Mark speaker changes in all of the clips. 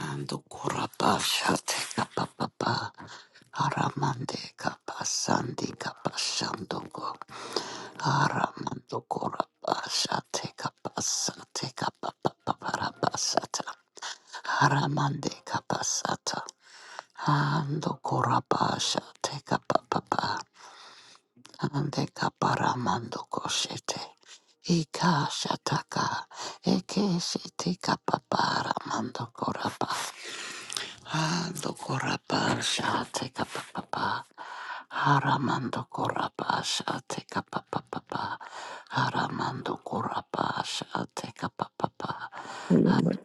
Speaker 1: Ando koraba shate kapa papa. Aramande kapa sandi kapa shandogo. Aramando koraba shate kapa sate kapa papa paraba sata. Aramande kapa sata. Ando koraba shate kapa papa. Ande kapa ramando koshete. Ika shataka. Eke shete kapa para mando koraba. Hando koraba shate kapapa. Haramando koraba shate kapapa. Haramando koraba shate kapapa.
Speaker 2: Thank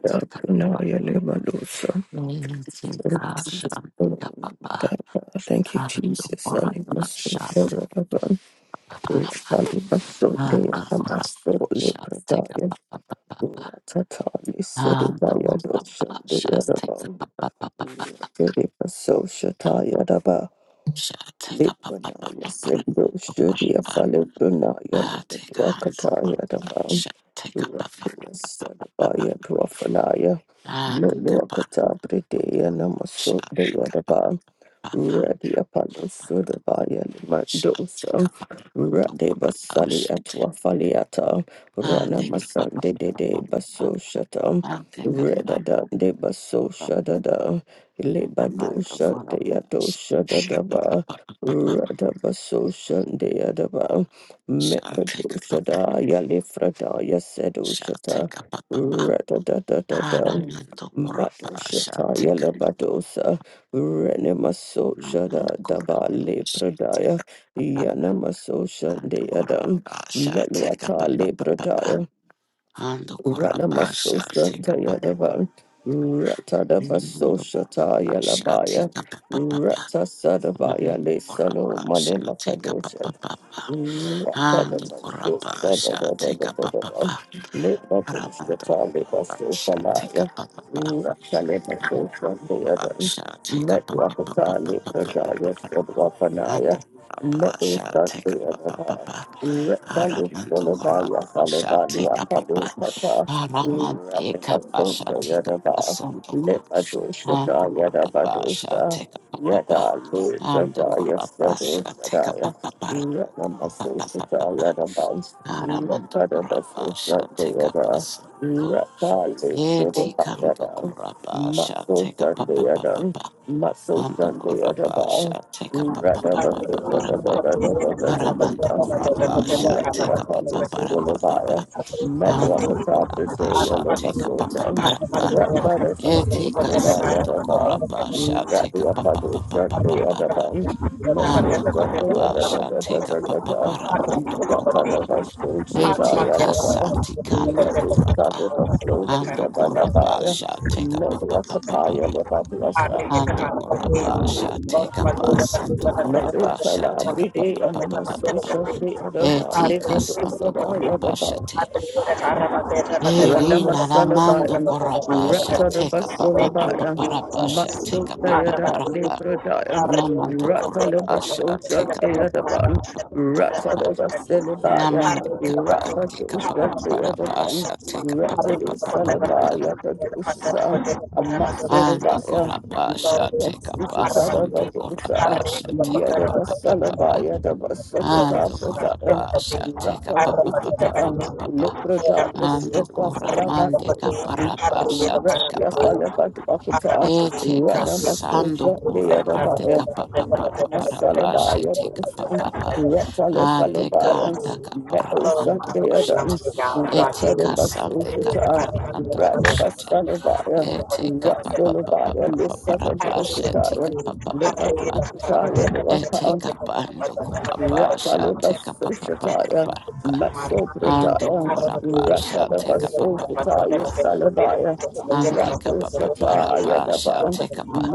Speaker 1: Tika shante kapapa.
Speaker 2: you,
Speaker 1: Hando
Speaker 2: Jesus. Thank
Speaker 1: koraba shate kapapa. Hando koraba shate kapapa. Hando koraba shate kapapa.
Speaker 2: you, Jesus.
Speaker 1: Shate kapapa.
Speaker 2: Lipanaya Sendo Shudia Falibranaya
Speaker 1: Ah, take up a
Speaker 2: Lipanwakataya Davam
Speaker 1: shot, take up a shot,
Speaker 2: Radia Sadabaya Dwafanaya
Speaker 1: and take up a
Speaker 2: Lulwakata Pridea Namaso
Speaker 1: shot, take up a
Speaker 2: Deyadabam Radia Palo Sudabaya
Speaker 1: shot, take
Speaker 2: Limandosa
Speaker 1: up
Speaker 2: Rade
Speaker 1: a
Speaker 2: Basali
Speaker 1: shot,
Speaker 2: Atwafaliata
Speaker 1: and
Speaker 2: Rana
Speaker 1: take up
Speaker 2: Masande
Speaker 1: a
Speaker 2: Dede Baso Shatam
Speaker 1: and take up a
Speaker 2: Redada De Baso Shadada Lebado
Speaker 1: and take up a
Speaker 2: Shadayado
Speaker 1: shot, take
Speaker 2: Shadadaba
Speaker 1: up a
Speaker 2: Radabaso Shande Adaba
Speaker 1: shot, take up a
Speaker 2: Mekadoshada Yalifrada
Speaker 1: shot,
Speaker 2: Yasedoshata
Speaker 1: take up a and
Speaker 2: Radadadadada
Speaker 1: I'm in the corrupt shot,
Speaker 2: Madoshata
Speaker 1: take up
Speaker 2: Yalabadosa Renemaso
Speaker 1: a and the
Speaker 2: Shada
Speaker 1: corrupt
Speaker 2: Daba Lepradaya
Speaker 1: shot,
Speaker 2: Yanamaso
Speaker 1: Ando
Speaker 2: Shande Adam
Speaker 1: korabasha teka pa
Speaker 2: Melwata
Speaker 1: pa pa pa pa.
Speaker 2: Lepradaya
Speaker 1: Ando
Speaker 2: Rana Maso
Speaker 1: korabasha
Speaker 2: Shanta
Speaker 1: teka pa pa pa.
Speaker 2: Yadavan, Ratada Baso
Speaker 1: Ando
Speaker 2: Shata
Speaker 1: korabasha
Speaker 2: Yalabaya,
Speaker 1: teka pa pa pa pa.
Speaker 2: Rata
Speaker 1: Ando
Speaker 2: Sadabaya Le Salo Male
Speaker 1: korabasha teka pa
Speaker 2: Makadosha,
Speaker 1: pa pa pa.
Speaker 2: let
Speaker 1: Ando
Speaker 2: us
Speaker 1: korabasha teka pa pa pa. Ando korabasha teka pa pa pa. Ando korabasha teka pa pa pa pa pa pa pa pa pa pa. Ando korabasha teka pa pa pa pa. Aramando korabasha teka pa pa. Aramante kapasha tika pasondoko. Ando korabasha teka papapa.
Speaker 2: Yada, Lord,
Speaker 1: Ando
Speaker 2: Sadaya,
Speaker 1: korabasha
Speaker 2: Sadaya,
Speaker 1: teka
Speaker 2: Sadaya,
Speaker 1: papapa.
Speaker 2: Muscle
Speaker 1: papa
Speaker 2: Sunday
Speaker 1: papa. Aramando korabasha teka pasondoko. Eti kando korabasha teka papa papa. Ando
Speaker 2: at the bar.
Speaker 1: korabasha teka papa papa papa. Aramando
Speaker 2: Rather,
Speaker 1: korabasha
Speaker 2: Met me
Speaker 1: teka
Speaker 2: Apostles
Speaker 3: Thank
Speaker 1: papapa.
Speaker 2: in the fire. Met the
Speaker 1: Ando
Speaker 2: Apostles in
Speaker 1: korabasha
Speaker 2: the
Speaker 1: teka
Speaker 2: Muscle
Speaker 1: papa
Speaker 2: Town.
Speaker 1: papa.
Speaker 2: Rat by the Apostles
Speaker 1: Etika
Speaker 2: in the
Speaker 1: sando
Speaker 2: other bar.
Speaker 1: korapa sha
Speaker 2: Rat the
Speaker 1: teka pa pa pa
Speaker 2: Apostles
Speaker 1: pa pa
Speaker 2: in
Speaker 1: pa
Speaker 2: the
Speaker 1: pa
Speaker 2: other
Speaker 1: pa.
Speaker 2: bar. Muscle
Speaker 1: Ando
Speaker 2: in the
Speaker 1: korapa
Speaker 2: other
Speaker 1: sha teka pa pa
Speaker 2: bar.
Speaker 1: pa ra ando
Speaker 2: Rat by the
Speaker 1: korapa.
Speaker 2: Apostles in the
Speaker 1: Etika
Speaker 2: other bar.
Speaker 1: santi kando
Speaker 2: Rat me Apostles
Speaker 1: korapa.
Speaker 2: in the
Speaker 1: Ando
Speaker 2: other
Speaker 3: you.
Speaker 1: korapa
Speaker 2: bar.
Speaker 1: sha teka pa
Speaker 2: Met the Apostles in the other bar. Met the
Speaker 1: pa pa
Speaker 2: Apostles
Speaker 1: pa pa
Speaker 2: in the
Speaker 1: pa.
Speaker 2: other bar.
Speaker 1: Ando korapa sha teka pa sando
Speaker 2: Met the
Speaker 1: korapa sha teka pa pa pa pa pa pa pa. Etika
Speaker 2: Apostles
Speaker 1: sando
Speaker 2: in the other
Speaker 1: korapa sha
Speaker 2: bar.
Speaker 1: te. Irina Ramando
Speaker 2: Ranamasalabaya,
Speaker 1: Corabasha, take a papa papa
Speaker 2: Ratalabasolabaya,
Speaker 1: parabasha, take a papa
Speaker 2: Matsudayada
Speaker 1: parapa.
Speaker 2: Libradaya,
Speaker 1: Namando Corabasha,
Speaker 2: Ratalabasosha
Speaker 1: take a papa
Speaker 2: Deadaban,
Speaker 1: papa papa papa.
Speaker 2: Ratalabasalabaya,
Speaker 1: Namande
Speaker 3: Thank
Speaker 1: capa,
Speaker 3: you.
Speaker 1: take a
Speaker 2: Rapatosha
Speaker 1: papa
Speaker 2: Deadaban,
Speaker 1: parabasha, take a papa
Speaker 2: Ratadi
Speaker 1: papa papa.
Speaker 2: Salabaya, Kadosa,
Speaker 1: Ando
Speaker 2: Amatsolabaya,
Speaker 1: Corabasha, take a
Speaker 2: Rapatosha
Speaker 1: pasando
Speaker 2: Tadavadosa,
Speaker 1: Corabasha,
Speaker 3: Terima
Speaker 1: take a papa papa.
Speaker 2: Yedabasalabaya, Dabasokota
Speaker 1: Ando
Speaker 2: Pradaya,
Speaker 1: Corabasha, take a papa papa
Speaker 2: Rapatosha.
Speaker 1: papa.
Speaker 2: Leprodaya
Speaker 1: Ando Coramande
Speaker 2: Sedwasalamandosan,
Speaker 1: caparabasha, take a
Speaker 2: Repia
Speaker 1: pa.
Speaker 2: Falabadwakata,
Speaker 1: Ete kasando
Speaker 2: Ranamasoja
Speaker 1: kura mande
Speaker 2: Deadabaya,
Speaker 1: kapa pa pa pa para pa
Speaker 2: Ranamasalabaya
Speaker 1: shete kapa
Speaker 2: Dosan,
Speaker 1: pa pa
Speaker 3: kasih.
Speaker 2: Ratale
Speaker 1: ande
Speaker 2: Falabaya,
Speaker 3: Arriba,
Speaker 1: kanda kapara
Speaker 2: Medosan
Speaker 1: mando
Speaker 2: Deadan,
Speaker 1: koshete eti
Speaker 2: Ratale
Speaker 1: kasande
Speaker 2: Basojata,
Speaker 1: kapara mando koshete
Speaker 2: Radabasalabaya,
Speaker 1: ete kapa pa pa pa
Speaker 2: Ratsolabaya,
Speaker 1: pa pa para
Speaker 2: Lissaka
Speaker 1: pa shete
Speaker 2: Dosataya,
Speaker 1: kapa pa pa pa pa ete
Speaker 2: Lemadosataya
Speaker 1: kapando kura pa shete kapa pa pa pa
Speaker 2: Ratalabasoshataya,
Speaker 1: para pa ando
Speaker 2: Masobrataya,
Speaker 1: kura pa shete kapa pa pa pa pa
Speaker 2: Ratalabasoshataya, Salabaya,
Speaker 1: Ande kapa pa para
Speaker 2: Ratoshataya,
Speaker 1: pa sha
Speaker 2: Daba,
Speaker 1: te kapa.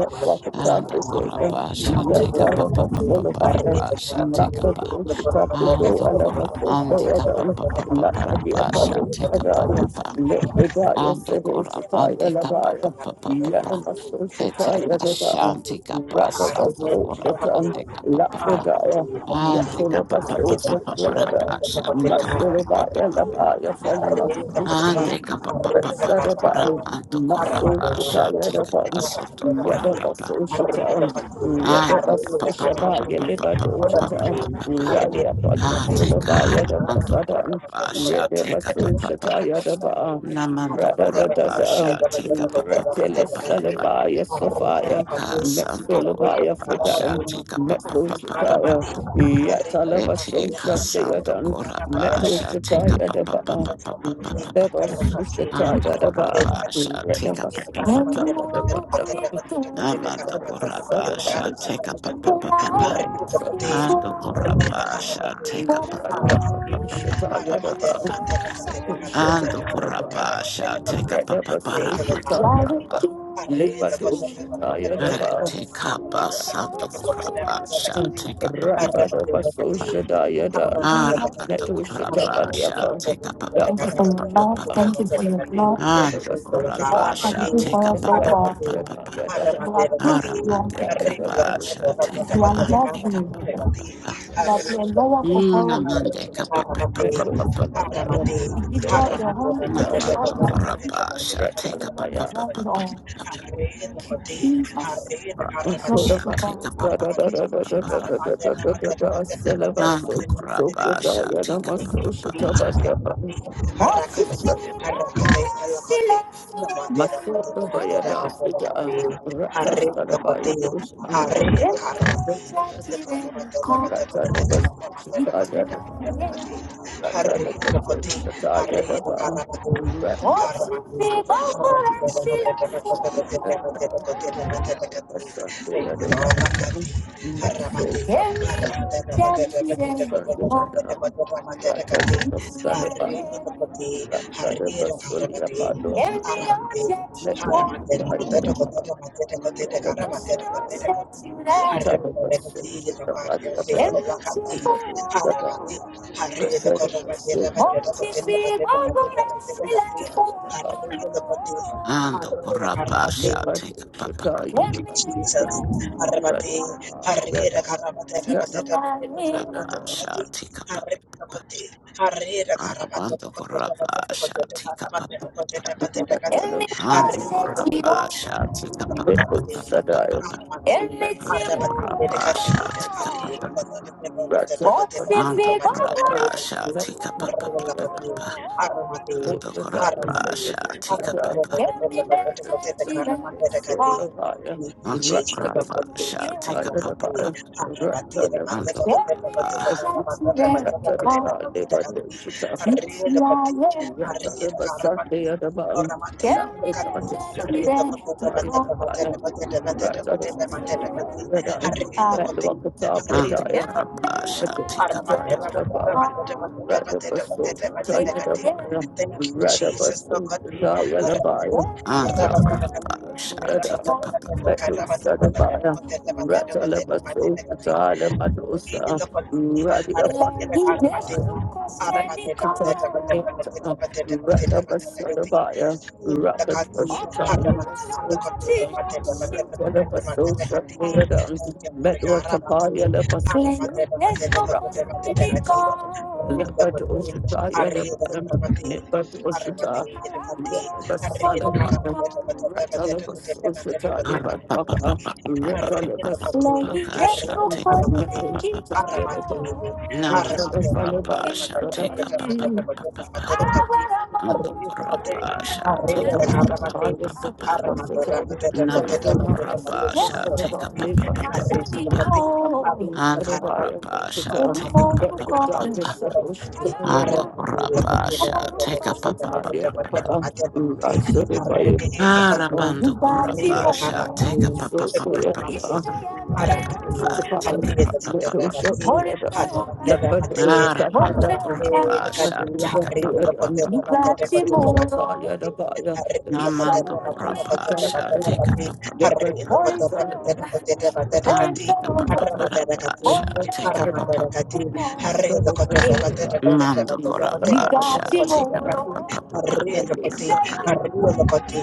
Speaker 1: Ando kora pa sha te kapa pa pa pa para
Speaker 2: Yatalabasolabaya,
Speaker 1: pa sha te kapa.
Speaker 2: Matadoshatabrisaya,
Speaker 1: Ando kora ande kapa
Speaker 2: Alamasotaya,
Speaker 1: pa pa pa para
Speaker 2: Latabia
Speaker 1: pa sha
Speaker 2: Palu
Speaker 1: te kapa pa
Speaker 2: Sadaya,
Speaker 1: pa.
Speaker 2: Lipidaya
Speaker 1: Ando kora
Speaker 2: Sedishataya
Speaker 1: ande kapa pa
Speaker 2: Labaya,
Speaker 1: pa pa pa pa.
Speaker 2: Yanamaso
Speaker 1: Eta
Speaker 2: Shataya
Speaker 1: ka
Speaker 2: Dada,
Speaker 1: shanti kapa santo
Speaker 2: Radabaso
Speaker 1: kora
Speaker 2: Shatan,
Speaker 1: ande kapa pa pa.
Speaker 2: Lapidaya,
Speaker 1: Ande kapa pa pa pa
Speaker 2: Yatulabaso
Speaker 1: pa para pa
Speaker 2: Shataya,
Speaker 1: sha te kapa pa pa
Speaker 2: Matsulabaya
Speaker 1: pa.
Speaker 2: Labaya
Speaker 3: hari ini dapat di hari ini dapat di
Speaker 2: Falimasisha,
Speaker 1: Ande kapa pa
Speaker 3: hari ini dapat di hari ini
Speaker 1: pa
Speaker 3: dapat di
Speaker 1: pa
Speaker 3: hari ini
Speaker 1: pa pa ra
Speaker 2: Retsadaba,
Speaker 1: manto
Speaker 3: dapat di hari
Speaker 1: corra
Speaker 3: ini dapat
Speaker 2: Matsu
Speaker 3: di hari
Speaker 1: pa
Speaker 3: ini dapat di hari ini dapat
Speaker 1: sha
Speaker 2: Shataya
Speaker 1: te
Speaker 3: di hari
Speaker 2: Daba,
Speaker 1: kapa soto corra
Speaker 3: ini dapat di hari ini dapat di
Speaker 1: pa pa.
Speaker 3: hari
Speaker 2: Yadabasoshita,
Speaker 1: Ande kapa pa pa pa
Speaker 2: Yadabasoshaba,
Speaker 1: pa pa pa pa pa pa
Speaker 2: Yadabadoshita,
Speaker 1: pa pa pa.
Speaker 2: Radia
Speaker 1: Ah, te
Speaker 2: Padosolaba,
Speaker 1: cara manto corra
Speaker 2: Yadabasadan,
Speaker 1: pa sha te kapa pa
Speaker 2: Yadabasoshita,
Speaker 1: pa.
Speaker 2: Yadaba,
Speaker 1: Na manto corra pa
Speaker 2: Radadadada,
Speaker 1: sha te kapa pa pa pa
Speaker 2: Ratelis
Speaker 1: pa ra pa.
Speaker 2: Salabaya,
Speaker 1: Te
Speaker 2: Sophia,
Speaker 1: cara santo corra
Speaker 2: Metsolabaya,
Speaker 1: pa sha
Speaker 2: Fritan.
Speaker 1: te kapa pa pa pa pa pa
Speaker 2: Metoshataya,
Speaker 1: pa. E te cara santo
Speaker 2: Yatalabasoshandayadan,
Speaker 1: corra
Speaker 3: ini
Speaker 1: pa sha te
Speaker 3: dapat di
Speaker 2: Metoshataya
Speaker 1: kapa pa
Speaker 2: Daba,
Speaker 1: pa pa
Speaker 3: Arremate,
Speaker 1: pa pa pa pa pa.
Speaker 3: arremate,
Speaker 1: Ando
Speaker 2: Radabasoshataya
Speaker 3: arremate,
Speaker 1: corra
Speaker 2: Daba,
Speaker 1: pa
Speaker 3: arremate,
Speaker 1: sha te kapa pa pa pa.
Speaker 3: arremate,
Speaker 2: Radabasoshataya
Speaker 3: arremate,
Speaker 2: Daba,
Speaker 1: Amando corrapa shall take a papa papa. Ando corrapa shall take a papa papa papa
Speaker 2: Radabasoshataya
Speaker 1: papa papa.
Speaker 2: Daba, Shataya
Speaker 1: Ando
Speaker 2: Daba,
Speaker 1: corrapa shall
Speaker 3: arremate,
Speaker 1: take a papa
Speaker 2: Radaba
Speaker 3: arremate. Arre,
Speaker 1: paramando
Speaker 2: Sosatayadaba,
Speaker 1: corrapa.
Speaker 2: Lipadoshatayadaba,
Speaker 1: Take up a sando corrapa shall take a papa
Speaker 2: Ratadaba
Speaker 1: papa.
Speaker 2: Soshadayadan,
Speaker 1: Aramando corrapa shall
Speaker 2: Netoshatabadiafan.
Speaker 1: take a papa
Speaker 2: Thank you
Speaker 1: papa
Speaker 2: for your
Speaker 1: papa
Speaker 2: love.
Speaker 1: papa.
Speaker 2: Thank you for your blood. Thank
Speaker 1: Ando
Speaker 2: you for
Speaker 1: corrapa
Speaker 2: all that you
Speaker 1: shall
Speaker 2: do
Speaker 1: take
Speaker 2: for
Speaker 1: a
Speaker 2: us, oh
Speaker 1: papa
Speaker 2: God. You
Speaker 1: papa papa.
Speaker 2: are good. You are
Speaker 1: Aramande
Speaker 2: mighty.
Speaker 1: capa shall take a
Speaker 2: You are
Speaker 1: pandi
Speaker 2: lovely. You
Speaker 1: capa.
Speaker 2: are the Lord of
Speaker 1: Namande
Speaker 2: all.
Speaker 1: kapa pa pa pa pa
Speaker 2: Metal
Speaker 1: pa pa.
Speaker 2: Salataya, We give you all Sekat the we give you all
Speaker 1: Namando
Speaker 2: the Sutayalapa, adoration,
Speaker 1: korapa sha take up pa pa
Speaker 2: Retalamaya,
Speaker 1: pa
Speaker 2: love
Speaker 1: pa pa pa pa.
Speaker 2: Thank you, Jesus.
Speaker 1: Korapa sha
Speaker 2: Rather,
Speaker 1: take up pa pa pa pa pa pa pa. Ando korapa sha
Speaker 3: αρρεναρρεναρρεναρρεναρρεναρρε
Speaker 1: take up pa pa pa pa.
Speaker 3: Thank you,
Speaker 2: Every
Speaker 3: Lord. Arabate, Arabate, Arabate, Arabate, Arabate, Arabate, Arabate, Arabate, Arabate, Arabate, Arabate, Arabate, Arabate, Arabate,
Speaker 2: object,
Speaker 3: Arabate,
Speaker 1: Ando
Speaker 3: Arabate,
Speaker 1: korapa sha
Speaker 3: Arabate,
Speaker 1: take up pa pa pa pa.
Speaker 2: Sadaya.
Speaker 3: Thank you, Jesus, Arabati, Harriera Carabata, Rabata, Rabata, Rabata,
Speaker 1: Korapa
Speaker 3: Rabati,
Speaker 1: sha take up pa pa pa
Speaker 3: Harriera
Speaker 1: pa.
Speaker 3: Cotti, Harriera Carabata,
Speaker 1: Ando
Speaker 3: Cotta,
Speaker 1: korapa
Speaker 3: Rabata,
Speaker 1: sha
Speaker 3: Cotta,
Speaker 1: take up pa pa
Speaker 3: Rabata, Cotta,
Speaker 1: pa.
Speaker 3: Rabata, Rabati,
Speaker 1: Ando
Speaker 3: Harriera Cotti,
Speaker 1: korapa sha take pa pa pa pa pa pa pa.
Speaker 3: Arabati,
Speaker 1: Ando
Speaker 3: Arabati,
Speaker 1: korapa
Speaker 3: Dedicati,
Speaker 1: sha take
Speaker 3: Harriera
Speaker 1: up
Speaker 3: Cotta,
Speaker 2: Boşesi kokore. Kendine çeşine.
Speaker 3: Rabata, Rabata, Rabata,
Speaker 1: Anto
Speaker 3: Rabata,
Speaker 1: korapa sha
Speaker 3: Rabati,
Speaker 1: tika pa pa pa
Speaker 3: Harriera
Speaker 1: pa pa
Speaker 3: Cotti,
Speaker 1: pa.
Speaker 3: Arabati,
Speaker 1: Anto
Speaker 3: Arabati,
Speaker 1: korapa
Speaker 3: Arabati,
Speaker 1: sha tika pa pa.
Speaker 3: Rabata, Rabata, Rabata, Rabata, Rabati, Thank you,
Speaker 1: Anto korapa sha tika pa pa pa pa pa. Anto korapa.
Speaker 2: Rather,
Speaker 1: Anto korapa sha tika pa pa.
Speaker 3: Jesus.
Speaker 1: Anto korapa sha tika pa pa.
Speaker 3: Armate,
Speaker 2: Rocket
Speaker 3: Takati,
Speaker 2: was
Speaker 3: Haramati, the Kotuba, Mateba, Mateba, Kotuba, Mateba, Kati, Taja Marga, Ramati, Haramate, Mateba, Kotuba, Mateba, Kati, Rinda Kotu, Ari, the Haramati, Haramati, the Kati, Ari, the Haramate, Mateba, Mateba, Kotuba, Mateba,
Speaker 1: Ara
Speaker 3: Kotuba, Mateba,
Speaker 1: pa pa pa pa
Speaker 3: Kati,
Speaker 1: pa pa pa pa pa
Speaker 3: Arreda
Speaker 1: pa
Speaker 3: pati,
Speaker 1: pa pa sha
Speaker 3: arreda
Speaker 1: pa
Speaker 3: paramati,
Speaker 1: pa pa pa pa.
Speaker 3: aramati, aramati,
Speaker 1: Namaste
Speaker 3: aramati, aramati,
Speaker 1: korapa sha
Speaker 3: aramati,
Speaker 1: pa
Speaker 2: Metal
Speaker 1: pa pa pa
Speaker 3: aramati,
Speaker 1: pa
Speaker 3: aramati,
Speaker 1: pa.
Speaker 3: aramati,
Speaker 1: Anto
Speaker 3: arreda pati,
Speaker 1: korapa sha
Speaker 3: arreda
Speaker 2: it was The
Speaker 1: pa pa pa
Speaker 3: aramati,
Speaker 2: time
Speaker 3: aramati, aramati, aramati,
Speaker 2: you
Speaker 1: pa pa
Speaker 2: said
Speaker 1: pa.
Speaker 2: it. Thank you.
Speaker 3: aramati,
Speaker 1: Namando
Speaker 3: aramati,
Speaker 1: Kurapa shall
Speaker 3: aramati,
Speaker 2: said
Speaker 1: take
Speaker 2: about
Speaker 1: up a
Speaker 2: it,
Speaker 1: papa
Speaker 2: the
Speaker 3: aramati,
Speaker 1: papa
Speaker 3: arreda
Speaker 1: papa.
Speaker 3: pati, Hari
Speaker 1: And the Kurapa shall
Speaker 2: time.
Speaker 1: take up a
Speaker 2: That the
Speaker 1: papa papa.
Speaker 2: darkness
Speaker 1: papa.
Speaker 2: of
Speaker 1: And
Speaker 2: the
Speaker 1: the Kurapa shall take up a
Speaker 2: let
Speaker 1: papa papa. papa. Arabando Kurapa shall take up a papa papa papa. Take up a papa, take up a papa papa. Aramando Kurapa shall take up a papa papa papa.
Speaker 3: ini Hari ini kota
Speaker 1: Namando
Speaker 3: kota kota
Speaker 1: Kurapa
Speaker 3: kota
Speaker 1: shall take up a
Speaker 3: kati.
Speaker 1: papa papa.
Speaker 3: Hari ini
Speaker 1: papa.
Speaker 3: kota kota kota kota
Speaker 1: And
Speaker 3: kati.
Speaker 1: the
Speaker 3: Aramata
Speaker 1: Kurapa
Speaker 3: kati.
Speaker 1: shall take up
Speaker 2: the
Speaker 1: a
Speaker 3: Aramata
Speaker 1: papa.
Speaker 3: kati.
Speaker 2: you
Speaker 3: Hari ini kota kota kota kota kota
Speaker 1: Mando
Speaker 3: kota
Speaker 1: korapa sha
Speaker 2: got him
Speaker 3: kati.
Speaker 1: take a pa pa
Speaker 2: all.
Speaker 1: pa pa pa
Speaker 3: Hari ini
Speaker 2: You
Speaker 1: pa
Speaker 3: koti.
Speaker 2: say
Speaker 1: pa pa.
Speaker 3: Hari ini koti.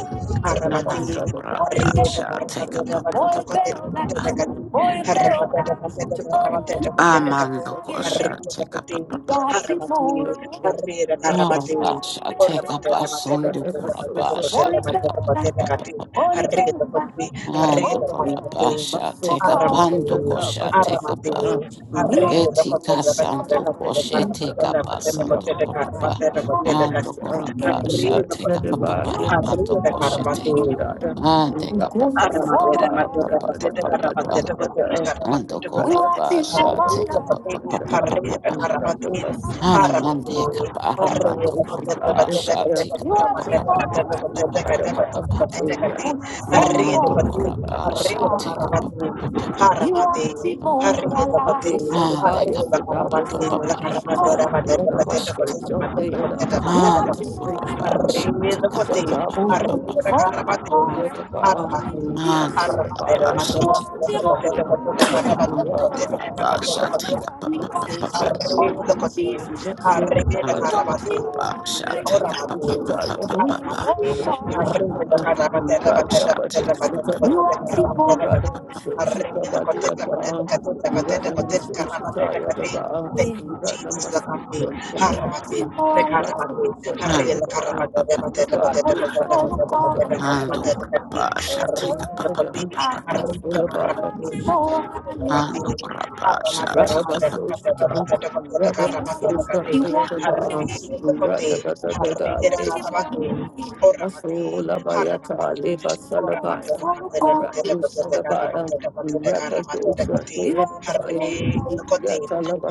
Speaker 3: Aramati.
Speaker 1: Namando
Speaker 3: Hari ini
Speaker 1: korapa sha
Speaker 3: kota
Speaker 1: take a pa pa pa
Speaker 3: kota kota
Speaker 1: pa pa pa
Speaker 3: kota
Speaker 1: pa.
Speaker 3: kati. Aramata kati. Aramata kati.
Speaker 1: Amando
Speaker 3: Hari
Speaker 1: kosha
Speaker 3: ini
Speaker 1: take a
Speaker 3: koti.
Speaker 1: pa pa pa pa pa.
Speaker 3: Aramati. Hari ini
Speaker 1: Korapa
Speaker 3: aramati.
Speaker 1: sha
Speaker 3: Arriba,
Speaker 1: take a pa sondo korapa sha take a pa
Speaker 2: I'm
Speaker 1: pa pa pa pa pa pa.
Speaker 2: Amado,
Speaker 1: Mando korapa sha take a pando kosha take a pa. Etika sandu koshe teka basandu koraba. Ando koraba sha teka papa paramando koshe te. Ande papa papa papa papa papa papa. Ando koraba sha teka papa papa papa papa. Aramande kapara mando koraba sha teka
Speaker 2: Lord,
Speaker 1: papa
Speaker 2: we
Speaker 1: papa papa
Speaker 2: want
Speaker 1: papa papa papa.
Speaker 2: you. Come
Speaker 1: Namando koraba sha teka papa papa papa
Speaker 2: you want to
Speaker 1: papa papa.
Speaker 2: move alive. Okay,
Speaker 1: Ande
Speaker 2: Salabaya,
Speaker 1: papa
Speaker 2: Sibaya,
Speaker 1: papa papa
Speaker 2: Sata, Yadavaso,
Speaker 1: shit.
Speaker 3: Haramati,
Speaker 2: Shandeda. You want
Speaker 1: And
Speaker 2: to move
Speaker 1: rubber shit.
Speaker 2: alive.
Speaker 1: Papa
Speaker 3: Arrivederci,
Speaker 2: Sata,
Speaker 1: papa
Speaker 2: Bungu,
Speaker 1: papa papa
Speaker 3: arrivederci, armati,
Speaker 1: papa.
Speaker 2: Yadava,
Speaker 3: armati,
Speaker 1: And rubber
Speaker 2: Salabaya,
Speaker 3: Arrivederci,
Speaker 1: shit. And rubber shit. Take a papa papa papa. And rubber shit. Take a papa papa papa papa. And rubber
Speaker 2: Shandeda.
Speaker 3: arrivederci, oramati,
Speaker 2: Rather,
Speaker 3: armati,
Speaker 1: shit. Take a papa
Speaker 3: arrivederci, Thank
Speaker 1: papa papa.
Speaker 3: you, Jesus. Lakati, Haramati, Nekaramati, Harri,
Speaker 1: And
Speaker 3: Lakaramati,
Speaker 1: rubber papa
Speaker 3: Demate, Demate, Demate,
Speaker 1: papa
Speaker 3: Demate,
Speaker 1: papa.
Speaker 3: Demate,
Speaker 1: Nando
Speaker 3: Demate, Demate,
Speaker 1: Kurapasha,
Speaker 3: Harri,
Speaker 1: take a papa
Speaker 3: Lakati,
Speaker 1: papa papa
Speaker 3: Harri,
Speaker 1: papa.
Speaker 3: Nekaramati, Nekaramati,
Speaker 1: Nando
Speaker 3: Haramati,
Speaker 1: Kurapasha, take a
Speaker 3: Ramati,
Speaker 1: papa
Speaker 3: Demate,
Speaker 2: Radabasostan,
Speaker 3: Demate, Demate, Nekaramati,
Speaker 2: Radabasostan,
Speaker 1: papa
Speaker 3: Lakati,
Speaker 1: papa.
Speaker 2: Yadaba,
Speaker 3: Harri, Lakati, Harri,
Speaker 2: Radabasada,
Speaker 3: Nekaramati, Oramati,
Speaker 2: Masola Bayata,
Speaker 3: Haramati,
Speaker 2: Leva Salabaya,
Speaker 3: Oramati,
Speaker 2: Radusadabaya, Rakadosa,
Speaker 3: Haramati,
Speaker 2: Yadabaya,
Speaker 3: Harri, Koti,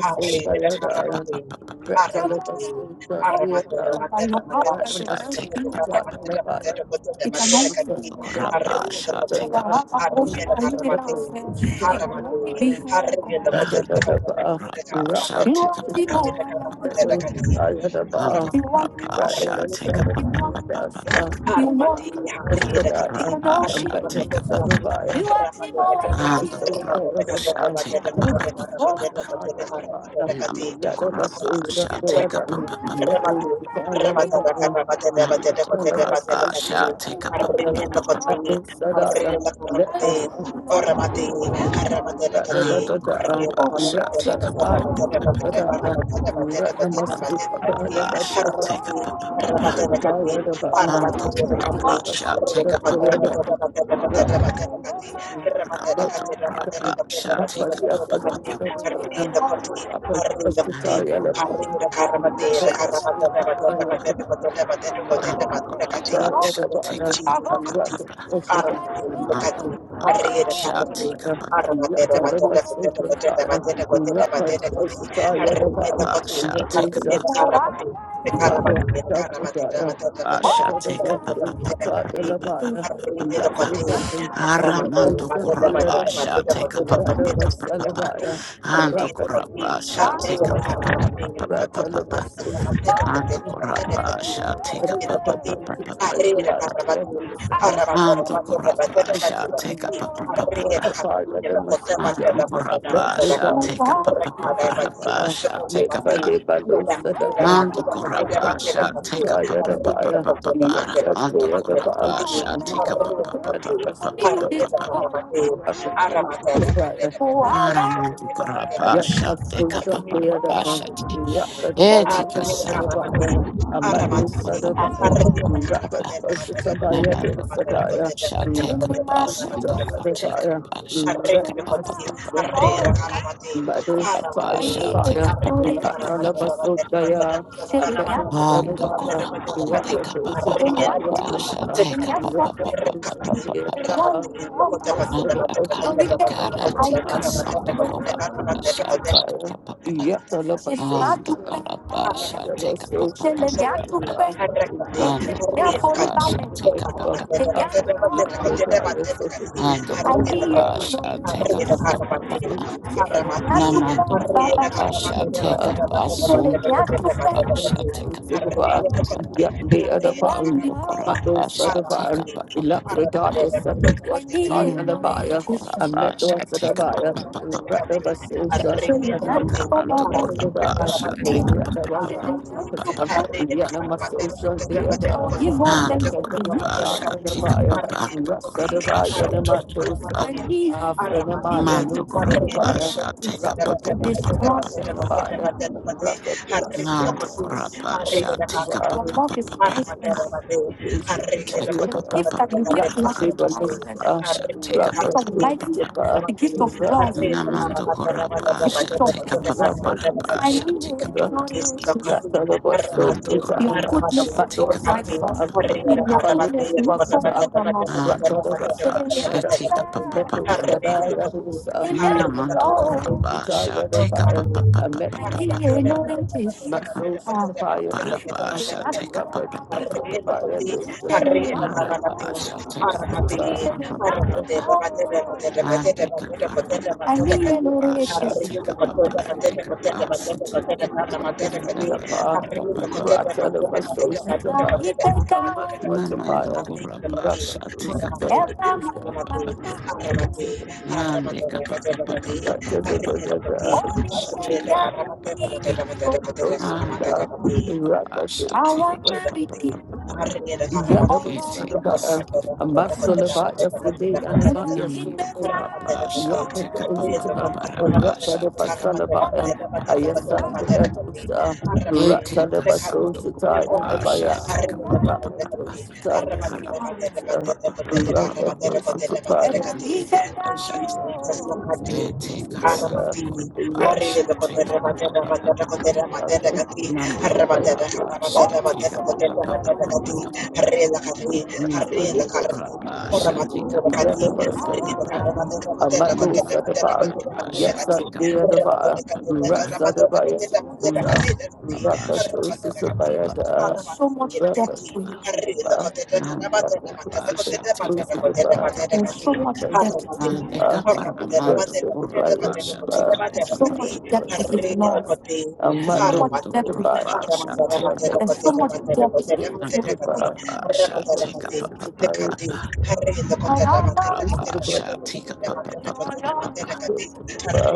Speaker 3: Harri,
Speaker 1: Take a
Speaker 3: Haramati,
Speaker 1: papa papa
Speaker 2: by
Speaker 1: papa.
Speaker 3: Aramati, Aramati,
Speaker 2: your
Speaker 3: Ramati, Ramati,
Speaker 2: power, by
Speaker 3: Ramati,
Speaker 2: your
Speaker 3: Ramati,
Speaker 2: might,
Speaker 1: Shall take
Speaker 2: be
Speaker 1: up
Speaker 3: Kati,
Speaker 2: God. It can be you,
Speaker 1: Rapa
Speaker 3: Harri,
Speaker 2: God.
Speaker 1: shall
Speaker 2: It can
Speaker 1: take up
Speaker 3: Koti, Harri, Haramati,
Speaker 2: be you,
Speaker 3: Haramati, Harri, Koti,
Speaker 2: God.
Speaker 1: Rapa
Speaker 3: Haramati,
Speaker 1: shall
Speaker 2: You
Speaker 1: take up
Speaker 3: Ramati,
Speaker 2: are the
Speaker 3: Ramati,
Speaker 1: and
Speaker 2: whole
Speaker 1: the
Speaker 2: You
Speaker 3: Kati,
Speaker 2: want
Speaker 1: Rapa shall
Speaker 3: Oramati,
Speaker 1: take up
Speaker 3: Harri,
Speaker 2: you want
Speaker 3: Aramati,
Speaker 2: you want
Speaker 3: Hati,
Speaker 1: and the
Speaker 2: it
Speaker 3: Dekati,
Speaker 2: can
Speaker 1: Rapa
Speaker 3: Aramato,
Speaker 2: be
Speaker 1: shall
Speaker 2: you.
Speaker 1: take up
Speaker 2: You are
Speaker 3: Ramato, Dekati,
Speaker 1: and the
Speaker 3: Ramato,
Speaker 2: the
Speaker 3: Dekati,
Speaker 2: whole Oh,
Speaker 3: Ramate, Dekati, Ramate, Dekati,
Speaker 2: good. Oh,
Speaker 3: Ramato, Dekati,
Speaker 2: God.
Speaker 3: Dekati,
Speaker 2: Rather,
Speaker 1: Rapa shall take up
Speaker 3: Ramati, Ramati, Ramato, Dekati, Ramate, Dekati,
Speaker 1: Namant Korapa shall take up Namant
Speaker 3: Dekati, Ramate,
Speaker 1: Korapa
Speaker 3: Dekati,
Speaker 1: shall take
Speaker 3: Arri,
Speaker 1: up
Speaker 3: Dekati, Arri, Dekati, Ramati, Ramate, Dekati, Arri, Dekati, Ramate,
Speaker 1: and the Korapa shall take
Speaker 3: Dekati, Ramate,
Speaker 1: up
Speaker 3: Dekati, Ramate, Dekati, Thank
Speaker 1: Anto Brabba shall take up a papa. Anto Brabba shall take up a papa. Anto Brabba shall
Speaker 2: Rapper,
Speaker 1: take up a papa. shall
Speaker 3: you,
Speaker 1: take up a Anto Brabba shall take up a papa. Anto Brabba shall
Speaker 3: Jesus.
Speaker 1: take up a
Speaker 3: Arriba,
Speaker 1: papa. shall take up a papa. shall take up a papa. Aramando kurapa shall take a papa papa papa.
Speaker 2: Radabasalabaya,
Speaker 1: Ando
Speaker 2: Rapid,
Speaker 1: kurapa shall take a papa papa papa papa. Ando kurapa shall take a papa
Speaker 3: Arrabati,
Speaker 1: papa papa.
Speaker 3: Arreda Carabatu, Arrabato
Speaker 1: Ando
Speaker 3: Rabato
Speaker 1: kurapa
Speaker 3: Cabateta
Speaker 1: shall take a
Speaker 3: Batabati,
Speaker 1: papa papa
Speaker 3: Arreda
Speaker 1: papa.
Speaker 3: Capilla Bacota
Speaker 1: Ando
Speaker 3: Batata Batadama
Speaker 1: kurapa shall
Speaker 3: Badamati,
Speaker 1: take a papa
Speaker 3: Recada
Speaker 1: papa
Speaker 3: Bati,
Speaker 1: papa
Speaker 3: the
Speaker 1: shall take a
Speaker 3: Bati,
Speaker 1: papa.
Speaker 3: Madame Sidamato
Speaker 1: Ando
Speaker 3: Batida
Speaker 1: kurapa
Speaker 3: Batida
Speaker 1: shall take
Speaker 3: Batu,
Speaker 1: a papa
Speaker 3: Arreda
Speaker 1: papa
Speaker 3: Batida
Speaker 1: papa.
Speaker 3: Batida
Speaker 2: Rattle
Speaker 1: Ando
Speaker 2: of
Speaker 3: Batida
Speaker 2: all,
Speaker 1: kurapa
Speaker 3: Bati,
Speaker 1: shall
Speaker 2: I'm not
Speaker 1: take a papa
Speaker 3: Arreda
Speaker 2: going to
Speaker 1: papa
Speaker 3: Bati,
Speaker 2: cry.
Speaker 1: papa
Speaker 2: You did
Speaker 3: Arreda
Speaker 1: papa.
Speaker 2: all.
Speaker 3: Carabati,
Speaker 2: I'm not going
Speaker 3: Arramata
Speaker 2: to cry.
Speaker 3: Batida Batida
Speaker 2: Oh, I
Speaker 3: Batida
Speaker 2: love
Speaker 1: Aramandu
Speaker 3: Batida Batida
Speaker 2: you. Yes,
Speaker 3: Bati,
Speaker 2: my
Speaker 1: Karabasha, Dekapa
Speaker 2: social media,
Speaker 3: Arreda
Speaker 2: I'm
Speaker 1: Parabasha,
Speaker 3: Bati,
Speaker 2: not going to cry.
Speaker 3: Arre,
Speaker 2: I'm not
Speaker 1: Etika
Speaker 2: going to
Speaker 1: Santa
Speaker 2: cry. I'm not going to
Speaker 1: Papa,
Speaker 2: cry. I'm not going to cry. I'm not
Speaker 1: Namanda Korabasha, take a bus and the take a pasha, take a papa,
Speaker 2: going to cry. My social media,
Speaker 1: and the
Speaker 2: Meadows, fire,
Speaker 1: Korabasha, take
Speaker 2: fire,
Speaker 1: a
Speaker 2: rat on a
Speaker 1: papa,
Speaker 2: soda,
Speaker 1: and the
Speaker 2: yeah.
Speaker 1: Koramande Kapapa Basha, take a papa, and the Kande Karatika Santa Korabasha, take a papa. And the korabasha
Speaker 3: Haramati,
Speaker 1: take a pa pa pa pa pa
Speaker 3: Chakrapati,
Speaker 1: pa.
Speaker 3: Handrakati,
Speaker 1: Ando korabasha take a pa pa pa pa pa pa. Ando korabasha take a pa pa pa pa pa. Namando korabasha take a pa the korabasha take a pa pa
Speaker 2: Baba.
Speaker 1: pa pa pa pa.
Speaker 2: Yeah, the other
Speaker 3: Harinakati,
Speaker 2: part of
Speaker 1: Ando korabasha
Speaker 2: Mando
Speaker 1: take a
Speaker 2: Sadavaya,
Speaker 1: pa
Speaker 3: Haramati,
Speaker 1: pa pa pa pa pa.
Speaker 2: Elaphroditus, separate was
Speaker 1: Mm, Namando
Speaker 2: Tayanabaya, a
Speaker 1: korabasha
Speaker 2: metal
Speaker 1: take a pa
Speaker 2: Sadavaya,
Speaker 1: pa pa pa pa.
Speaker 2: Ratnavasosha,
Speaker 1: Namando
Speaker 2: Sadavaya,
Speaker 1: korabasha take a pa pa pa pa pa pa pa pa.
Speaker 2: the other. Give all them
Speaker 1: Mando korapa shati
Speaker 2: Tayanabaya.
Speaker 1: kapapa, mando korapa
Speaker 2: Rasadabaya,
Speaker 1: shoto korapa, mando korapa
Speaker 3: Arre,
Speaker 1: shati kapapa, papa,
Speaker 3: harusnya
Speaker 1: papa, papa, papa, mando korapa shati
Speaker 2: your
Speaker 1: kapapa,
Speaker 2: love is
Speaker 1: papa, papa,
Speaker 2: priceless.
Speaker 1: take a
Speaker 2: The
Speaker 1: papa,
Speaker 2: gift that
Speaker 1: papa,
Speaker 2: you give
Speaker 1: papa,
Speaker 2: to us is
Speaker 1: mando
Speaker 2: priceless.
Speaker 1: korapa shati
Speaker 2: The gift of
Speaker 1: kapapa, papa,
Speaker 2: life,
Speaker 1: papa,
Speaker 2: the gift
Speaker 3: lebih
Speaker 2: of love,
Speaker 3: hati
Speaker 1: namando
Speaker 3: hati
Speaker 1: korapa
Speaker 2: the gift
Speaker 1: shati
Speaker 2: of
Speaker 1: kapapa, papa,
Speaker 2: peace.
Speaker 1: papa,
Speaker 2: I
Speaker 1: shati
Speaker 2: mean,
Speaker 1: kapapa, papa, papa, mando
Speaker 2: Jesus, your
Speaker 1: korapa
Speaker 2: goodness is so
Speaker 1: shati kapapa, papa,
Speaker 2: priceless,
Speaker 1: papa,
Speaker 2: and
Speaker 1: papa,
Speaker 2: your
Speaker 1: papa,
Speaker 2: goodness will not good on us.
Speaker 1: mando
Speaker 2: So
Speaker 1: korapa
Speaker 2: may we have
Speaker 1: shati kapapa, papa,
Speaker 2: that.
Speaker 1: papa.
Speaker 2: Amen.
Speaker 1: Namando
Speaker 3: Harri
Speaker 1: Korabasha, take up a
Speaker 2: Oh.
Speaker 1: papa papa
Speaker 2: Rattle
Speaker 1: papa papa. Paparabasha, take up a papa papa. Narabasha, take a papa papa papa. papa. And the Kaparamando Basha, take up a papa and the capacity. And the Karapa papa papa papa papa. papa.
Speaker 3: Hari
Speaker 1: Namando Korabasha, take up a papa papa papa. papa. And the Kapapa papa papa papa papa. Take up a papa papa.
Speaker 3: Thank you.
Speaker 1: Basha
Speaker 3: Thank
Speaker 1: take
Speaker 3: you,
Speaker 2: our marriage.
Speaker 1: up
Speaker 2: Yeah, that
Speaker 1: and
Speaker 2: was son
Speaker 1: take
Speaker 2: of a
Speaker 1: us
Speaker 2: uh,
Speaker 1: on the
Speaker 2: a muscle
Speaker 1: Burabasha
Speaker 2: about your
Speaker 1: take
Speaker 2: Friday and about your soul.
Speaker 1: Namando
Speaker 2: Yeah,
Speaker 1: Kurabasha
Speaker 2: but the
Speaker 1: take up
Speaker 2: ocean to um, rat out
Speaker 1: Barabasha
Speaker 2: of a
Speaker 1: take up
Speaker 2: son about um, I yes, I do a dose um,
Speaker 1: and
Speaker 2: rat out
Speaker 1: take
Speaker 2: of a
Speaker 1: us on
Speaker 2: soul
Speaker 1: the
Speaker 2: to tie and about ya.
Speaker 1: Kurabasha take up
Speaker 2: Rat a dose to tie and
Speaker 1: and
Speaker 2: about Rat a dose to tie and about dose. Rat a
Speaker 3: Jesus.
Speaker 2: dose
Speaker 1: Take
Speaker 2: to
Speaker 1: us on the
Speaker 2: tie
Speaker 3: Arabati, Arre
Speaker 1: Gorabasha,
Speaker 3: de
Speaker 1: take a
Speaker 3: Coterra
Speaker 1: papa,
Speaker 3: Matera Matera Cotera
Speaker 2: I thank
Speaker 1: Mamma the
Speaker 3: Matera Gatti,
Speaker 1: Gorabasha, take a
Speaker 3: Ramadhan,
Speaker 1: papa. Namanda Korapa shall take up papa papa papa.
Speaker 2: no
Speaker 1: Namanda Korapa shall
Speaker 2: Yes,
Speaker 1: take up papa papa papa.
Speaker 2: at the Baya,
Speaker 1: Namanda Korapa shall
Speaker 2: Rapatos
Speaker 1: take up
Speaker 2: is a
Speaker 1: papa
Speaker 3: Harre
Speaker 1: papa
Speaker 2: Bayada.
Speaker 1: papa.
Speaker 2: So much depth to it.
Speaker 1: Namanda Korapa shall take up papa papa papa.
Speaker 2: There's so much depth to it.
Speaker 1: Namanda Kaparamando Korapa shall take up
Speaker 2: There's so
Speaker 1: papa
Speaker 2: much
Speaker 1: papa
Speaker 2: depth to
Speaker 1: papa.
Speaker 2: his love. There's so much
Speaker 1: Namanda
Speaker 2: depth to this.
Speaker 1: Korapa shall take up
Speaker 2: There's so
Speaker 1: papa.
Speaker 2: much depth to
Speaker 1: Namanda
Speaker 2: the Bible.
Speaker 1: Korapa shall take up papa papa. Namanda
Speaker 2: Oh,
Speaker 1: Korapa shall take
Speaker 3: Harra
Speaker 1: up papa papa papa.
Speaker 2: wow.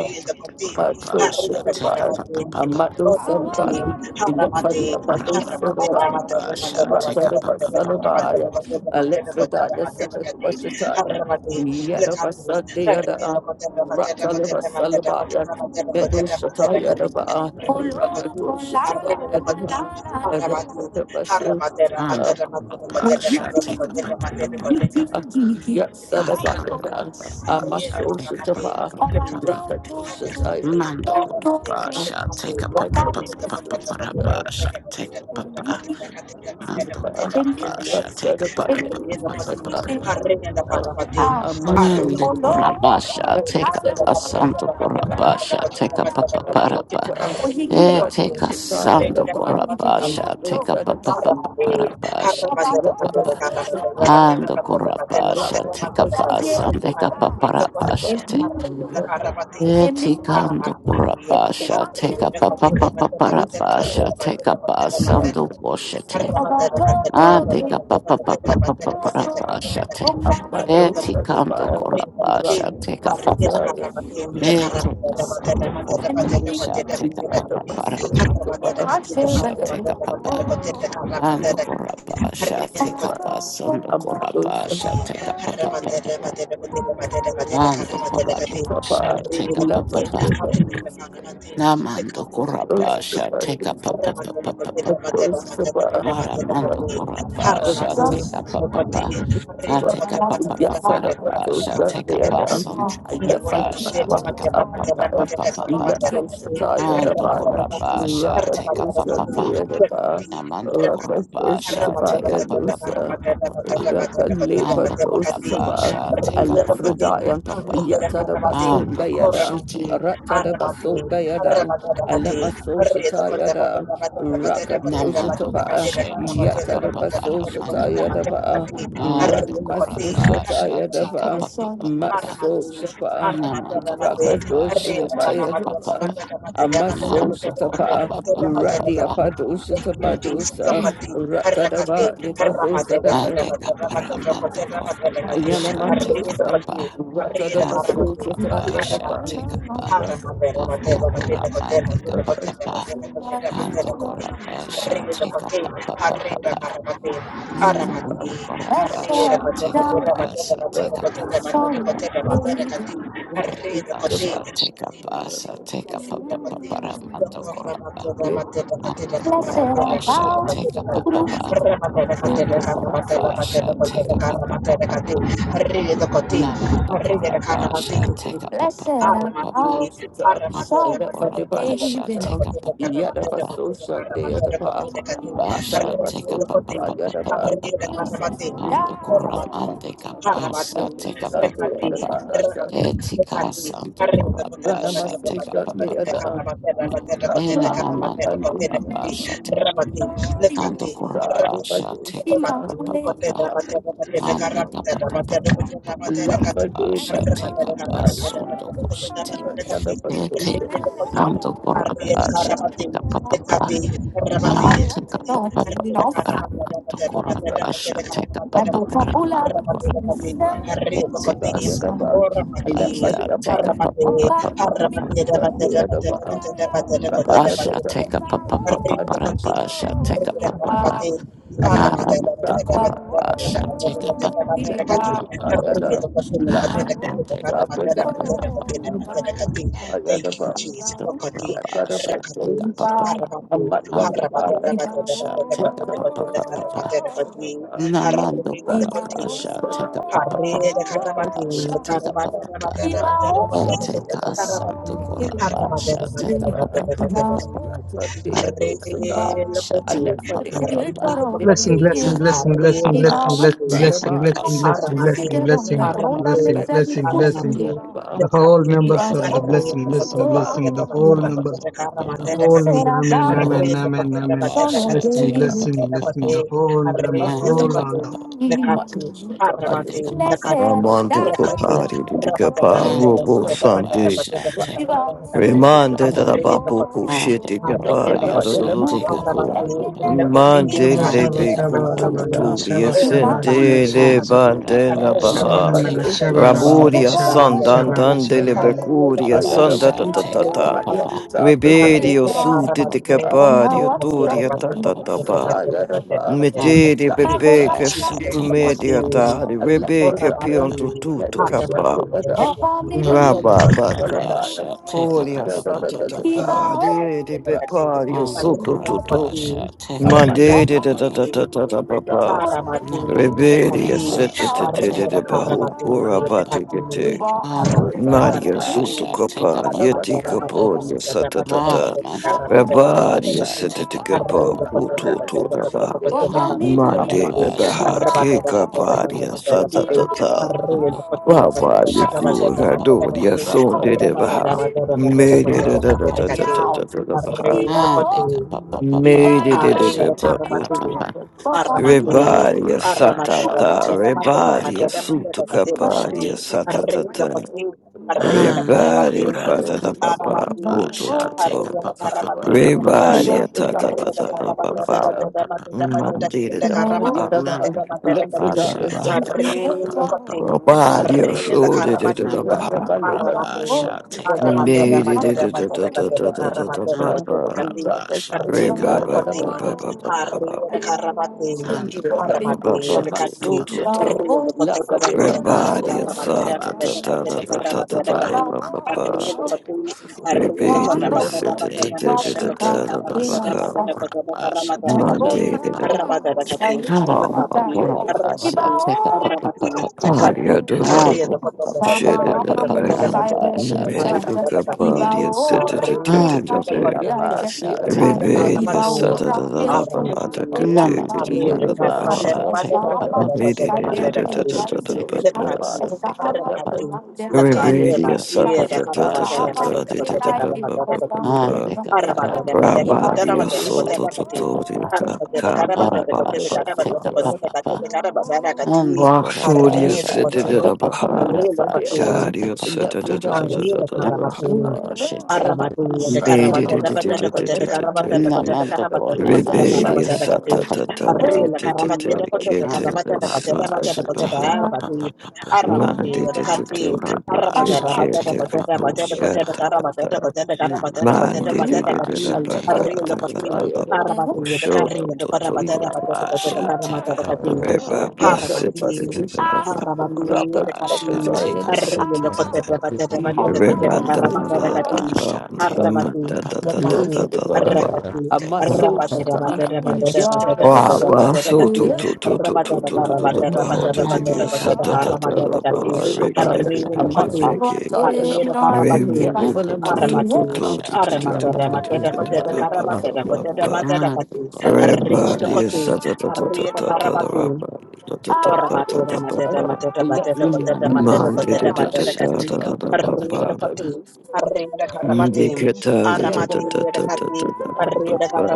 Speaker 2: Matso
Speaker 1: Kurabasha, take
Speaker 2: Sitaban,
Speaker 1: up a Kurabasha,
Speaker 2: Amato Salaban, Inepadi Apollo Sitaban,
Speaker 1: take up a
Speaker 2: Ratanaba Salabaya, Alexadaya Second Washataya, Yadaba Sadiada, Ratanaba Salabaya, Metal Shataya Daba, Ratanaba Shataya Daba, Ratanaba Shataya
Speaker 1: and the
Speaker 2: I'm not
Speaker 1: Kurabasha, take up a Kurabasha,
Speaker 3: Hari ini
Speaker 2: so
Speaker 1: take
Speaker 2: sad
Speaker 1: up a Mando Kurabasha, take up a Kurabasha, take up a Mando Kurabasha, take up a
Speaker 2: about
Speaker 1: Mando Kurabasha, take up a Santo Kurabasha, take up a Eh, take a sando
Speaker 3: dapat
Speaker 1: corabasha, take a papa
Speaker 2: Right,
Speaker 3: harapati
Speaker 1: parabasha, take
Speaker 2: Rock
Speaker 3: harapatelo
Speaker 1: a
Speaker 3: harapatelo
Speaker 1: papa,
Speaker 3: harapatelo
Speaker 1: and
Speaker 3: harapatelo
Speaker 1: the
Speaker 3: harapatelo
Speaker 1: corabasha,
Speaker 3: harapatelo
Speaker 1: take a
Speaker 3: harapatelo
Speaker 1: bus, and take a paparabasha, take a tikando corabasha, take a papa parabasha, take a bus, and the washate,
Speaker 3: harapatelo harapatelo harapatelo
Speaker 1: and take a papa parabasha, take a tikando corabasha, take a papa. Eh, take a santa for a pa- shall take a papa para pa- shall take a papa and the corapa shall take a
Speaker 3: Hari
Speaker 1: bus and the corapa shall take a papa papa and the corapa shall take a papa
Speaker 2: the
Speaker 1: naman the corapa shall take a papa papa papa Baramando corapa shall take
Speaker 2: trust
Speaker 1: a papa
Speaker 2: Yet
Speaker 1: I
Speaker 2: at
Speaker 1: take a papa
Speaker 2: a
Speaker 1: papa shall take a bus and the corapa shall take a papa papa papa Ando koraba sha take up pa pa pa. Amando
Speaker 3: Harra
Speaker 1: koraba
Speaker 3: Arrabate,
Speaker 1: sha take up pa pa pa pa pa pa pa. Ando koraba sha take up pa pa pa pa pa pa. Ando koshete. Namando koshe take up pa pa pa
Speaker 2: basso,
Speaker 1: ramando
Speaker 2: Shataya,
Speaker 1: ko.
Speaker 2: the bar,
Speaker 1: Ando
Speaker 2: Ranamaso
Speaker 1: koraba sha
Speaker 2: sataya
Speaker 1: take up
Speaker 2: Daba,
Speaker 1: pa pa pa pa
Speaker 3: आना
Speaker 1: pa.
Speaker 2: Maso
Speaker 3: माते,
Speaker 2: sapa.
Speaker 3: आना माते, आना
Speaker 1: Namando
Speaker 3: माते,
Speaker 1: koraba
Speaker 2: Rakadosh
Speaker 3: अरे
Speaker 1: sha
Speaker 3: आना
Speaker 1: take
Speaker 2: Dabaya
Speaker 1: up
Speaker 3: माते,
Speaker 1: pa pa
Speaker 3: आना
Speaker 1: pa.
Speaker 2: Daba,
Speaker 3: माते, आना माते, आना माते,
Speaker 2: Amaso
Speaker 3: देखो जाओ
Speaker 1: Ando
Speaker 3: जाओ माते,
Speaker 2: Shatapa,
Speaker 3: देखो
Speaker 1: koraba
Speaker 3: जाओ
Speaker 1: pa
Speaker 3: जाओ
Speaker 1: pa
Speaker 3: माते,
Speaker 1: pa
Speaker 3: देखो जाओ
Speaker 1: pa.
Speaker 2: Radiapado
Speaker 3: जाओ माते, देखो जाओ जाओ
Speaker 2: Shatabadosa,
Speaker 3: माते, देखो जाओ जाओ माते, देखो जाओ जाओ माते, हर रखते,
Speaker 2: Ratadaba,
Speaker 3: हर
Speaker 2: Libadosa
Speaker 3: रखते,
Speaker 2: Daya,
Speaker 1: Ande
Speaker 3: हर रखते, रखते, रखते, रखते,
Speaker 1: kaparamando
Speaker 3: रखते,
Speaker 1: koraba sha take
Speaker 3: रखते,
Speaker 1: up pa
Speaker 2: Yanamatosa,
Speaker 1: pa.
Speaker 3: रखते, हर रीमिडिया
Speaker 2: Ratadabaso
Speaker 1: Andokoraba
Speaker 2: Shataya
Speaker 3: Arriba,
Speaker 1: shall
Speaker 2: Daba,
Speaker 1: take up a
Speaker 2: Rakados daba.
Speaker 1: Andokoraba take up a
Speaker 2: Rakadosh
Speaker 1: papa. Andokoraba
Speaker 2: Daba.
Speaker 1: shall take up a papa papa. Namandokoraba
Speaker 2: Let's
Speaker 1: shall
Speaker 2: all
Speaker 1: take up
Speaker 2: down.
Speaker 1: us, a take
Speaker 2: Let the
Speaker 1: up a papa
Speaker 2: person
Speaker 1: papa.
Speaker 2: lead.
Speaker 1: Andokoraba shall take up us, a take up a papa para Mandokoraba.
Speaker 2: Blessed are
Speaker 1: Andokoraba shall
Speaker 2: thou,
Speaker 1: take up a
Speaker 2: Lord
Speaker 1: papa. Nandokoraba shall take up a papa papa.
Speaker 2: Jesus.
Speaker 1: Namandokoraba shall take up a
Speaker 2: Blessed
Speaker 1: papa
Speaker 2: are
Speaker 1: papa.
Speaker 2: those who are so
Speaker 1: Korabasha, take
Speaker 2: forgiven.
Speaker 1: up a papa papa.
Speaker 2: Yadabasoshadeyadaba,
Speaker 1: Korabasha, take up a papa papa
Speaker 2: Ratalabasoshadeyadaba,
Speaker 1: papa.
Speaker 2: Blessed are
Speaker 1: And the Koramande Kabasa, take up
Speaker 2: those
Speaker 1: a
Speaker 2: who are so
Speaker 1: papa.
Speaker 2: forgiven.
Speaker 1: Etikas and the Korabasha, take up
Speaker 2: Ranamasusha
Speaker 1: a papa.
Speaker 2: Deada
Speaker 1: Inanamando Korabasha, and the
Speaker 3: Arramati,
Speaker 1: Korabasha, take up a papa papa. And make up a papa papa papa. Rabasha, take up a sundo yeah, take up. I'm the Gora Pasha, take a, Papa. Ah, take a, Papa Papa
Speaker 2: Love
Speaker 1: Manto Gora Pasha, take a, Papa
Speaker 2: Babukabula
Speaker 1: Manto Gora.
Speaker 3: Terima
Speaker 2: himself.
Speaker 3: Riyakapati,
Speaker 2: I
Speaker 3: Orapati,
Speaker 2: left Friday
Speaker 1: Take a,
Speaker 2: upon.
Speaker 1: up, Pasha, take a,
Speaker 3: Arapati,
Speaker 1: Papa Papa Papa.
Speaker 3: Harapati, Dapati, Dapati, Dapati,
Speaker 1: and
Speaker 3: Dapati, Dapati,
Speaker 1: Pasha,
Speaker 3: Dapati, Dapati,
Speaker 1: take a, Papa Papa
Speaker 3: Riyakapati,
Speaker 1: Pasha, take a, Papa.
Speaker 3: Riyakapati,
Speaker 2: I'm
Speaker 3: Arapati,
Speaker 1: Aramanto
Speaker 3: Dapati,
Speaker 1: Gora
Speaker 3: Dapati, Dapati,
Speaker 1: Pasha, take
Speaker 3: Dapati,
Speaker 1: a,
Speaker 3: Dapati,
Speaker 1: Papa Papa.
Speaker 3: Dapati, Riyakapati, Dapati, Dapati,
Speaker 1: Aramante Papa
Speaker 3: Harapati, Dapati,
Speaker 1: Papa.
Speaker 3: Dapati, Dapati, Dapati. Thank you, Jesus.
Speaker 1: Aramanto
Speaker 3: Rakati, Rakati,
Speaker 1: a, Pasha,
Speaker 3: Harapati,
Speaker 1: Mando
Speaker 3: Harapati, Dapati, Dapati,
Speaker 1: Korabasha, take a
Speaker 3: Dapati, Dapati,
Speaker 1: papa papa.
Speaker 3: Dapati, Dapati,
Speaker 2: not
Speaker 1: Namando
Speaker 3: Harapati,
Speaker 2: Blessed
Speaker 3: Dapati,
Speaker 1: Korabasha, take a papa Korabasha, take a papa. E take a Santo Korabasha, take a papa papa papa. Abasha, take a papa papa.
Speaker 4: Blessing, blessing, blessing, blessing, blessing,
Speaker 1: Abasha,
Speaker 4: blessing,
Speaker 3: Hari
Speaker 1: take a
Speaker 4: blessing,
Speaker 1: papa
Speaker 4: blessing, blessing,
Speaker 3: Aramati,
Speaker 1: papa
Speaker 4: blessing, blessing,
Speaker 3: Aramati,
Speaker 1: papa
Speaker 4: blessing,
Speaker 1: papa
Speaker 4: blessing,
Speaker 1: papa.
Speaker 4: blessing.
Speaker 3: Aramati,
Speaker 4: The whole
Speaker 3: Dekati,
Speaker 1: Take a
Speaker 4: members of
Speaker 1: papa
Speaker 4: the
Speaker 3: Arri,
Speaker 1: papa
Speaker 4: blessing,
Speaker 1: papa
Speaker 3: Dekati,
Speaker 4: blessing,
Speaker 1: papa
Speaker 4: blessing, the
Speaker 1: papa
Speaker 3: Dekati, Dekati,
Speaker 4: whole members,
Speaker 1: papa
Speaker 4: the
Speaker 1: papa.
Speaker 4: whole
Speaker 3: Dekati, Dekati,
Speaker 4: member,
Speaker 2: are
Speaker 3: Aramati, Dekati,
Speaker 4: amen,
Speaker 2: thou,
Speaker 3: Arri,
Speaker 4: amen,
Speaker 1: Mando
Speaker 4: amen,
Speaker 3: Dekati,
Speaker 4: amen.
Speaker 3: Dekati,
Speaker 2: Son of
Speaker 1: Korabasha,
Speaker 4: Blessing,
Speaker 1: take a
Speaker 3: Dekati,
Speaker 2: David.
Speaker 1: papa
Speaker 4: blessing, blessing, the
Speaker 3: Dekati, Dekati,
Speaker 4: whole
Speaker 3: Arri,
Speaker 4: number,
Speaker 2: Blessed
Speaker 4: whole
Speaker 3: Dekati,
Speaker 4: on the
Speaker 1: papa.
Speaker 3: Dekati,
Speaker 1: And
Speaker 3: Aramati,
Speaker 1: take up up up
Speaker 3: Dekati,
Speaker 1: up up up
Speaker 5: Ramando
Speaker 1: up up
Speaker 3: Rekati,
Speaker 1: up.
Speaker 5: Kapari
Speaker 3: Rabati,
Speaker 5: Dikapa
Speaker 3: Rabati,
Speaker 1: And to
Speaker 5: Robo
Speaker 3: Rabati, Rabati,
Speaker 5: Sande
Speaker 3: Rabati,
Speaker 1: Korabasha,
Speaker 3: Rabati,
Speaker 1: take up
Speaker 3: Rabati,
Speaker 1: up
Speaker 3: Dekati,
Speaker 1: up up up
Speaker 5: Remande
Speaker 1: up up.
Speaker 3: Arri,
Speaker 5: Rababu
Speaker 3: Dekati,
Speaker 1: And to
Speaker 5: Shitty Kapari
Speaker 3: Arrelakoti,
Speaker 1: Korabasha, take up up
Speaker 5: Rodoboko
Speaker 3: arrabati,
Speaker 1: up up up.
Speaker 3: nekoti,
Speaker 5: Mande
Speaker 4: Shaba
Speaker 3: dekati,
Speaker 1: And
Speaker 4: Shaba
Speaker 1: take
Speaker 5: Lebe
Speaker 1: up up
Speaker 4: Shaba
Speaker 1: up
Speaker 5: Kutu
Speaker 1: up
Speaker 3: arrabati,
Speaker 1: up
Speaker 4: Alaman
Speaker 1: up
Speaker 4: Shaba
Speaker 1: up.
Speaker 2: Immaculate,
Speaker 4: Shaba
Speaker 3: orrabati,
Speaker 4: Shaba
Speaker 5: Riesende
Speaker 1: And to
Speaker 3: dekati,
Speaker 4: Shaba Shaba
Speaker 5: Lebante
Speaker 4: Shaba
Speaker 3: arrelakoti,
Speaker 1: Korabasha,
Speaker 5: Labaha
Speaker 4: alaman,
Speaker 1: take
Speaker 3: dekati,
Speaker 1: up
Speaker 4: Shaba
Speaker 1: us.
Speaker 3: dekati, dekati,
Speaker 1: And
Speaker 4: alaman,
Speaker 5: Raburia
Speaker 1: to
Speaker 4: Shaba
Speaker 5: Sandan
Speaker 4: Shaba
Speaker 3: dekati,
Speaker 5: Dande
Speaker 3: arrelakoti,
Speaker 4: Shaba
Speaker 5: Lebecuria Sanda
Speaker 1: Korabasha, take up
Speaker 5: Tatata
Speaker 1: up up
Speaker 3: arrelakoti,
Speaker 1: up. And
Speaker 5: Rebedio
Speaker 1: take up
Speaker 5: Suti
Speaker 1: up up
Speaker 3: arrelakoti,
Speaker 1: up up up up
Speaker 5: Dikapari
Speaker 1: up
Speaker 3: nekoti,
Speaker 1: up
Speaker 5: Oturia
Speaker 1: up
Speaker 3: dekati, dekati,
Speaker 1: up up up up.
Speaker 5: Tatataba
Speaker 3: dekati, dekati, dekati,
Speaker 1: And to
Speaker 3: dekati,
Speaker 5: Metede
Speaker 2: Box.
Speaker 5: Bebeca
Speaker 1: Korabasha,
Speaker 3: Jesus,
Speaker 1: take up
Speaker 3: nekoti,
Speaker 5: Supermedia
Speaker 1: up up up
Speaker 5: Tari
Speaker 1: up up
Speaker 5: Rebecca
Speaker 1: up up up.
Speaker 3: orrabati,
Speaker 5: Pionto Tutu
Speaker 3: arrabati, dekati,
Speaker 1: Namando
Speaker 5: Rababaka.
Speaker 1: Korabasha, take up
Speaker 5: Holy
Speaker 1: a papa papa
Speaker 5: Satata.
Speaker 1: papa.
Speaker 5: Did it party
Speaker 1: Namando
Speaker 5: Soto Toto.
Speaker 1: Korabasha, take up a
Speaker 5: Monday
Speaker 1: papa
Speaker 5: did it
Speaker 3: Thank you.
Speaker 1: papa.
Speaker 5: tata papa.
Speaker 3: Paramati,
Speaker 1: Namando
Speaker 5: Rebelia
Speaker 3: Rakati,
Speaker 1: Korabasha,
Speaker 5: setete
Speaker 1: take
Speaker 3: Haru
Speaker 5: de
Speaker 1: up a papa
Speaker 3: Rakaramati,
Speaker 5: bahokura
Speaker 1: papa.
Speaker 3: Rakati,
Speaker 5: batikete.
Speaker 3: Haru
Speaker 1: Namando
Speaker 5: Maria Soto
Speaker 3: Rakaramati,
Speaker 1: Korabasha, take
Speaker 5: Copa,
Speaker 1: up a
Speaker 3: Haramata,
Speaker 5: Yeti
Speaker 1: papa
Speaker 3: Ramata,
Speaker 1: papa.
Speaker 5: Caporia
Speaker 3: Ramita, Ramata,
Speaker 5: Satata.
Speaker 3: Ramata,
Speaker 1: Namando
Speaker 3: Karamata, Ramata,
Speaker 5: Rabadia
Speaker 1: Korabasha, take
Speaker 5: setete
Speaker 1: up a
Speaker 3: Haru
Speaker 1: papa
Speaker 5: capa,
Speaker 1: papa.
Speaker 3: Rakata,
Speaker 5: Kuto
Speaker 3: Rakata,
Speaker 6: Thank
Speaker 3: Rakata,
Speaker 5: Toraba.
Speaker 6: you,
Speaker 3: Rakata,
Speaker 1: Namando
Speaker 3: Karamata,
Speaker 5: Monday
Speaker 3: Rakati,
Speaker 5: the
Speaker 1: Korabasha,
Speaker 5: Baha,
Speaker 1: take
Speaker 3: Haramata,
Speaker 1: up a
Speaker 5: Kika
Speaker 3: Rakata,
Speaker 1: papa
Speaker 3: Rakata,
Speaker 1: papa.
Speaker 3: Rakati,
Speaker 5: Paria
Speaker 3: Haru
Speaker 1: Namando
Speaker 3: Rakata,
Speaker 5: Baba
Speaker 3: Rakata, Rakata,
Speaker 1: Korabasha,
Speaker 6: Lord
Speaker 5: liku
Speaker 1: take up
Speaker 6: Father.
Speaker 1: a
Speaker 5: radu
Speaker 3: Rakata,
Speaker 6: Lord, we
Speaker 5: dia
Speaker 3: Rakati,
Speaker 6: thank you, Lord, for your
Speaker 5: sonde de
Speaker 3: Haramata,
Speaker 5: baha.
Speaker 3: Ramata, Ramata,
Speaker 5: Mede da
Speaker 6: goodness.
Speaker 5: da
Speaker 1: papa
Speaker 3: Ramata,
Speaker 5: da
Speaker 6: Lord,
Speaker 5: da
Speaker 1: papa.
Speaker 6: we
Speaker 5: da da
Speaker 6: honor
Speaker 3: Rakati,
Speaker 5: da da
Speaker 6: you.
Speaker 5: da baha.
Speaker 3: Haru
Speaker 2: Iba,
Speaker 6: Magnify you
Speaker 1: Take
Speaker 6: this
Speaker 3: Rakati,
Speaker 1: up
Speaker 6: morning. We give you
Speaker 1: a
Speaker 5: Mede
Speaker 6: praise.
Speaker 5: de
Speaker 2: iba,
Speaker 6: We
Speaker 5: de
Speaker 6: give
Speaker 3: Arriba
Speaker 5: be
Speaker 6: you all the
Speaker 5: bakutu.
Speaker 3: Armatu,
Speaker 6: adoration.
Speaker 3: Armatu,
Speaker 6: Thank
Speaker 3: Armatu,
Speaker 6: you
Speaker 5: Rebaria
Speaker 6: for your healing.
Speaker 3: Armatu,
Speaker 2: iba,
Speaker 6: Thank
Speaker 5: satata,
Speaker 6: you
Speaker 3: Armatu, Armatu, Armatu,
Speaker 5: rebaria
Speaker 6: Thank you
Speaker 2: iba,
Speaker 6: for your
Speaker 3: Armatu,
Speaker 6: blood,
Speaker 5: sutuka
Speaker 2: I
Speaker 6: O God. I
Speaker 3: Armatu,
Speaker 5: paria
Speaker 6: thank you that your might
Speaker 3: Arriba
Speaker 5: satatata,
Speaker 6: take it.
Speaker 3: Patu,
Speaker 6: Touch us,
Speaker 3: Arriba
Speaker 6: Lord.
Speaker 5: rebaria
Speaker 3: Armatu,
Speaker 6: Father,
Speaker 5: patata
Speaker 6: we must be
Speaker 5: papa,
Speaker 6: your
Speaker 3: Armatu,
Speaker 6: Lord. Commit
Speaker 5: utututu,
Speaker 6: the
Speaker 3: Arriba
Speaker 6: Father, we
Speaker 3: Armatu,
Speaker 6: are
Speaker 3: Armatu, Arriba
Speaker 6: to your hand. We
Speaker 3: Armatu,
Speaker 5: rebaria
Speaker 2: love the
Speaker 6: thank you, God,
Speaker 2: diet,
Speaker 3: Armatu, Armatu,
Speaker 6: for
Speaker 5: tatatata
Speaker 6: the Lord.
Speaker 5: papa,
Speaker 3: Armatu,
Speaker 2: second
Speaker 3: Armatu, Armatu, Armatu,
Speaker 6: We
Speaker 5: mandira
Speaker 3: Armatu, Arriba Patu,
Speaker 6: thank
Speaker 5: da
Speaker 3: Arriba Armatu,
Speaker 5: baha,
Speaker 3: Armatu, Armatu,
Speaker 6: you, Lord, for
Speaker 2: Yadaba,
Speaker 1: Nando
Speaker 3: Armatu,
Speaker 2: let's
Speaker 6: the Lord.
Speaker 5: baba
Speaker 2: without yourself.
Speaker 5: baha,
Speaker 6: you know, all that with you. Oh, I
Speaker 5: rebaria
Speaker 6: think,
Speaker 3: Armatu,
Speaker 5: sonde
Speaker 6: you know,
Speaker 5: de da baha.
Speaker 6: that's, you
Speaker 5: Shit,
Speaker 6: know, the pictures of the
Speaker 3: Armatu, Armatu,
Speaker 6: book, but
Speaker 3: Armatu, Armatu,
Speaker 6: remember, like,
Speaker 3: Armatu,
Speaker 6: you were on that word,
Speaker 3: Arrivederci.
Speaker 6: it's based on God, the very
Speaker 3: Arrivederci.
Speaker 6: word that you
Speaker 3: Arrivederci.
Speaker 6: fight. May
Speaker 1: Gorapa
Speaker 6: your name
Speaker 1: shall
Speaker 6: be
Speaker 1: take a
Speaker 3: Dekati. Arrivederci. Dekati. Dekati.
Speaker 6: blessed, we will
Speaker 1: up.
Speaker 6: thank you for the happy days,
Speaker 3: Dekati.
Speaker 1: Ando
Speaker 6: your happy,
Speaker 1: kurapa
Speaker 3: Dekati.
Speaker 6: the
Speaker 3: Dekati.
Speaker 1: shati
Speaker 6: gift of
Speaker 1: kapa
Speaker 6: and the
Speaker 1: papa
Speaker 6: Lord,
Speaker 3: Dekati.
Speaker 6: my
Speaker 3: Arrivederci.
Speaker 1: ando
Speaker 6: Lord,
Speaker 3: Arrivederci. Dekati.
Speaker 1: kushti.
Speaker 6: thank
Speaker 3: Dekati.
Speaker 6: you, Lord, my God, and
Speaker 3: Dekati.
Speaker 6: my God,
Speaker 1: Namade
Speaker 6: thank
Speaker 3: Dekati. Dekati.
Speaker 6: you,
Speaker 1: kashati kapa
Speaker 6: Lord, thank you,
Speaker 1: sondo
Speaker 2: Rapper,
Speaker 3: Dekati. Dekati. Arrivederci. Dekati. Dekati. Dekati. Arrivederci. Dekati. Arrivederci. Dekati. Dekati.
Speaker 6: Lord, I
Speaker 1: kurapa
Speaker 6: thank you,
Speaker 1: shati
Speaker 6: praise
Speaker 2: Ibawa
Speaker 6: of
Speaker 3: Dekati.
Speaker 1: kapa
Speaker 6: you,
Speaker 1: papa.
Speaker 6: oh, Lord,
Speaker 1: Ando
Speaker 6: Father, thank you,
Speaker 1: kurapa
Speaker 6: Lord, thank
Speaker 1: shati
Speaker 6: you,
Speaker 1: kapa
Speaker 6: thank
Speaker 1: papa
Speaker 6: you, Lord,
Speaker 1: papa.
Speaker 6: for the happiness, amen,
Speaker 1: Ando papa
Speaker 6: oh, Lord,
Speaker 1: papa
Speaker 6: I am,
Speaker 1: papa
Speaker 6: you know,
Speaker 1: papa shati
Speaker 6: out
Speaker 3: Dekati. Dekati.
Speaker 1: kapa.
Speaker 6: that
Speaker 3: Dekati.
Speaker 6: we
Speaker 3: Dekati.
Speaker 6: can realize we can
Speaker 1: Ando
Speaker 3: Arrivederci.
Speaker 6: bring
Speaker 1: kurapa
Speaker 3: Arre
Speaker 1: shati kapa.
Speaker 5: Rebellious Rabadios
Speaker 6: together in what
Speaker 3: karabatu,
Speaker 6: is our
Speaker 3: arre
Speaker 6: life. We want
Speaker 1: Namando
Speaker 6: to
Speaker 3: arre
Speaker 6: slow down
Speaker 1: kurapa
Speaker 3: karabate rabate
Speaker 1: shati
Speaker 6: for
Speaker 1: kapa
Speaker 6: our
Speaker 3: rabate
Speaker 1: papa
Speaker 6: life
Speaker 3: rabate
Speaker 6: by
Speaker 1: papa
Speaker 6: your
Speaker 3: rabate
Speaker 1: papa
Speaker 3: rabatu,
Speaker 1: shati kapa
Speaker 6: love.
Speaker 3: lekatu,
Speaker 1: sondo
Speaker 3: rekatu,
Speaker 6: Thank you.
Speaker 1: and
Speaker 3: lekare
Speaker 1: the
Speaker 3: bati,
Speaker 6: We come
Speaker 1: kapara
Speaker 6: to
Speaker 3: rekarabate
Speaker 6: you.
Speaker 1: pasha
Speaker 3: rabate
Speaker 1: take a
Speaker 3: rabate rabate
Speaker 1: papa
Speaker 3: rabatu,
Speaker 1: and the
Speaker 3: arabate
Speaker 1: kapara
Speaker 3: rabate
Speaker 1: mandopura
Speaker 3: rabate rabate
Speaker 1: pasha
Speaker 3: rabate
Speaker 1: take
Speaker 3: rabatu,
Speaker 1: a papa
Speaker 3: arabate
Speaker 2: I
Speaker 3: karabate rabate
Speaker 1: arapasha take
Speaker 3: karabate
Speaker 1: a
Speaker 3: rabate
Speaker 1: papa
Speaker 3: rabate karabate rabatu,
Speaker 1: and the kora
Speaker 3: arre
Speaker 1: pasha
Speaker 3: lekatu,
Speaker 1: take a papa
Speaker 3: arre
Speaker 1: para
Speaker 2: left my
Speaker 3: lekatu,
Speaker 1: pasha take a
Speaker 6: We really
Speaker 1: papa
Speaker 3: arre
Speaker 1: and the
Speaker 3: karabatu.
Speaker 1: pasha take a
Speaker 3: Arrabatu de
Speaker 1: pasha and the
Speaker 3: carrabata de
Speaker 1: kora
Speaker 6: bara
Speaker 1: pa
Speaker 3: patata
Speaker 6: bara
Speaker 3: cote de
Speaker 6: bara.
Speaker 3: carrabata de cote de
Speaker 1: namando
Speaker 3: carrabata de
Speaker 1: kona
Speaker 3: cote de
Speaker 1: masha
Speaker 5: Rebelia
Speaker 3: carrabata de
Speaker 1: take a
Speaker 3: cote
Speaker 1: papa papa
Speaker 5: satatata
Speaker 3: arriba
Speaker 5: de
Speaker 3: la
Speaker 5: de de
Speaker 3: carrabata de
Speaker 5: de
Speaker 3: cote de
Speaker 5: kete
Speaker 1: and the
Speaker 3: carrabata de
Speaker 1: kora
Speaker 3: cote
Speaker 5: besun
Speaker 3: de
Speaker 5: de
Speaker 3: bate
Speaker 6: thank you.
Speaker 1: pasha
Speaker 5: de
Speaker 3: de cote de
Speaker 1: take a
Speaker 5: baha.
Speaker 1: papa
Speaker 3: arbati
Speaker 6: Bara bara bara.
Speaker 5: Man
Speaker 3: arrabati
Speaker 6: Thank
Speaker 5: de
Speaker 3: de
Speaker 5: de
Speaker 6: you,
Speaker 5: de
Speaker 1: and
Speaker 6: Lord,
Speaker 1: the
Speaker 3: cati
Speaker 6: for the
Speaker 5: de
Speaker 1: kora
Speaker 5: de de ke
Speaker 3: arrabata de
Speaker 1: pasha
Speaker 3: bate de
Speaker 1: take
Speaker 5: kete
Speaker 6: opportunity
Speaker 1: a
Speaker 3: cote de bate de
Speaker 6: to share your word.
Speaker 5: bekusha
Speaker 3: cote
Speaker 1: papa
Speaker 3: de
Speaker 6: Thank
Speaker 3: carrabata
Speaker 5: tatata.
Speaker 3: de
Speaker 6: you.
Speaker 3: cote de
Speaker 6: Bara
Speaker 3: carrabata de
Speaker 6: bara bara bara.
Speaker 1: Namando
Speaker 3: cote
Speaker 5: Man
Speaker 3: de
Speaker 5: de
Speaker 3: bate
Speaker 5: de
Speaker 3: de
Speaker 5: de
Speaker 1: Korapa
Speaker 5: de
Speaker 6: Thank
Speaker 3: cati
Speaker 5: de
Speaker 1: shall take
Speaker 5: baka
Speaker 1: up
Speaker 3: arriba
Speaker 1: a
Speaker 3: la
Speaker 1: papa
Speaker 3: cati
Speaker 5: tatata
Speaker 1: papa.
Speaker 5: la
Speaker 2: tired.
Speaker 3: arrabati de
Speaker 5: kusho
Speaker 3: carri
Speaker 5: to
Speaker 3: de
Speaker 5: to
Speaker 1: Namando
Speaker 5: to
Speaker 3: carrabata
Speaker 5: to
Speaker 3: de
Speaker 5: to
Speaker 3: cote
Speaker 5: to
Speaker 3: de
Speaker 1: Korapa
Speaker 3: cote de
Speaker 1: shall
Speaker 5: to.
Speaker 1: take
Speaker 3: carrabata
Speaker 1: up
Speaker 3: de
Speaker 1: a
Speaker 3: cati
Speaker 1: papa
Speaker 7: Shahaya,
Speaker 5: Reba
Speaker 1: papa.
Speaker 2: Yet at
Speaker 5: basi
Speaker 2: the
Speaker 5: de de
Speaker 3: Harabati,
Speaker 5: de
Speaker 2: passage,
Speaker 5: de de ba
Speaker 3: Harabati,
Speaker 2: rocket,
Speaker 1: Korapa
Speaker 5: de
Speaker 1: shall
Speaker 2: rocket,
Speaker 5: de
Speaker 3: Rekati,
Speaker 2: I
Speaker 5: de
Speaker 1: take
Speaker 2: in
Speaker 1: up
Speaker 2: the
Speaker 1: a
Speaker 5: basi
Speaker 3: Arri,
Speaker 5: de
Speaker 1: papa.
Speaker 3: Lokote,
Speaker 5: de de.
Speaker 3: Rebate,
Speaker 2: passage. Yet
Speaker 3: Rebate, Rekote,
Speaker 5: Reba da
Speaker 1: Namando
Speaker 5: da da
Speaker 3: Rekarabate,
Speaker 2: at
Speaker 5: da
Speaker 2: the
Speaker 3: Rekati,
Speaker 1: Korapa
Speaker 5: baka.
Speaker 1: shall take up
Speaker 2: passage,
Speaker 1: a
Speaker 5: ma
Speaker 3: Harabati,
Speaker 5: da
Speaker 1: papa
Speaker 5: da da da
Speaker 1: papa.
Speaker 3: Lokati,
Speaker 2: Rosa
Speaker 5: da
Speaker 2: the
Speaker 5: da da
Speaker 2: Bar,
Speaker 5: ba.
Speaker 3: Rekati,
Speaker 2: I'm a
Speaker 1: Take up
Speaker 2: muscle
Speaker 1: a
Speaker 2: to
Speaker 3: Rabate, Rabate,
Speaker 1: papa
Speaker 3: Rebate, Rebate,
Speaker 1: papa.
Speaker 2: a
Speaker 3: Rekote,
Speaker 2: soul
Speaker 5: Rabba
Speaker 3: Rebate,
Speaker 2: to be
Speaker 5: so to
Speaker 3: Rekati,
Speaker 2: left.
Speaker 5: to to to to
Speaker 3: Rabate,
Speaker 5: to to to to
Speaker 3: Rekarabate, Rabate,
Speaker 5: bahota de
Speaker 3: Rebate,
Speaker 1: Namando
Speaker 5: dia
Speaker 3: Rekote,
Speaker 5: sata ta
Speaker 1: Kapara
Speaker 5: ta
Speaker 3: Rekarabate,
Speaker 1: and
Speaker 5: la
Speaker 1: the Kor
Speaker 3: Rekati,
Speaker 5: baha
Speaker 2: Rosa the
Speaker 1: shall
Speaker 5: re be
Speaker 1: take
Speaker 2: Bar,
Speaker 5: be
Speaker 1: up
Speaker 3: Arri,
Speaker 5: be
Speaker 1: a
Speaker 5: be
Speaker 2: I'm a
Speaker 1: papa.
Speaker 3: Lokoti,
Speaker 2: muscle to tire the
Speaker 3: Arri,
Speaker 2: bar.
Speaker 3: Rekarabati,
Speaker 2: yeah, for
Speaker 1: Namando
Speaker 2: the
Speaker 5: to
Speaker 2: muscle
Speaker 5: to to
Speaker 1: Korapa
Speaker 3: Aramati,
Speaker 2: to un.
Speaker 5: to to
Speaker 1: shall
Speaker 5: to to to
Speaker 1: take up
Speaker 5: to
Speaker 3: Aramate,
Speaker 1: a
Speaker 5: to
Speaker 1: papa.
Speaker 5: to
Speaker 3: Remate,
Speaker 2: Rosa
Speaker 5: to
Speaker 2: the
Speaker 3: Rekote,
Speaker 5: to
Speaker 2: bar.
Speaker 5: ba ba
Speaker 3: Rekarabate,
Speaker 5: ba ba
Speaker 3: Rekote,
Speaker 5: ba
Speaker 3: Remate,
Speaker 1: Namando
Speaker 3: Rekati,
Speaker 2: Rosa
Speaker 5: re
Speaker 1: Korapa
Speaker 2: the
Speaker 3: Arri,
Speaker 1: shall take
Speaker 3: Lokoti,
Speaker 5: sata ta ta ta
Speaker 3: Hari
Speaker 5: ta ta ta
Speaker 1: up.
Speaker 5: ra
Speaker 3: Karabati,
Speaker 5: ba ta ta
Speaker 3: Arre,
Speaker 5: ta ta ta ta ba
Speaker 2: bar.
Speaker 5: ba
Speaker 2: I left for the
Speaker 1: Namando
Speaker 5: ma de de de
Speaker 1: Kurapa
Speaker 5: de
Speaker 2: Apollo,
Speaker 5: ta ta
Speaker 2: said
Speaker 1: Shateka
Speaker 5: ta ta
Speaker 1: Papa
Speaker 5: ba ba
Speaker 1: Papa
Speaker 2: I,
Speaker 1: Papa.
Speaker 2: I
Speaker 5: de ke ta de de
Speaker 2: Yet the bus
Speaker 5: ta ta ta ta ta ba ba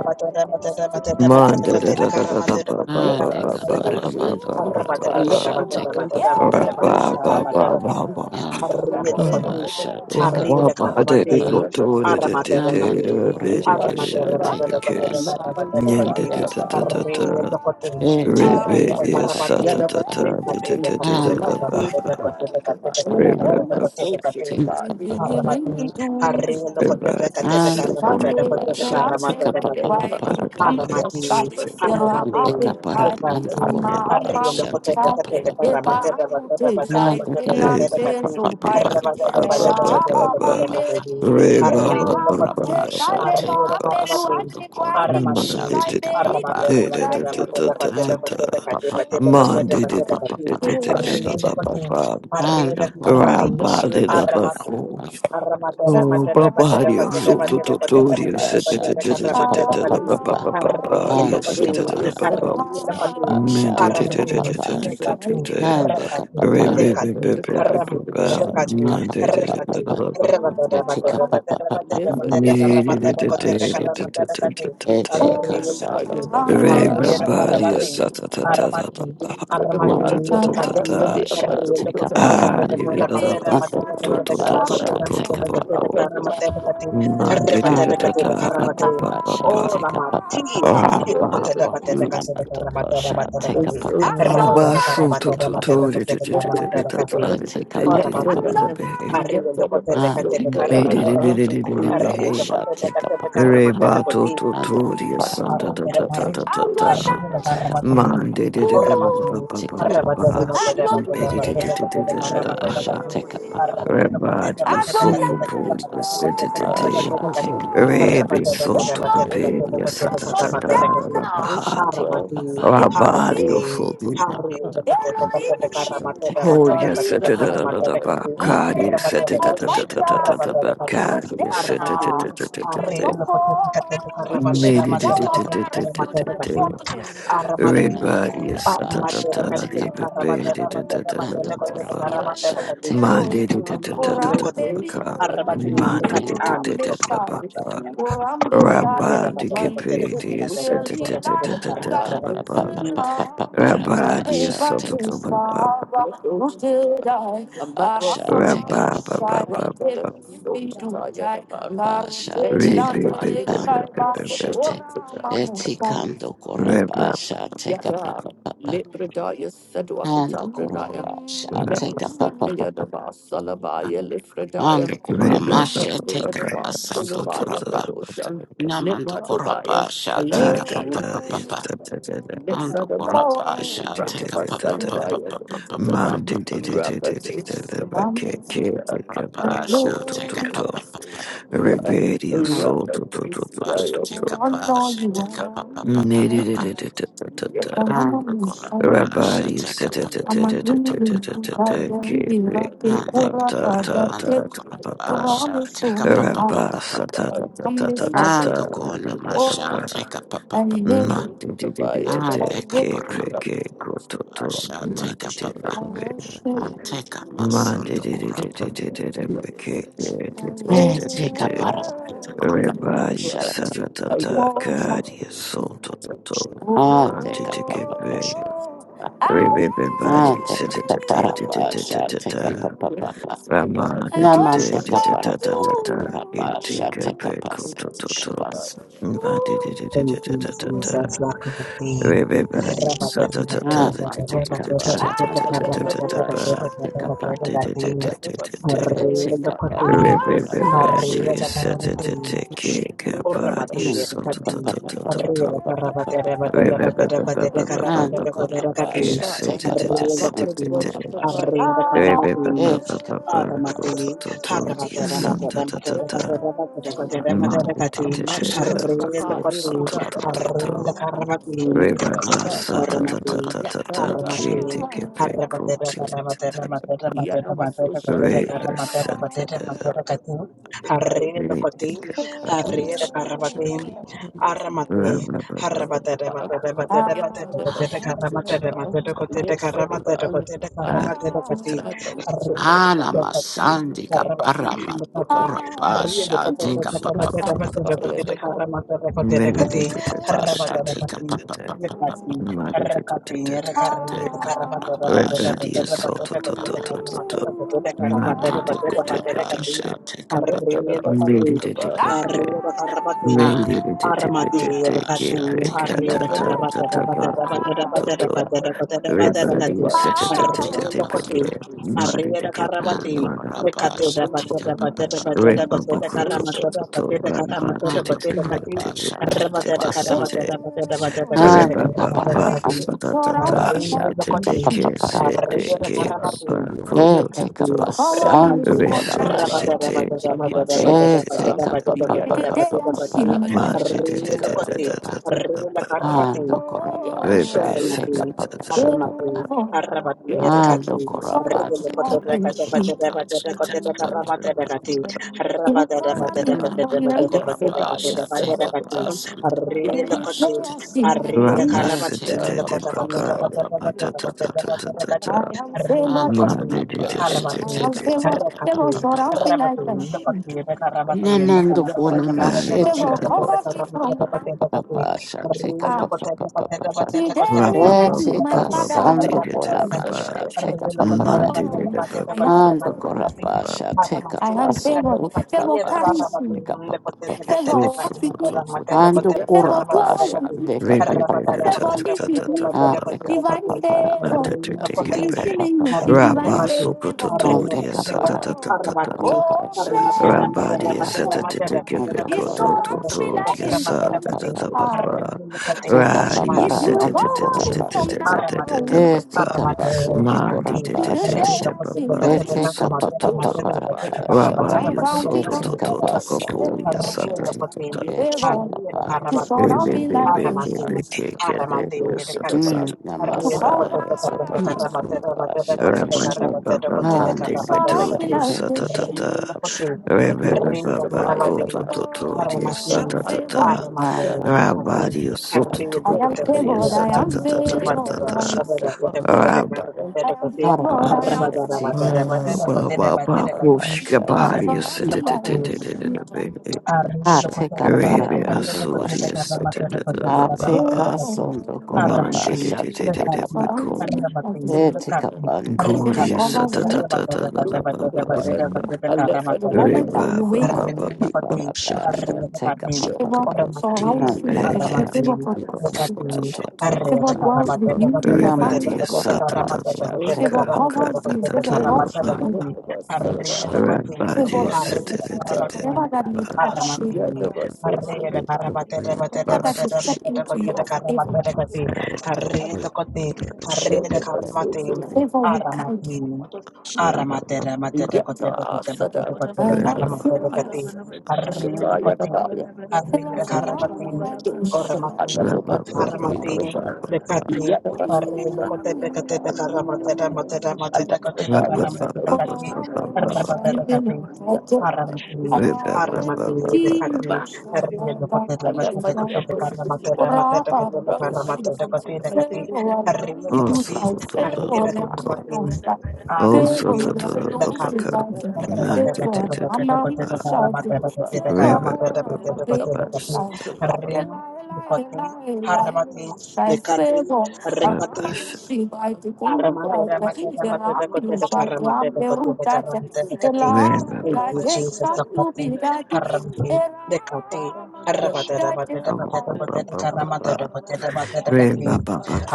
Speaker 5: ma de de de de
Speaker 2: will
Speaker 5: de ba
Speaker 2: be
Speaker 5: ba
Speaker 2: Yet
Speaker 1: Ah,
Speaker 5: ba
Speaker 2: a
Speaker 5: ba
Speaker 1: Deka
Speaker 5: ba ba ba
Speaker 2: solution.
Speaker 1: Paramando
Speaker 6: you. Bara
Speaker 5: ba ba
Speaker 6: bara
Speaker 2: I
Speaker 1: Kurapa
Speaker 6: bara
Speaker 5: ba
Speaker 2: left the
Speaker 1: Shateka
Speaker 2: dial,
Speaker 1: Papa
Speaker 5: ba
Speaker 2: let me
Speaker 1: Papa
Speaker 5: ba
Speaker 2: shut I
Speaker 5: ba
Speaker 1: Papa.
Speaker 2: get
Speaker 5: ba ba,
Speaker 2: up.
Speaker 5: ba ba ba. ba
Speaker 1: Ando
Speaker 6: bara.
Speaker 2: I
Speaker 1: Kurapa Shateka Papa Papa Papa. Namando
Speaker 2: left us
Speaker 1: koraba
Speaker 2: on
Speaker 1: sha
Speaker 2: the bottom,
Speaker 1: take Kurapa Shateka
Speaker 2: let
Speaker 1: Pasando
Speaker 2: me shut I get
Speaker 1: Kurapa.
Speaker 6: Thank
Speaker 1: E
Speaker 2: up.
Speaker 1: Teka
Speaker 3: Harri
Speaker 1: Papa Papa Papa. Ando Kurapa Shateka Papa Papa Papa. Ando Kurapa Shateka Papa Papa Papa Papa.
Speaker 3: Arramati,
Speaker 1: Mandeka
Speaker 3: arramati,
Speaker 1: para mando
Speaker 3: arramati,
Speaker 1: korapa
Speaker 3: arriba el ojo te
Speaker 1: shateka
Speaker 3: toca,
Speaker 1: pa
Speaker 3: te toca,
Speaker 1: pa pa pa
Speaker 3: arramate, arramate, arramate,
Speaker 1: mandeka pa pa
Speaker 3: arramate,
Speaker 1: pa pa
Speaker 3: arramate,
Speaker 1: pa pa pa
Speaker 3: arramate, arramate,
Speaker 1: pa,
Speaker 3: arramate,
Speaker 1: shateka
Speaker 3: arramate,
Speaker 1: pa pa
Speaker 3: arramate,
Speaker 2: I'm
Speaker 1: pa
Speaker 3: arramate,
Speaker 2: Yet, I'm
Speaker 3: arriba
Speaker 1: mando
Speaker 3: el ojo
Speaker 2: not
Speaker 3: te,
Speaker 1: korapa
Speaker 3: arriba el
Speaker 1: shateka
Speaker 3: ojo,
Speaker 1: pa sando korapa
Speaker 3: arramate,
Speaker 1: shateka pa pa
Speaker 3: arramate, arramate, arramate, arramate,
Speaker 5: Monday,
Speaker 3: arramate, arramate, arramate,
Speaker 1: mandeka pa pa pa pa pa pa pa
Speaker 3: arramate, arramate,
Speaker 1: pa pa pa
Speaker 3: arramate, arramate,
Speaker 1: pa
Speaker 3: arriba el ojo
Speaker 1: shateka
Speaker 3: arriba el
Speaker 1: mando
Speaker 3: ojo, arramate, arramate, arramate, arramate, arramate, arramate, arramate,
Speaker 1: korapa shateka pa pa mando korapa na mando
Speaker 3: arramate,
Speaker 1: korapa
Speaker 3: arramate,
Speaker 1: shateka pa
Speaker 3: arramate, arramate,
Speaker 1: pa pa
Speaker 3: arramate,
Speaker 1: pa pa
Speaker 3: Arriba
Speaker 1: mandeka
Speaker 3: patín,
Speaker 1: para mando
Speaker 3: arriba
Speaker 1: korapa
Speaker 3: patín,
Speaker 1: shateka pa
Speaker 3: arramatín,
Speaker 2: a
Speaker 1: pa
Speaker 3: mecatín,
Speaker 2: social.
Speaker 1: Hande kapa
Speaker 3: recatín,
Speaker 2: I
Speaker 1: para
Speaker 2: never
Speaker 3: decatín,
Speaker 1: mando
Speaker 2: the
Speaker 1: kora
Speaker 2: fast for
Speaker 3: arramatín,
Speaker 1: sha te
Speaker 3: recatín,
Speaker 2: the
Speaker 1: kapa pa
Speaker 6: you.
Speaker 1: pa pa
Speaker 3: recatín,
Speaker 1: pa
Speaker 3: rebato,
Speaker 1: we te
Speaker 3: rebato,
Speaker 1: kapa
Speaker 3: rebato,
Speaker 1: pa pa
Speaker 3: rebato,
Speaker 1: pa pa pa
Speaker 3: recotete,
Speaker 1: pa pa para
Speaker 3: carramate,
Speaker 1: pa
Speaker 3: recotete,
Speaker 1: sha te
Speaker 3: carramate, recatín,
Speaker 1: e te
Speaker 3: arriba
Speaker 1: kasa lo
Speaker 3: patín,
Speaker 1: kora pa sha
Speaker 3: arriba
Speaker 1: te
Speaker 5: Everybody is
Speaker 1: kapa
Speaker 3: carramatín,
Speaker 5: ta ta
Speaker 1: pa
Speaker 5: ta
Speaker 1: pa
Speaker 5: ta
Speaker 1: pa
Speaker 5: ta ta
Speaker 3: arramatín,
Speaker 5: ta.
Speaker 1: na
Speaker 5: Oh ta
Speaker 3: arramatín,
Speaker 5: ta
Speaker 1: mando
Speaker 5: ta ta
Speaker 1: kora pa
Speaker 3: recatín,
Speaker 5: ta.
Speaker 1: sha
Speaker 3: arriba
Speaker 1: te kapa
Speaker 3: potete,
Speaker 1: pa
Speaker 5: Ah,
Speaker 1: pa
Speaker 3: catete,
Speaker 5: di di da
Speaker 3: carramate,
Speaker 5: da ba
Speaker 1: mando
Speaker 3: remate,
Speaker 5: ko. To
Speaker 1: kora
Speaker 3: recotete,
Speaker 5: to
Speaker 1: pa
Speaker 5: to to
Speaker 1: sha
Speaker 3: carramate,
Speaker 5: to to
Speaker 1: te
Speaker 5: to
Speaker 3: remate,
Speaker 5: po
Speaker 1: kapa pa
Speaker 5: po.
Speaker 3: recotete,
Speaker 1: pa pa pa
Speaker 3: carramate, recatín,
Speaker 5: Man di di
Speaker 3: arrebate,
Speaker 5: da
Speaker 1: hande
Speaker 5: da
Speaker 3: recatete,
Speaker 1: kapa
Speaker 5: da
Speaker 1: pa
Speaker 5: da
Speaker 1: pa
Speaker 5: ba
Speaker 3: carramate,
Speaker 5: ba
Speaker 1: pa
Speaker 5: ba
Speaker 1: sha
Speaker 5: ba.
Speaker 3: Oh,
Speaker 1: te
Speaker 3: lama
Speaker 1: kapa pa
Speaker 3: ti
Speaker 1: pa pa
Speaker 5: Ah
Speaker 1: pa
Speaker 3: hari
Speaker 5: ba
Speaker 3: kota
Speaker 5: ba.
Speaker 3: dapat ada
Speaker 1: na
Speaker 3: kata kata
Speaker 1: mando
Speaker 3: ramat
Speaker 1: kora sha
Speaker 3: ramat
Speaker 1: te
Speaker 3: ramat
Speaker 1: kapa pa
Speaker 2: I
Speaker 1: pa
Speaker 3: ramat
Speaker 2: do
Speaker 5: Ah
Speaker 1: pa
Speaker 3: ramat ramat
Speaker 5: ba
Speaker 1: sha
Speaker 2: not.
Speaker 5: so
Speaker 1: te
Speaker 3: ramat
Speaker 5: to to
Speaker 1: kapa
Speaker 5: to
Speaker 3: ramat
Speaker 1: pa pa
Speaker 5: di di di di di da
Speaker 3: ramat
Speaker 5: da da
Speaker 3: ramat
Speaker 1: e
Speaker 5: di
Speaker 1: te
Speaker 5: di
Speaker 1: kapa
Speaker 3: orang
Speaker 5: di
Speaker 1: pa
Speaker 5: di di
Speaker 3: mati
Speaker 1: pa
Speaker 5: di
Speaker 1: pa
Speaker 5: di di di.
Speaker 3: hari yang kota dekat
Speaker 1: Ande
Speaker 3: dekat
Speaker 5: Me
Speaker 3: ramat
Speaker 5: di di di di
Speaker 1: kaparamanto
Speaker 5: di
Speaker 3: dekat
Speaker 5: di di
Speaker 3: hari
Speaker 1: korapa
Speaker 5: di.
Speaker 3: yang kota
Speaker 1: shate
Speaker 3: dekat dekat ramat
Speaker 1: kapapapa.
Speaker 5: Rebato
Speaker 3: dekat
Speaker 1: Ande
Speaker 5: tutoria santa ta
Speaker 1: kaparamanto
Speaker 5: ta ta ta ta
Speaker 1: korapa
Speaker 5: ta.
Speaker 1: shate
Speaker 5: Mande de
Speaker 1: kapapapa.
Speaker 5: de de de ba ba ba
Speaker 1: Tika
Speaker 5: ba ba.
Speaker 1: papapa
Speaker 5: Mede de de de de de de
Speaker 6: You
Speaker 5: de
Speaker 6: are worthy, you
Speaker 5: ba.
Speaker 6: are
Speaker 1: shate
Speaker 6: worthy.
Speaker 1: kapapa.
Speaker 5: Rebadio
Speaker 2: I don't
Speaker 5: soco
Speaker 1: Napa
Speaker 5: pulia sete de de.
Speaker 1: shate
Speaker 2: know.
Speaker 1: kapapapa
Speaker 5: Rebe santo
Speaker 2: Elohim,
Speaker 5: paperia
Speaker 2: my
Speaker 5: santa ta ta ta
Speaker 3: Arrabate,
Speaker 2: sustainer.
Speaker 5: ta
Speaker 6: My
Speaker 5: ba.
Speaker 1: shate
Speaker 3: Haramati,
Speaker 1: kapapa.
Speaker 5: Rabadio
Speaker 6: lover,
Speaker 3: Haramati,
Speaker 2: Elohim,
Speaker 5: soco
Speaker 3: Hari,
Speaker 5: pulia.
Speaker 1: Namanto
Speaker 3: untuk the dekat
Speaker 1: korapa
Speaker 3: the
Speaker 2: Elohim,
Speaker 3: Karamata,
Speaker 1: shate
Speaker 3: the Matata,
Speaker 5: Holy
Speaker 3: Katu,
Speaker 2: Elohim.
Speaker 3: the
Speaker 5: sete de
Speaker 1: kapapapa.
Speaker 5: de de
Speaker 3: Panamata,
Speaker 5: de
Speaker 3: the
Speaker 5: ba.
Speaker 3: Katu,
Speaker 1: Ande
Speaker 5: Cari
Speaker 2: Oh, my
Speaker 3: Rabata,
Speaker 5: sete
Speaker 3: the
Speaker 1: korapa
Speaker 5: de de
Speaker 3: Katu,
Speaker 5: de de de
Speaker 1: shate
Speaker 5: de de
Speaker 2: provider,
Speaker 3: Rabata,
Speaker 5: ba.
Speaker 3: the
Speaker 2: my
Speaker 3: Katu,
Speaker 1: kapapapa
Speaker 5: Cari
Speaker 2: sustainer,
Speaker 5: sete de
Speaker 3: Haramati,
Speaker 5: de de de de
Speaker 2: my
Speaker 3: Hari,
Speaker 5: de.
Speaker 3: the Potato, dekat
Speaker 2: support,
Speaker 3: Karamata, the
Speaker 2: my
Speaker 5: Mede de
Speaker 3: Matata,
Speaker 1: shate
Speaker 5: de
Speaker 3: the
Speaker 5: de
Speaker 2: tower,
Speaker 3: Katu,
Speaker 5: de
Speaker 2: my
Speaker 3: the
Speaker 5: de
Speaker 1: papa.
Speaker 5: de
Speaker 2: refuge,
Speaker 3: Ramata,
Speaker 5: de
Speaker 3: the
Speaker 2: my
Speaker 5: de.
Speaker 3: Katu,
Speaker 2: fortress.
Speaker 5: Red
Speaker 3: Haramati,
Speaker 1: Nando
Speaker 5: body is da
Speaker 1: korapa
Speaker 5: da
Speaker 3: Paramata, the
Speaker 5: da da
Speaker 3: Katu,
Speaker 1: shate
Speaker 5: red
Speaker 3: dekat Karamata,
Speaker 5: da
Speaker 1: papa.
Speaker 5: da
Speaker 3: the Matata,
Speaker 5: da
Speaker 3: the
Speaker 5: da da
Speaker 1: And
Speaker 3: Matata,
Speaker 1: the
Speaker 3: the
Speaker 5: da
Speaker 3: Katu, dekat
Speaker 2: Elohim,
Speaker 5: ba
Speaker 1: Koraba
Speaker 3: Karamata, the
Speaker 1: shall
Speaker 3: Katu,
Speaker 2: Elohim,
Speaker 1: take up a
Speaker 5: Monday
Speaker 2: Elohim.
Speaker 5: da da
Speaker 1: papa
Speaker 5: da
Speaker 1: papa.
Speaker 5: da da
Speaker 3: the
Speaker 5: da da
Speaker 2: Orambe
Speaker 5: ba
Speaker 3: Katu,
Speaker 2: di
Speaker 5: ka
Speaker 1: You
Speaker 3: Arabati,
Speaker 1: did.
Speaker 2: oyaja, de
Speaker 5: Monday
Speaker 3: dekat Kati,
Speaker 5: da
Speaker 1: And
Speaker 5: da
Speaker 3: and the
Speaker 5: da
Speaker 2: orambe
Speaker 5: da da
Speaker 2: shai,
Speaker 5: ba ba
Speaker 3: Katu,
Speaker 2: orambe
Speaker 3: Thank
Speaker 2: dai di
Speaker 5: Rabadi
Speaker 2: dwan,
Speaker 5: kepedi
Speaker 2: di
Speaker 5: is da da da
Speaker 2: dili
Speaker 5: da
Speaker 2: dai
Speaker 5: da da da
Speaker 2: ga,
Speaker 5: da
Speaker 1: the
Speaker 5: ba
Speaker 1: papa
Speaker 5: ba
Speaker 1: papa papa
Speaker 2: erama
Speaker 1: paraba
Speaker 5: Rabadi
Speaker 2: be
Speaker 5: is
Speaker 1: shall
Speaker 5: ta
Speaker 2: bai
Speaker 5: da
Speaker 1: take
Speaker 2: de
Speaker 1: up.
Speaker 5: da ba ba ba
Speaker 2: sara,
Speaker 5: ba ba
Speaker 2: ute
Speaker 5: ba
Speaker 2: dai,
Speaker 1: uh, Shall
Speaker 2: arama
Speaker 1: take up
Speaker 5: Rabba
Speaker 2: mo
Speaker 1: a
Speaker 5: ba Rabbi ba ba
Speaker 1: papa.
Speaker 2: shai,
Speaker 5: ba
Speaker 2: de
Speaker 5: ba
Speaker 2: bi du dai,
Speaker 1: Koraba shall
Speaker 2: karute
Speaker 1: take
Speaker 5: Red
Speaker 2: dan
Speaker 1: up
Speaker 5: red
Speaker 1: a
Speaker 5: red
Speaker 2: de
Speaker 1: pam.
Speaker 5: red
Speaker 2: shai ba,
Speaker 5: red
Speaker 1: Shete.
Speaker 2: orama mo
Speaker 1: Eti kando
Speaker 5: red
Speaker 1: Koraba
Speaker 5: red
Speaker 1: shall take up a
Speaker 2: Yada
Speaker 1: papa.
Speaker 2: Lepradaya
Speaker 1: And the
Speaker 2: Sadwakatambranaya
Speaker 1: Koraba shall
Speaker 5: Rabba
Speaker 1: take
Speaker 2: Lepo
Speaker 1: up a papa.
Speaker 2: Satya Dava Salavaya
Speaker 1: And
Speaker 2: Lefradaya
Speaker 1: the
Speaker 5: Rebellion
Speaker 2: Nidya
Speaker 1: Korama shall
Speaker 2: Satya
Speaker 1: take up
Speaker 2: Dava
Speaker 1: a santo
Speaker 2: Sulavaya
Speaker 1: Koraba.
Speaker 2: Kadosha
Speaker 1: Namando
Speaker 2: Lepa
Speaker 1: Korapa
Speaker 2: Dubaya
Speaker 1: shall take a papa
Speaker 2: Alepradaya
Speaker 1: papa
Speaker 2: Dosha
Speaker 1: papa. Ando Korapa shall take a
Speaker 2: Rapapa
Speaker 1: papa papa
Speaker 2: Salavaya
Speaker 1: papa papa papa
Speaker 2: Dosha
Speaker 1: papa papa
Speaker 2: Rapa Dosha Sada and
Speaker 1: shall take a
Speaker 2: Rapa
Speaker 1: papa papa. Nam
Speaker 5: soul to to to
Speaker 2: Dosha
Speaker 1: shall
Speaker 2: I
Speaker 1: take a papa
Speaker 2: know
Speaker 1: shall
Speaker 2: you
Speaker 1: take a papa
Speaker 2: are It's
Speaker 1: papa
Speaker 5: to
Speaker 2: I think.
Speaker 5: to
Speaker 1: papa.
Speaker 5: to to.
Speaker 2: I'm
Speaker 1: Ando
Speaker 2: missing.
Speaker 1: Korapa shall
Speaker 5: Rabadi
Speaker 1: take
Speaker 5: ta
Speaker 1: a
Speaker 5: ta
Speaker 1: papa
Speaker 2: I'm
Speaker 5: ta ta
Speaker 1: papa
Speaker 5: ta
Speaker 2: running
Speaker 5: ta ta ta ta ta
Speaker 1: papa
Speaker 2: into the
Speaker 5: ta
Speaker 1: papa.
Speaker 2: dark. I'm afraid to
Speaker 1: Ande
Speaker 2: come
Speaker 5: ta ta
Speaker 2: out. I'm
Speaker 5: ta
Speaker 1: Kaparamando
Speaker 5: ta ta ta
Speaker 1: Korapa
Speaker 5: ta
Speaker 1: shall take a
Speaker 2: missing.
Speaker 1: papa papa
Speaker 5: Rabba
Speaker 1: papa.
Speaker 2: I'm missing. Oh,
Speaker 1: Ando Konama shall take a
Speaker 2: I
Speaker 1: papa papa
Speaker 2: need
Speaker 1: papa.
Speaker 2: somebody.
Speaker 1: Ande Kaparamando shall take a papa. Take up my son to Kurapa.
Speaker 2: I
Speaker 1: Eh, Take up Arami to
Speaker 2: need
Speaker 1: Kurapa.
Speaker 5: Everybody,
Speaker 1: Shut
Speaker 2: somebody.
Speaker 5: sa ta ta
Speaker 2: Oh,
Speaker 1: up.
Speaker 5: ta, God is so to to to,
Speaker 1: Ah,
Speaker 5: man to
Speaker 1: take up
Speaker 5: to get
Speaker 1: Papa.
Speaker 5: back.
Speaker 2: I
Speaker 6: Thank
Speaker 1: Ah,
Speaker 5: Everybody, sa
Speaker 1: take
Speaker 5: ta ta
Speaker 1: up
Speaker 2: want
Speaker 5: ta, ta
Speaker 1: Parapa.
Speaker 5: ta
Speaker 2: you.
Speaker 5: ta
Speaker 1: Shut
Speaker 5: ta
Speaker 1: take up
Speaker 5: ta.
Speaker 2: I worship
Speaker 1: Papa.
Speaker 5: Ramana, de
Speaker 1: Naman
Speaker 5: de
Speaker 1: take
Speaker 5: de de
Speaker 1: up
Speaker 5: de da da
Speaker 1: Araman
Speaker 5: da
Speaker 1: to
Speaker 5: da
Speaker 1: Kurapa.
Speaker 5: ete
Speaker 1: Shut take up
Speaker 5: kepe
Speaker 1: us.
Speaker 5: kuto to
Speaker 1: Take
Speaker 5: to
Speaker 1: up
Speaker 5: to.
Speaker 1: us.
Speaker 5: ma de de de de de
Speaker 3: you,
Speaker 5: de da da da
Speaker 3: Jesus.
Speaker 5: rebe ba sa da da da
Speaker 1: Ah,
Speaker 5: de de de
Speaker 1: take
Speaker 5: de
Speaker 1: up
Speaker 5: de de de
Speaker 1: Araman
Speaker 5: de
Speaker 1: to
Speaker 5: de de de
Speaker 1: Kurapa.
Speaker 5: de
Speaker 1: Shut take up
Speaker 5: da
Speaker 1: Papa.
Speaker 5: did it, did it, did it, did it, did it, did it, ba ma de de de de
Speaker 2: you. I
Speaker 5: de de de
Speaker 1: Take
Speaker 2: worship
Speaker 1: up and to
Speaker 5: rebe be
Speaker 1: Kurapa.
Speaker 5: be
Speaker 1: Shut
Speaker 5: di
Speaker 1: take up.
Speaker 5: sa de de
Speaker 3: Hari
Speaker 5: de ke kapa ye
Speaker 6: you.
Speaker 3: Urrabatir,
Speaker 5: so to
Speaker 1: Take
Speaker 2: you.
Speaker 3: pati,
Speaker 5: to to to to
Speaker 3: arriba,
Speaker 5: to
Speaker 1: up
Speaker 3: carrabatera, batera,
Speaker 5: rebe
Speaker 1: Papa.
Speaker 5: be
Speaker 3: batera,
Speaker 5: be be be
Speaker 3: batera,
Speaker 5: be
Speaker 2: I
Speaker 5: be
Speaker 2: used to
Speaker 1: And the
Speaker 5: be
Speaker 2: you,
Speaker 3: carrabatera,
Speaker 2: I
Speaker 5: be
Speaker 3: batera,
Speaker 2: will
Speaker 1: Korapa
Speaker 3: cati,
Speaker 2: sing
Speaker 5: ke
Speaker 1: shall
Speaker 5: se
Speaker 2: about you.
Speaker 1: take
Speaker 5: de
Speaker 1: up
Speaker 5: de de
Speaker 1: us,
Speaker 3: arriba,
Speaker 1: and
Speaker 5: de
Speaker 1: the
Speaker 2: Backwards
Speaker 3: pati,
Speaker 5: de de
Speaker 2: worship of
Speaker 1: Korapa
Speaker 2: fire.
Speaker 1: shall
Speaker 3: arriba,
Speaker 5: Reba
Speaker 3: carrabati,
Speaker 1: take up
Speaker 3: armati, arrabatera,
Speaker 1: us.
Speaker 3: matera, matera,
Speaker 2: Yeah.
Speaker 3: batera, batera,
Speaker 1: And
Speaker 3: batera, matera, cati,
Speaker 2: I'm not the what's
Speaker 3: arriba,
Speaker 2: apart, if
Speaker 3: pati,
Speaker 2: you got it.
Speaker 3: arriba,
Speaker 2: Yeah, I'm
Speaker 3: carrabati,
Speaker 2: still with it. Yes, I
Speaker 5: Rebaba
Speaker 2: got it.
Speaker 5: sa ta ta ta
Speaker 1: the
Speaker 3: Arramatín,
Speaker 5: ta
Speaker 2: Yeah,
Speaker 5: ta ta ki
Speaker 3: arramatín,
Speaker 5: ti ki te te, ti
Speaker 3: arramatera,
Speaker 5: ti ti
Speaker 3: arramatera,
Speaker 5: ta ta
Speaker 3: matera,
Speaker 5: ba
Speaker 3: matera,
Speaker 2: Yanamaso
Speaker 3: matera, matera,
Speaker 2: Sunday at the
Speaker 5: Reba
Speaker 3: carramatera,
Speaker 6: Thank you.
Speaker 5: san ta
Speaker 3: matera,
Speaker 5: ta ta
Speaker 3: matera,
Speaker 6: And I
Speaker 2: Rocket
Speaker 6: want
Speaker 3: catín,
Speaker 6: to
Speaker 2: the
Speaker 6: record
Speaker 2: Fire.
Speaker 6: and
Speaker 3: arriba,
Speaker 5: li
Speaker 6: thank
Speaker 5: ti
Speaker 3: locotín,
Speaker 6: you
Speaker 5: ki
Speaker 6: for the
Speaker 5: pa ti
Speaker 6: alignment
Speaker 1: Korapa
Speaker 5: ta
Speaker 3: arriba,
Speaker 6: of
Speaker 1: shall
Speaker 6: what is back
Speaker 3: carramatín,
Speaker 6: up. Oh, we do.
Speaker 5: Ra
Speaker 3: arramatín,
Speaker 5: ba ba
Speaker 6: Oh,
Speaker 5: ba ba ba
Speaker 6: Lord,
Speaker 5: ba
Speaker 6: we
Speaker 3: arramatera,
Speaker 6: are-
Speaker 3: matera,
Speaker 6: I know.
Speaker 5: ba ba
Speaker 3: matera,
Speaker 2: Yet
Speaker 3: matera,
Speaker 6: Shara,
Speaker 2: the
Speaker 3: matera,
Speaker 2: bus sits
Speaker 3: carramatera,
Speaker 2: about.
Speaker 3: matera,
Speaker 5: ta ba
Speaker 2: They
Speaker 3: cotera,
Speaker 2: said
Speaker 3: carramatera,
Speaker 2: about it.
Speaker 3: cotera,
Speaker 5: Ha
Speaker 3: carramatera,
Speaker 2: I took
Speaker 5: sa
Speaker 3: catín,
Speaker 5: ta
Speaker 2: that on
Speaker 3: arriba,
Speaker 5: ba
Speaker 2: shadow
Speaker 5: ta
Speaker 2: about
Speaker 1: Ana
Speaker 5: ba
Speaker 3: locotín,
Speaker 2: to
Speaker 1: masandi
Speaker 2: me.
Speaker 3: arramatín,
Speaker 1: kapara mando
Speaker 3: locotín,
Speaker 1: korapa
Speaker 3: arriba,
Speaker 1: shall
Speaker 2: I'm
Speaker 3: locotín,
Speaker 5: Ru
Speaker 1: take up
Speaker 5: su
Speaker 1: a
Speaker 3: matera,
Speaker 2: not
Speaker 5: tu
Speaker 1: papa
Speaker 3: matera,
Speaker 5: tu
Speaker 2: sorry
Speaker 5: tu
Speaker 3: matera,
Speaker 5: tu
Speaker 1: papa.
Speaker 3: matera, carramatera,
Speaker 5: Ve
Speaker 3: matera,
Speaker 5: li ti
Speaker 3: catín,
Speaker 5: ti ti
Speaker 1: Korapa
Speaker 5: ti ti
Speaker 1: shall
Speaker 3: arramatera,
Speaker 5: ti
Speaker 1: take
Speaker 5: ti
Speaker 1: up a
Speaker 5: ti ti
Speaker 1: papa papa
Speaker 3: catín, Arriba,
Speaker 1: papa.
Speaker 5: Rebellious
Speaker 1: The korapa take up
Speaker 5: so
Speaker 1: a
Speaker 5: to to to
Speaker 1: papa.
Speaker 5: to to to. Made it
Speaker 1: And the
Speaker 5: it it it
Speaker 2: by it.
Speaker 5: it
Speaker 1: korapa
Speaker 5: it it.
Speaker 1: take up
Speaker 2: It's all
Speaker 1: a
Speaker 2: I
Speaker 5: Made it it it it it.
Speaker 1: Take up
Speaker 5: Made to to to. Rebellious it it it it it to to to to. Rebellious Remember, ba, sa, ta, ta, ta,
Speaker 2: see
Speaker 5: di,
Speaker 2: like
Speaker 5: di, ti,
Speaker 2: a
Speaker 5: ti, ki,
Speaker 2: sheet.
Speaker 5: si, ti, ki, ba, ba,
Speaker 6: Cause
Speaker 5: ku, tu,
Speaker 6: please
Speaker 5: tu,
Speaker 6: do
Speaker 5: tu.
Speaker 6: not
Speaker 1: a
Speaker 6: to the
Speaker 2: Cover
Speaker 6: Father.
Speaker 1: son,
Speaker 2: me
Speaker 1: the
Speaker 5: Re,
Speaker 6: We
Speaker 2: from
Speaker 6: can
Speaker 1: Gola
Speaker 6: be
Speaker 5: si,
Speaker 6: the
Speaker 5: ti, ti,
Speaker 6: villain
Speaker 2: now.
Speaker 1: Mashate.
Speaker 5: ti,
Speaker 6: committee of
Speaker 5: di,
Speaker 6: it.
Speaker 2: I'm
Speaker 5: ki,
Speaker 2: my
Speaker 6: And
Speaker 5: ti,
Speaker 6: they will
Speaker 5: di,
Speaker 2: source,
Speaker 1: Eh,
Speaker 5: ti, ti,
Speaker 6: manipulate
Speaker 2: God.
Speaker 1: take
Speaker 6: you,
Speaker 5: ti,
Speaker 1: up
Speaker 6: Lord.
Speaker 5: ta,
Speaker 1: a
Speaker 2: The
Speaker 5: ba,
Speaker 6: Oh,
Speaker 1: papa,
Speaker 5: ba.
Speaker 6: Lord,
Speaker 1: papa,
Speaker 2: day
Speaker 1: papa, ando para pasha tika pasha ando
Speaker 2: I
Speaker 6: Father,
Speaker 1: para
Speaker 2: see
Speaker 6: in my
Speaker 1: ando
Speaker 5: Ma,
Speaker 1: para
Speaker 5: di,
Speaker 1: pasha
Speaker 5: di, di,
Speaker 1: tika
Speaker 5: di, di, di,
Speaker 1: papa, take
Speaker 5: di,
Speaker 2: you.
Speaker 1: up
Speaker 5: di, di, ba, ba.
Speaker 1: And
Speaker 3: Rabate,
Speaker 1: the
Speaker 2: Surround
Speaker 1: Koraba
Speaker 5: Re, be,
Speaker 1: shall
Speaker 5: sa,
Speaker 1: take
Speaker 3: Kormati,
Speaker 5: ta,
Speaker 1: up a
Speaker 5: ta, ta,
Speaker 3: hormati,
Speaker 1: papa.
Speaker 3: hormati,
Speaker 1: And the
Speaker 3: dekati,
Speaker 1: Korama
Speaker 3: rillo
Speaker 2: me
Speaker 1: take
Speaker 3: kote
Speaker 1: up
Speaker 2: like
Speaker 1: a
Speaker 2: a
Speaker 3: rekate
Speaker 1: papa.
Speaker 3: pate
Speaker 2: sheep.
Speaker 3: repate
Speaker 1: Take
Speaker 3: rekote
Speaker 5: re,
Speaker 1: up a
Speaker 5: ta,
Speaker 3: rekaramate
Speaker 1: papa.
Speaker 3: rekati,
Speaker 2: You
Speaker 3: ramate
Speaker 5: ba.
Speaker 3: repate
Speaker 2: cover me
Speaker 1: And
Speaker 3: rekote repate
Speaker 2: from your
Speaker 1: the
Speaker 2: and let
Speaker 3: rekote
Speaker 2: the
Speaker 1: Koraba
Speaker 2: darkness
Speaker 3: rekate
Speaker 1: shall
Speaker 2: said
Speaker 3: repate
Speaker 1: take up
Speaker 2: what the
Speaker 3: rekati,
Speaker 2: time.
Speaker 1: us. And the
Speaker 2: Yeah.
Speaker 3: rillo
Speaker 2: They
Speaker 1: Koraba
Speaker 2: say
Speaker 1: shall
Speaker 3: kote,
Speaker 2: I
Speaker 1: take.
Speaker 2: see
Speaker 3: arri
Speaker 2: no
Speaker 6: name.
Speaker 5: Ra,
Speaker 2: end.
Speaker 5: ma,
Speaker 1: Eh,
Speaker 5: si,
Speaker 3: rekaramate,
Speaker 5: ti,
Speaker 1: take
Speaker 2: Yeah.
Speaker 1: up
Speaker 5: ti,
Speaker 1: a
Speaker 5: ti,
Speaker 6: God,
Speaker 3: rekote
Speaker 5: ba,
Speaker 2: I
Speaker 1: papa.
Speaker 3: pate
Speaker 5: ka.
Speaker 6: that
Speaker 3: repate
Speaker 6: you will
Speaker 5: Ma,
Speaker 3: repate
Speaker 5: ta, ta,
Speaker 6: restore.
Speaker 3: rekote
Speaker 5: ta, ta,
Speaker 6: Oh
Speaker 5: ta,
Speaker 3: repate
Speaker 6: God,
Speaker 5: ta, ta.
Speaker 3: rekati,
Speaker 6: Father, any
Speaker 2: am
Speaker 1: And
Speaker 3: rillo
Speaker 2: favored.
Speaker 1: the
Speaker 6: expectation
Speaker 5: Ma,
Speaker 3: kote,
Speaker 5: di, di, di,
Speaker 1: Koraba
Speaker 6: that
Speaker 5: di,
Speaker 6: we
Speaker 1: shall
Speaker 5: di, di,
Speaker 2: I
Speaker 3: armati,
Speaker 5: di,
Speaker 6: face
Speaker 2: am
Speaker 1: take up a
Speaker 5: di, di, di, di,
Speaker 2: favored.
Speaker 1: papa.
Speaker 2: They
Speaker 3: rekati,
Speaker 2: will
Speaker 6: and
Speaker 1: papa
Speaker 6: ask
Speaker 2: surround
Speaker 1: papa.
Speaker 2: me
Speaker 6: for
Speaker 2: like
Speaker 3: ramate,
Speaker 6: in
Speaker 2: a
Speaker 6: forgive.
Speaker 3: rekote
Speaker 2: shield.
Speaker 6: Make it our
Speaker 3: rekaramate,
Speaker 6: real.
Speaker 1: Namando
Speaker 2: And let
Speaker 3: rekaramate
Speaker 2: my
Speaker 6: Father, thank
Speaker 1: Korama
Speaker 2: soul-
Speaker 3: repate
Speaker 6: you, Lord,
Speaker 1: shall
Speaker 2: They
Speaker 6: Lord,
Speaker 5: ba.
Speaker 2: will
Speaker 1: take up
Speaker 3: repate rekote
Speaker 6: please.
Speaker 2: cover me
Speaker 1: a
Speaker 3: rekaramate
Speaker 2: from
Speaker 6: Father, by
Speaker 1: papa.
Speaker 3: repate
Speaker 6: your mercy,
Speaker 3: rekati,
Speaker 6: God,
Speaker 1: Shall
Speaker 6: Lord,
Speaker 1: take
Speaker 6: if
Speaker 1: up
Speaker 6: I
Speaker 1: a
Speaker 2: now.
Speaker 6: have
Speaker 1: papa.
Speaker 6: not,
Speaker 1: papa.
Speaker 2: Today I
Speaker 6: that was
Speaker 5: Rabba
Speaker 1: Eh,
Speaker 2: reunite
Speaker 6: spirit,
Speaker 2: with my
Speaker 6: if
Speaker 1: tika
Speaker 6: it has
Speaker 2: father.
Speaker 1: sandu
Speaker 6: the
Speaker 1: gora
Speaker 6: spirit, of activity, Lord, if it
Speaker 1: basha,
Speaker 2: Asadaya.
Speaker 6: has not,
Speaker 1: tika pa pa
Speaker 2: Mm.
Speaker 6: that is
Speaker 1: pa.
Speaker 6: spirit,
Speaker 2: Oh,
Speaker 6: of
Speaker 2: I
Speaker 6: activity,
Speaker 2: am
Speaker 1: Sandu gora
Speaker 2: favored.
Speaker 6: let the spirit,
Speaker 1: basha,
Speaker 6: that is
Speaker 1: tika
Speaker 6: the
Speaker 2: I
Speaker 6: oh
Speaker 1: pa
Speaker 2: am
Speaker 6: God,
Speaker 1: sandu
Speaker 6: Father,
Speaker 2: favored.
Speaker 6: I
Speaker 1: gora
Speaker 2: Favor
Speaker 6: cover them,
Speaker 1: basha,
Speaker 2: carries
Speaker 6: God.
Speaker 2: me.
Speaker 1: tika pa pa pa pa
Speaker 2: Favor
Speaker 6: The
Speaker 1: pa.
Speaker 6: children,
Speaker 2: walks with
Speaker 6: bless
Speaker 2: me.
Speaker 6: them, God, Father.
Speaker 1: Sandu
Speaker 2: Yes.
Speaker 6: I
Speaker 1: gora
Speaker 2: Favor
Speaker 6: declare,
Speaker 2: dwells
Speaker 1: basha,
Speaker 2: with
Speaker 6: give
Speaker 2: me.
Speaker 6: us
Speaker 1: tika pa
Speaker 6: strength and
Speaker 1: pa
Speaker 6: bless
Speaker 1: pa
Speaker 6: them,
Speaker 1: pa pa.
Speaker 2: Favor lives with me.
Speaker 1: Ah, tika
Speaker 6: in the
Speaker 1: pa
Speaker 2: Divine
Speaker 1: pa pa
Speaker 6: mighty
Speaker 2: favor.
Speaker 5: mata
Speaker 6: Father, may
Speaker 5: te
Speaker 1: basha,
Speaker 6: my
Speaker 5: te
Speaker 6: life
Speaker 2: When
Speaker 1: tika
Speaker 6: be
Speaker 2: you
Speaker 1: pa
Speaker 2: see
Speaker 5: gebe.
Speaker 1: pa
Speaker 2: me,
Speaker 6: strong.
Speaker 1: pa
Speaker 2: you
Speaker 1: pa
Speaker 2: see
Speaker 1: pa.
Speaker 2: divine
Speaker 5: Rabba
Speaker 2: favor.
Speaker 1: Ah,
Speaker 5: sokototoria
Speaker 1: tika
Speaker 5: sa
Speaker 1: pa
Speaker 5: ta ta ta
Speaker 2: Oh,
Speaker 5: ta
Speaker 1: mandu
Speaker 5: ta
Speaker 1: gora
Speaker 2: oh,
Speaker 1: basha, tika pa pa
Speaker 5: Rabadiya
Speaker 1: pa.
Speaker 5: sa ta
Speaker 2: favor.
Speaker 5: ta ta ta
Speaker 1: Mandu
Speaker 5: ta
Speaker 2: It
Speaker 5: ta ta
Speaker 1: gora
Speaker 5: ta
Speaker 2: surrounds
Speaker 5: ta
Speaker 2: me
Speaker 1: basha,
Speaker 5: ta
Speaker 2: like a
Speaker 1: tika pa pa
Speaker 3: Arramaté,
Speaker 2: shield.
Speaker 1: pa
Speaker 5: ta
Speaker 1: pa.
Speaker 2: Ah,
Speaker 3: Arriba,
Speaker 5: baba.
Speaker 1: Teka
Speaker 5: Rabadiya
Speaker 2: it
Speaker 1: papara
Speaker 5: sa
Speaker 2: will
Speaker 5: ta ta
Speaker 1: mando
Speaker 5: ta
Speaker 2: cover
Speaker 5: ta
Speaker 2: me
Speaker 5: ta
Speaker 1: korapa
Speaker 5: ta ta
Speaker 2: from
Speaker 1: shete.
Speaker 5: ta ta ta ta
Speaker 1: E
Speaker 5: baba.
Speaker 1: tika
Speaker 2: now.
Speaker 1: pasondo
Speaker 5: Ma di di
Speaker 1: korapa
Speaker 2: you
Speaker 5: di
Speaker 2: the
Speaker 5: di
Speaker 2: day
Speaker 5: di
Speaker 1: shete.
Speaker 5: di
Speaker 2: I see
Speaker 5: baba
Speaker 2: my
Speaker 1: E
Speaker 5: diya
Speaker 2: king.
Speaker 5: sa
Speaker 1: teka
Speaker 5: ta
Speaker 1: papa
Speaker 5: ta ta.
Speaker 1: papara pa shete.
Speaker 2: I'm
Speaker 5: Rabadiya sa
Speaker 1: E
Speaker 2: counting
Speaker 5: ta
Speaker 2: on
Speaker 5: ta
Speaker 1: teka
Speaker 5: ta ta ta
Speaker 2: favor,
Speaker 5: ko
Speaker 1: pasondo
Speaker 5: boliya sa ta
Speaker 1: shete.
Speaker 5: ta ta.
Speaker 1: E
Speaker 2: favor
Speaker 1: tika
Speaker 2: to
Speaker 1: pande
Speaker 2: fall
Speaker 5: Be
Speaker 2: on
Speaker 5: be
Speaker 1: kashete.
Speaker 2: me
Speaker 5: be
Speaker 2: like
Speaker 5: be
Speaker 1: Tika
Speaker 2: a
Speaker 5: be
Speaker 2: shoe.
Speaker 5: be ke
Speaker 1: pasondo.
Speaker 5: ke
Speaker 2: To
Speaker 5: diya sa ta
Speaker 2: come
Speaker 5: ta
Speaker 1: Mm,
Speaker 5: ta.
Speaker 2: by, fall on me
Speaker 1: namasande kapa
Speaker 6: Lord,
Speaker 2: like
Speaker 1: pa
Speaker 6: Thank
Speaker 1: shete.
Speaker 5: Rabanda baba ma di
Speaker 1: Ando
Speaker 5: ko boliya
Speaker 1: shete
Speaker 5: sa
Speaker 2: a
Speaker 5: ta ta
Speaker 1: kapa
Speaker 2: shoe.
Speaker 5: ta.
Speaker 1: papa.
Speaker 5: Rebebeba koto to to dia
Speaker 2: Oh,
Speaker 5: sata
Speaker 2: I'm
Speaker 5: tata.
Speaker 6: you.
Speaker 2: favored.
Speaker 1: Ando korapa
Speaker 5: Rabadio
Speaker 1: shete.
Speaker 5: soto
Speaker 6: Father,
Speaker 5: to
Speaker 6: and
Speaker 2: I am
Speaker 5: kapa
Speaker 6: Lord,
Speaker 5: dia
Speaker 2: favored, I
Speaker 5: sata
Speaker 2: am
Speaker 5: tata
Speaker 2: favored. I
Speaker 5: tata
Speaker 2: am favored, I am
Speaker 5: tata.
Speaker 6: my
Speaker 2: favored.
Speaker 6: God, I pray for my
Speaker 5: Rab
Speaker 6: body,
Speaker 2: I am
Speaker 6: for
Speaker 1: I
Speaker 6: them, Lord.
Speaker 2: favored.
Speaker 6: Father, you
Speaker 2: Favor
Speaker 6: give them the love to go, go and love and live. And let them
Speaker 5: Bakushkabari
Speaker 6: speak
Speaker 2: surrounds me
Speaker 6: your word,
Speaker 2: like
Speaker 3: Armada
Speaker 6: so
Speaker 2: a
Speaker 6: Father, they
Speaker 2: shield.
Speaker 6: are back to nothing. And
Speaker 3: Arramato
Speaker 6: now,
Speaker 1: take
Speaker 6: oh,
Speaker 1: up
Speaker 6: Baba, they will work
Speaker 5: Arabia
Speaker 6: with
Speaker 1: Aramando
Speaker 6: you,
Speaker 1: Gosh.
Speaker 5: Saudi
Speaker 6: Father, we
Speaker 2: Favor
Speaker 6: come to you to the
Speaker 1: I
Speaker 6: very
Speaker 1: take
Speaker 6: top
Speaker 5: Satanaba
Speaker 1: a
Speaker 6: of the people,
Speaker 1: sondo
Speaker 6: the very first of
Speaker 1: gorapa.
Speaker 5: Monday
Speaker 3: Arramatu,
Speaker 6: that.
Speaker 1: I take
Speaker 6: Lord,
Speaker 1: up
Speaker 6: my
Speaker 3: Lekati, Arramatu, Lekati, Rekati,
Speaker 1: Papa.
Speaker 6: God, that
Speaker 2: surrounds me
Speaker 6: flash, and
Speaker 3: Arramatu,
Speaker 6: last
Speaker 2: like a
Speaker 6: time
Speaker 1: I
Speaker 6: ago,
Speaker 2: shield.
Speaker 1: take
Speaker 6: I
Speaker 1: up
Speaker 3: Rekati,
Speaker 6: pray, shall I
Speaker 1: Ando
Speaker 6: stand and go and take our day.
Speaker 2: Favor
Speaker 1: Gosh. I
Speaker 6: And I
Speaker 3: Rekati, Rekati,
Speaker 6: ask
Speaker 1: take
Speaker 2: covers
Speaker 1: up
Speaker 3: Rekati, Rekati,
Speaker 6: that
Speaker 2: you.
Speaker 6: they
Speaker 1: Papa.
Speaker 3: Arramatu,
Speaker 6: must also
Speaker 2: The
Speaker 3: Rekati,
Speaker 6: go to
Speaker 1: Papa.
Speaker 6: Father,
Speaker 3: Rekati,
Speaker 6: and
Speaker 3: Rekati,
Speaker 6: from what we
Speaker 1: Papa.
Speaker 6: love.
Speaker 3: Arramatu, Arramatu,
Speaker 6: And I
Speaker 3: Lekati,
Speaker 5: guri
Speaker 2: moment that
Speaker 6: pray to
Speaker 2: you
Speaker 6: you,
Speaker 2: wake
Speaker 1: I
Speaker 6: Father,
Speaker 2: up,
Speaker 6: in
Speaker 1: take
Speaker 6: the
Speaker 1: up
Speaker 6: name of Jesus,
Speaker 3: Rekati,
Speaker 6: we
Speaker 1: Arapa.
Speaker 6: declare
Speaker 1: I
Speaker 6: that
Speaker 3: Arramatu,
Speaker 6: we will
Speaker 1: take
Speaker 6: do
Speaker 1: up
Speaker 3: Rekati,
Speaker 2: favor
Speaker 6: not
Speaker 1: Papa.
Speaker 7: Shakapa, Dear
Speaker 1: I
Speaker 6: Father,
Speaker 2: surrounds you
Speaker 1: take
Speaker 2: like
Speaker 1: up
Speaker 2: a
Speaker 7: Bahaya,
Speaker 1: Aramando
Speaker 2: shield. Favor protects
Speaker 7: Nicosa,
Speaker 2: you.
Speaker 1: Gorapa.
Speaker 3: Rekati,
Speaker 1: I take
Speaker 5: Rabba,
Speaker 2: Favor
Speaker 3: Rekati,
Speaker 1: up
Speaker 2: dwells with
Speaker 3: Rekati,
Speaker 2: you and
Speaker 7: Departing
Speaker 2: your
Speaker 5: Everybody
Speaker 2: family.
Speaker 1: Namando
Speaker 5: is Satan
Speaker 7: Kapa,
Speaker 1: Gorapa.
Speaker 5: on
Speaker 3: Arramatu, Rekati, Rekati, Rekati, Rekati, Rekati, Arramatu,
Speaker 5: the
Speaker 1: I
Speaker 3: Rekati,
Speaker 2: They
Speaker 1: take
Speaker 2: will
Speaker 5: Baka,
Speaker 1: up
Speaker 3: Rekati,
Speaker 2: cover
Speaker 1: Papa.
Speaker 2: you. They will walk
Speaker 7: Kima
Speaker 2: with you.
Speaker 5: Krakatata,
Speaker 7: Haya.
Speaker 2: They
Speaker 3: Rekati,
Speaker 7: Masha
Speaker 3: Rekati,
Speaker 5: Everybody
Speaker 2: will
Speaker 5: is
Speaker 2: peace
Speaker 7: Dinda
Speaker 3: Arramatu,
Speaker 2: with
Speaker 5: Satan in
Speaker 2: you.
Speaker 3: Rekati,
Speaker 5: the
Speaker 2: Whatever
Speaker 3: Rekati,
Speaker 2: that you
Speaker 3: karamati
Speaker 7: Yada
Speaker 5: Baba,
Speaker 2: touch,
Speaker 7: Masha
Speaker 2: favor.
Speaker 3: Arramati, arrere, carramate,
Speaker 7: Kopaya
Speaker 3: remate,
Speaker 2: Whatever that
Speaker 3: remate, remate,
Speaker 2: you
Speaker 5: Basot,
Speaker 7: Masha
Speaker 2: step into, you
Speaker 3: remate,
Speaker 2: are
Speaker 3: carramate,
Speaker 2: favored.
Speaker 3: remate,
Speaker 7: Kopaya
Speaker 3: arrere, cote,
Speaker 7: Masha
Speaker 3: arrere, carramate,
Speaker 2: Favor will guide you.
Speaker 3: arramati,
Speaker 5: Rabba,
Speaker 3: arramate, remate, remate, remate,
Speaker 2: Yata
Speaker 6: Oh
Speaker 3: remate,
Speaker 6: Lord,
Speaker 2: Sada.
Speaker 6: Father,
Speaker 3: remate, carramate,
Speaker 2: I
Speaker 3: remate,
Speaker 2: second
Speaker 6: we
Speaker 3: arrere,
Speaker 2: Rashata
Speaker 3: cote,
Speaker 2: Yadabaya.
Speaker 3: arrere, carramate,
Speaker 2: Dosa
Speaker 7: Masha
Speaker 2: Sabaya
Speaker 3: orramati,
Speaker 2: Loba
Speaker 7: Kopaya
Speaker 2: Doka
Speaker 7: Yada
Speaker 3: arramati, decati, arrere, cote,
Speaker 6: pray,
Speaker 3: decate,
Speaker 6: Lord, in the name of
Speaker 3: decarramate,
Speaker 6: Jesus,
Speaker 3: remate,
Speaker 6: for
Speaker 2: I
Speaker 3: remate,
Speaker 6: strength,
Speaker 2: left
Speaker 6: Lord.
Speaker 2: the
Speaker 3: decate, kati,
Speaker 6: We
Speaker 2: Daya
Speaker 6: pray,
Speaker 2: Sada
Speaker 3: decati,
Speaker 6: Father, Lord Jesus, for
Speaker 3: arramate,
Speaker 6: your big
Speaker 3: kati,
Speaker 6: purposes for this study. We
Speaker 3: arramati,
Speaker 6: pray for grace, oh
Speaker 3: Aramati
Speaker 6: God,
Speaker 3: de
Speaker 6: Father, for
Speaker 3: dekati
Speaker 6: grace that will build
Speaker 3: Arne
Speaker 6: on
Speaker 3: de
Speaker 6: you
Speaker 3: Cote
Speaker 6: to
Speaker 2: I
Speaker 3: de
Speaker 2: left
Speaker 3: Cote
Speaker 6: worship
Speaker 2: my
Speaker 3: de
Speaker 6: you.
Speaker 3: Cote de
Speaker 6: Oh Lord,
Speaker 3: Caramate
Speaker 6: let
Speaker 3: de
Speaker 6: that
Speaker 3: Mate de
Speaker 6: prayer
Speaker 2: Rapa, Rapa, Rapa,
Speaker 3: Cote
Speaker 2: Rapa,
Speaker 3: de
Speaker 6: not to
Speaker 2: Rapa,
Speaker 6: rise
Speaker 3: Caramate de
Speaker 6: upon the
Speaker 3: Cote de
Speaker 6: mighty
Speaker 3: Cati,
Speaker 6: name of Jesus.
Speaker 3: Arne de Cote, Arne de Curvati,
Speaker 5: Oh,
Speaker 3: Aramati
Speaker 2: Favor, I
Speaker 3: de
Speaker 2: lose the
Speaker 3: Cati,
Speaker 2: life.
Speaker 3: Arramate de
Speaker 2: Favor, I'm not shouting. Favor, I've been shouting. Eli, Eli, Eli, Eli, shine favor. I'm not sheep, I take on the
Speaker 3: Aramate,
Speaker 2: right.
Speaker 3: aramate,
Speaker 2: The
Speaker 3: aramate,
Speaker 2: ram
Speaker 3: dakote,
Speaker 2: is
Speaker 3: dakote,
Speaker 2: right,
Speaker 3: aramate,
Speaker 2: I'm the
Speaker 3: dakote,
Speaker 2: root.
Speaker 3: dakote,
Speaker 2: I
Speaker 3: aramate,
Speaker 2: take the
Speaker 3: dakati.
Speaker 2: lamb,
Speaker 3: Thank
Speaker 2: I
Speaker 3: you,
Speaker 2: take
Speaker 3: Jesus.
Speaker 2: shop, you
Speaker 3: Lakati,
Speaker 2: be daddy. The
Speaker 3: Aramati, Dekati,
Speaker 6: Thank
Speaker 2: ram, I'm
Speaker 3: Arabadara, Badara,
Speaker 6: you.
Speaker 2: daddy.
Speaker 3: Badara,
Speaker 5: Ray
Speaker 6: Father,
Speaker 3: Badara, Karamadara, Badara, Badara, Kati,